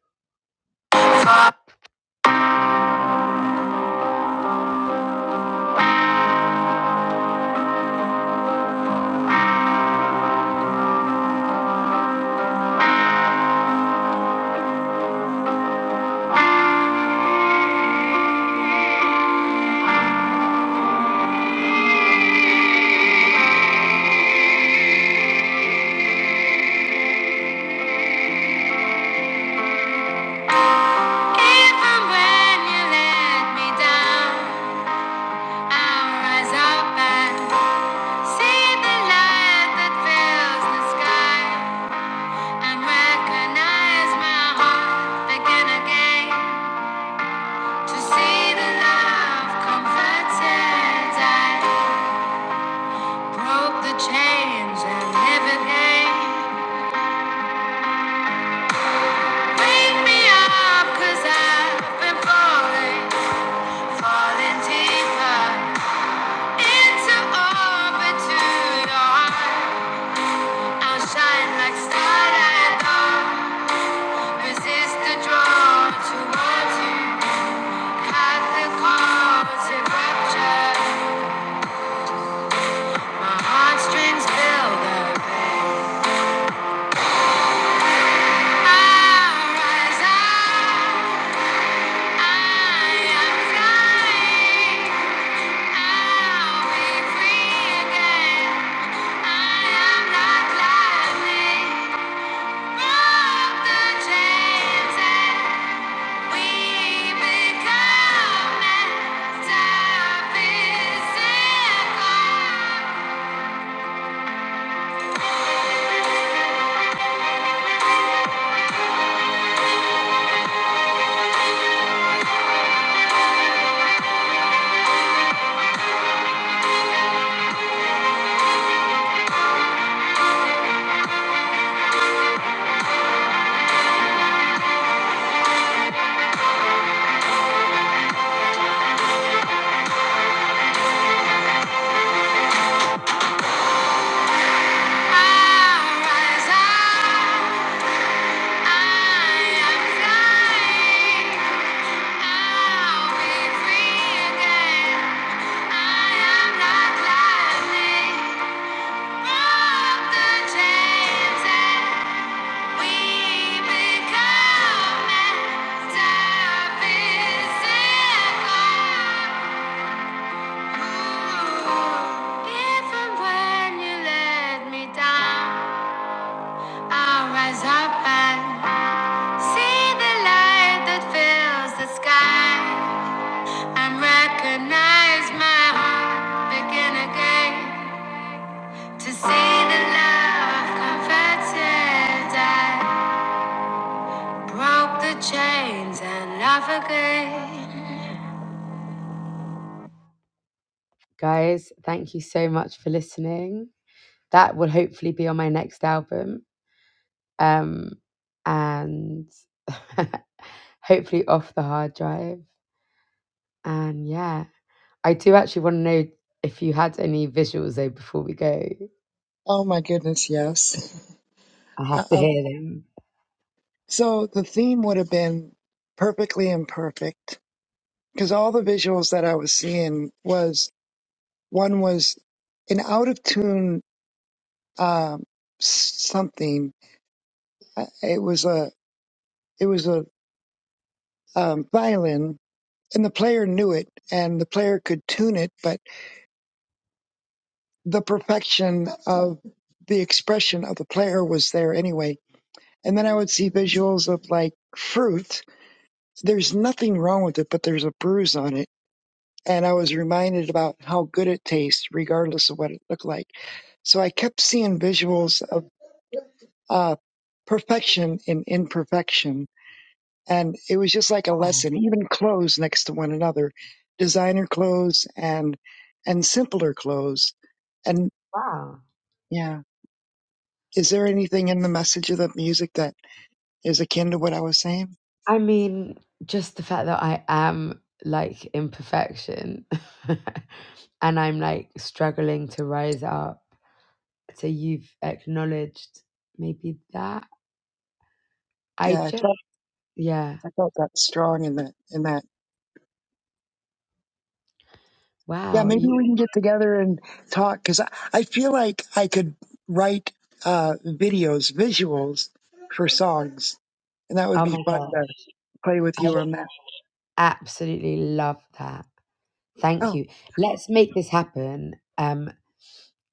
A: Even when you let me down, I'll rise up and see the light that fills the sky and recognize my heart begin again to see the love comforted. I broke the chains and live again. Wake me up, i I've been falling, falling deeper into orbit to your heart. I'll shine like starlight, though. Resist the draw towards you. Cut the cords, it ruptured. My heartstrings feel the pain. I rise up, I am flying. I am not lying. Recognize my heart begin again to see the love converted. I Broke the chains and love again. Guys, thank you so much for listening. That will hopefully be on my next album. Um, and hopefully off the hard drive. And yeah, I do actually want to know if you had any visuals though before we go.
E: Oh my goodness, yes.
A: I have to
E: Uh,
A: hear them.
E: so the theme would have been perfectly imperfect because all the visuals that I was seeing was one was an out of tune um, s- something. Uh, It was a it was a um, violin, and the player knew it, and the player could tune it, but the perfection of the expression of the player was there anyway And then I would see visuals of like fruit. There's nothing wrong with it, but there's a bruise on it. And I was reminded about how good it tastes, regardless of what it looked like. So I kept seeing visuals of uh, perfection in imperfection. And it was just like a
A: Oh,
E: lesson, even clothes next to one another, designer clothes and, and simpler clothes. And
A: Wow.
E: yeah, is there anything in the message of the music that is akin to what I was saying?
A: I mean, just the fact that I am like imperfection and I'm like struggling to rise up. So you've acknowledged maybe that. I
E: Yeah, I
A: just,
E: felt
A: yeah,
E: I felt that strong in that in that. Yeah,
A: wow.
E: maybe
A: You,
E: we can get together and talk because I, I feel like I could write uh, videos, visuals for songs, and that would
A: oh
E: be
A: my
E: fun
A: God.
E: to play with
A: I
E: you
A: would
E: on that.
A: absolutely love that. Thank
E: Oh,
A: you. Let's make this happen. Um,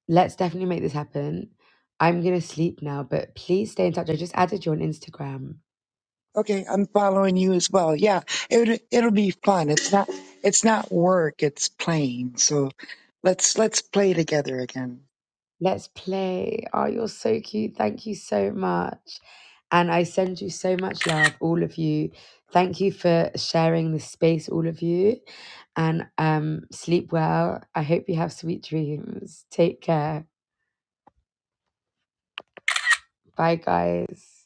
A: let's definitely make this happen. I'm going to sleep now, but please stay in touch. I just added you on Instagram.
E: okay, I'm following you as well. Yeah, it would- it'll be fun. It's not it's not work. It's playing. So let's let's play together again.
A: Let's play. Oh, you're so cute. Thank you so much. And I send you so much love, all of you. Thank you for sharing this space, all of you. And um, sleep well. I hope you have sweet dreams. Take care. Bye, guys.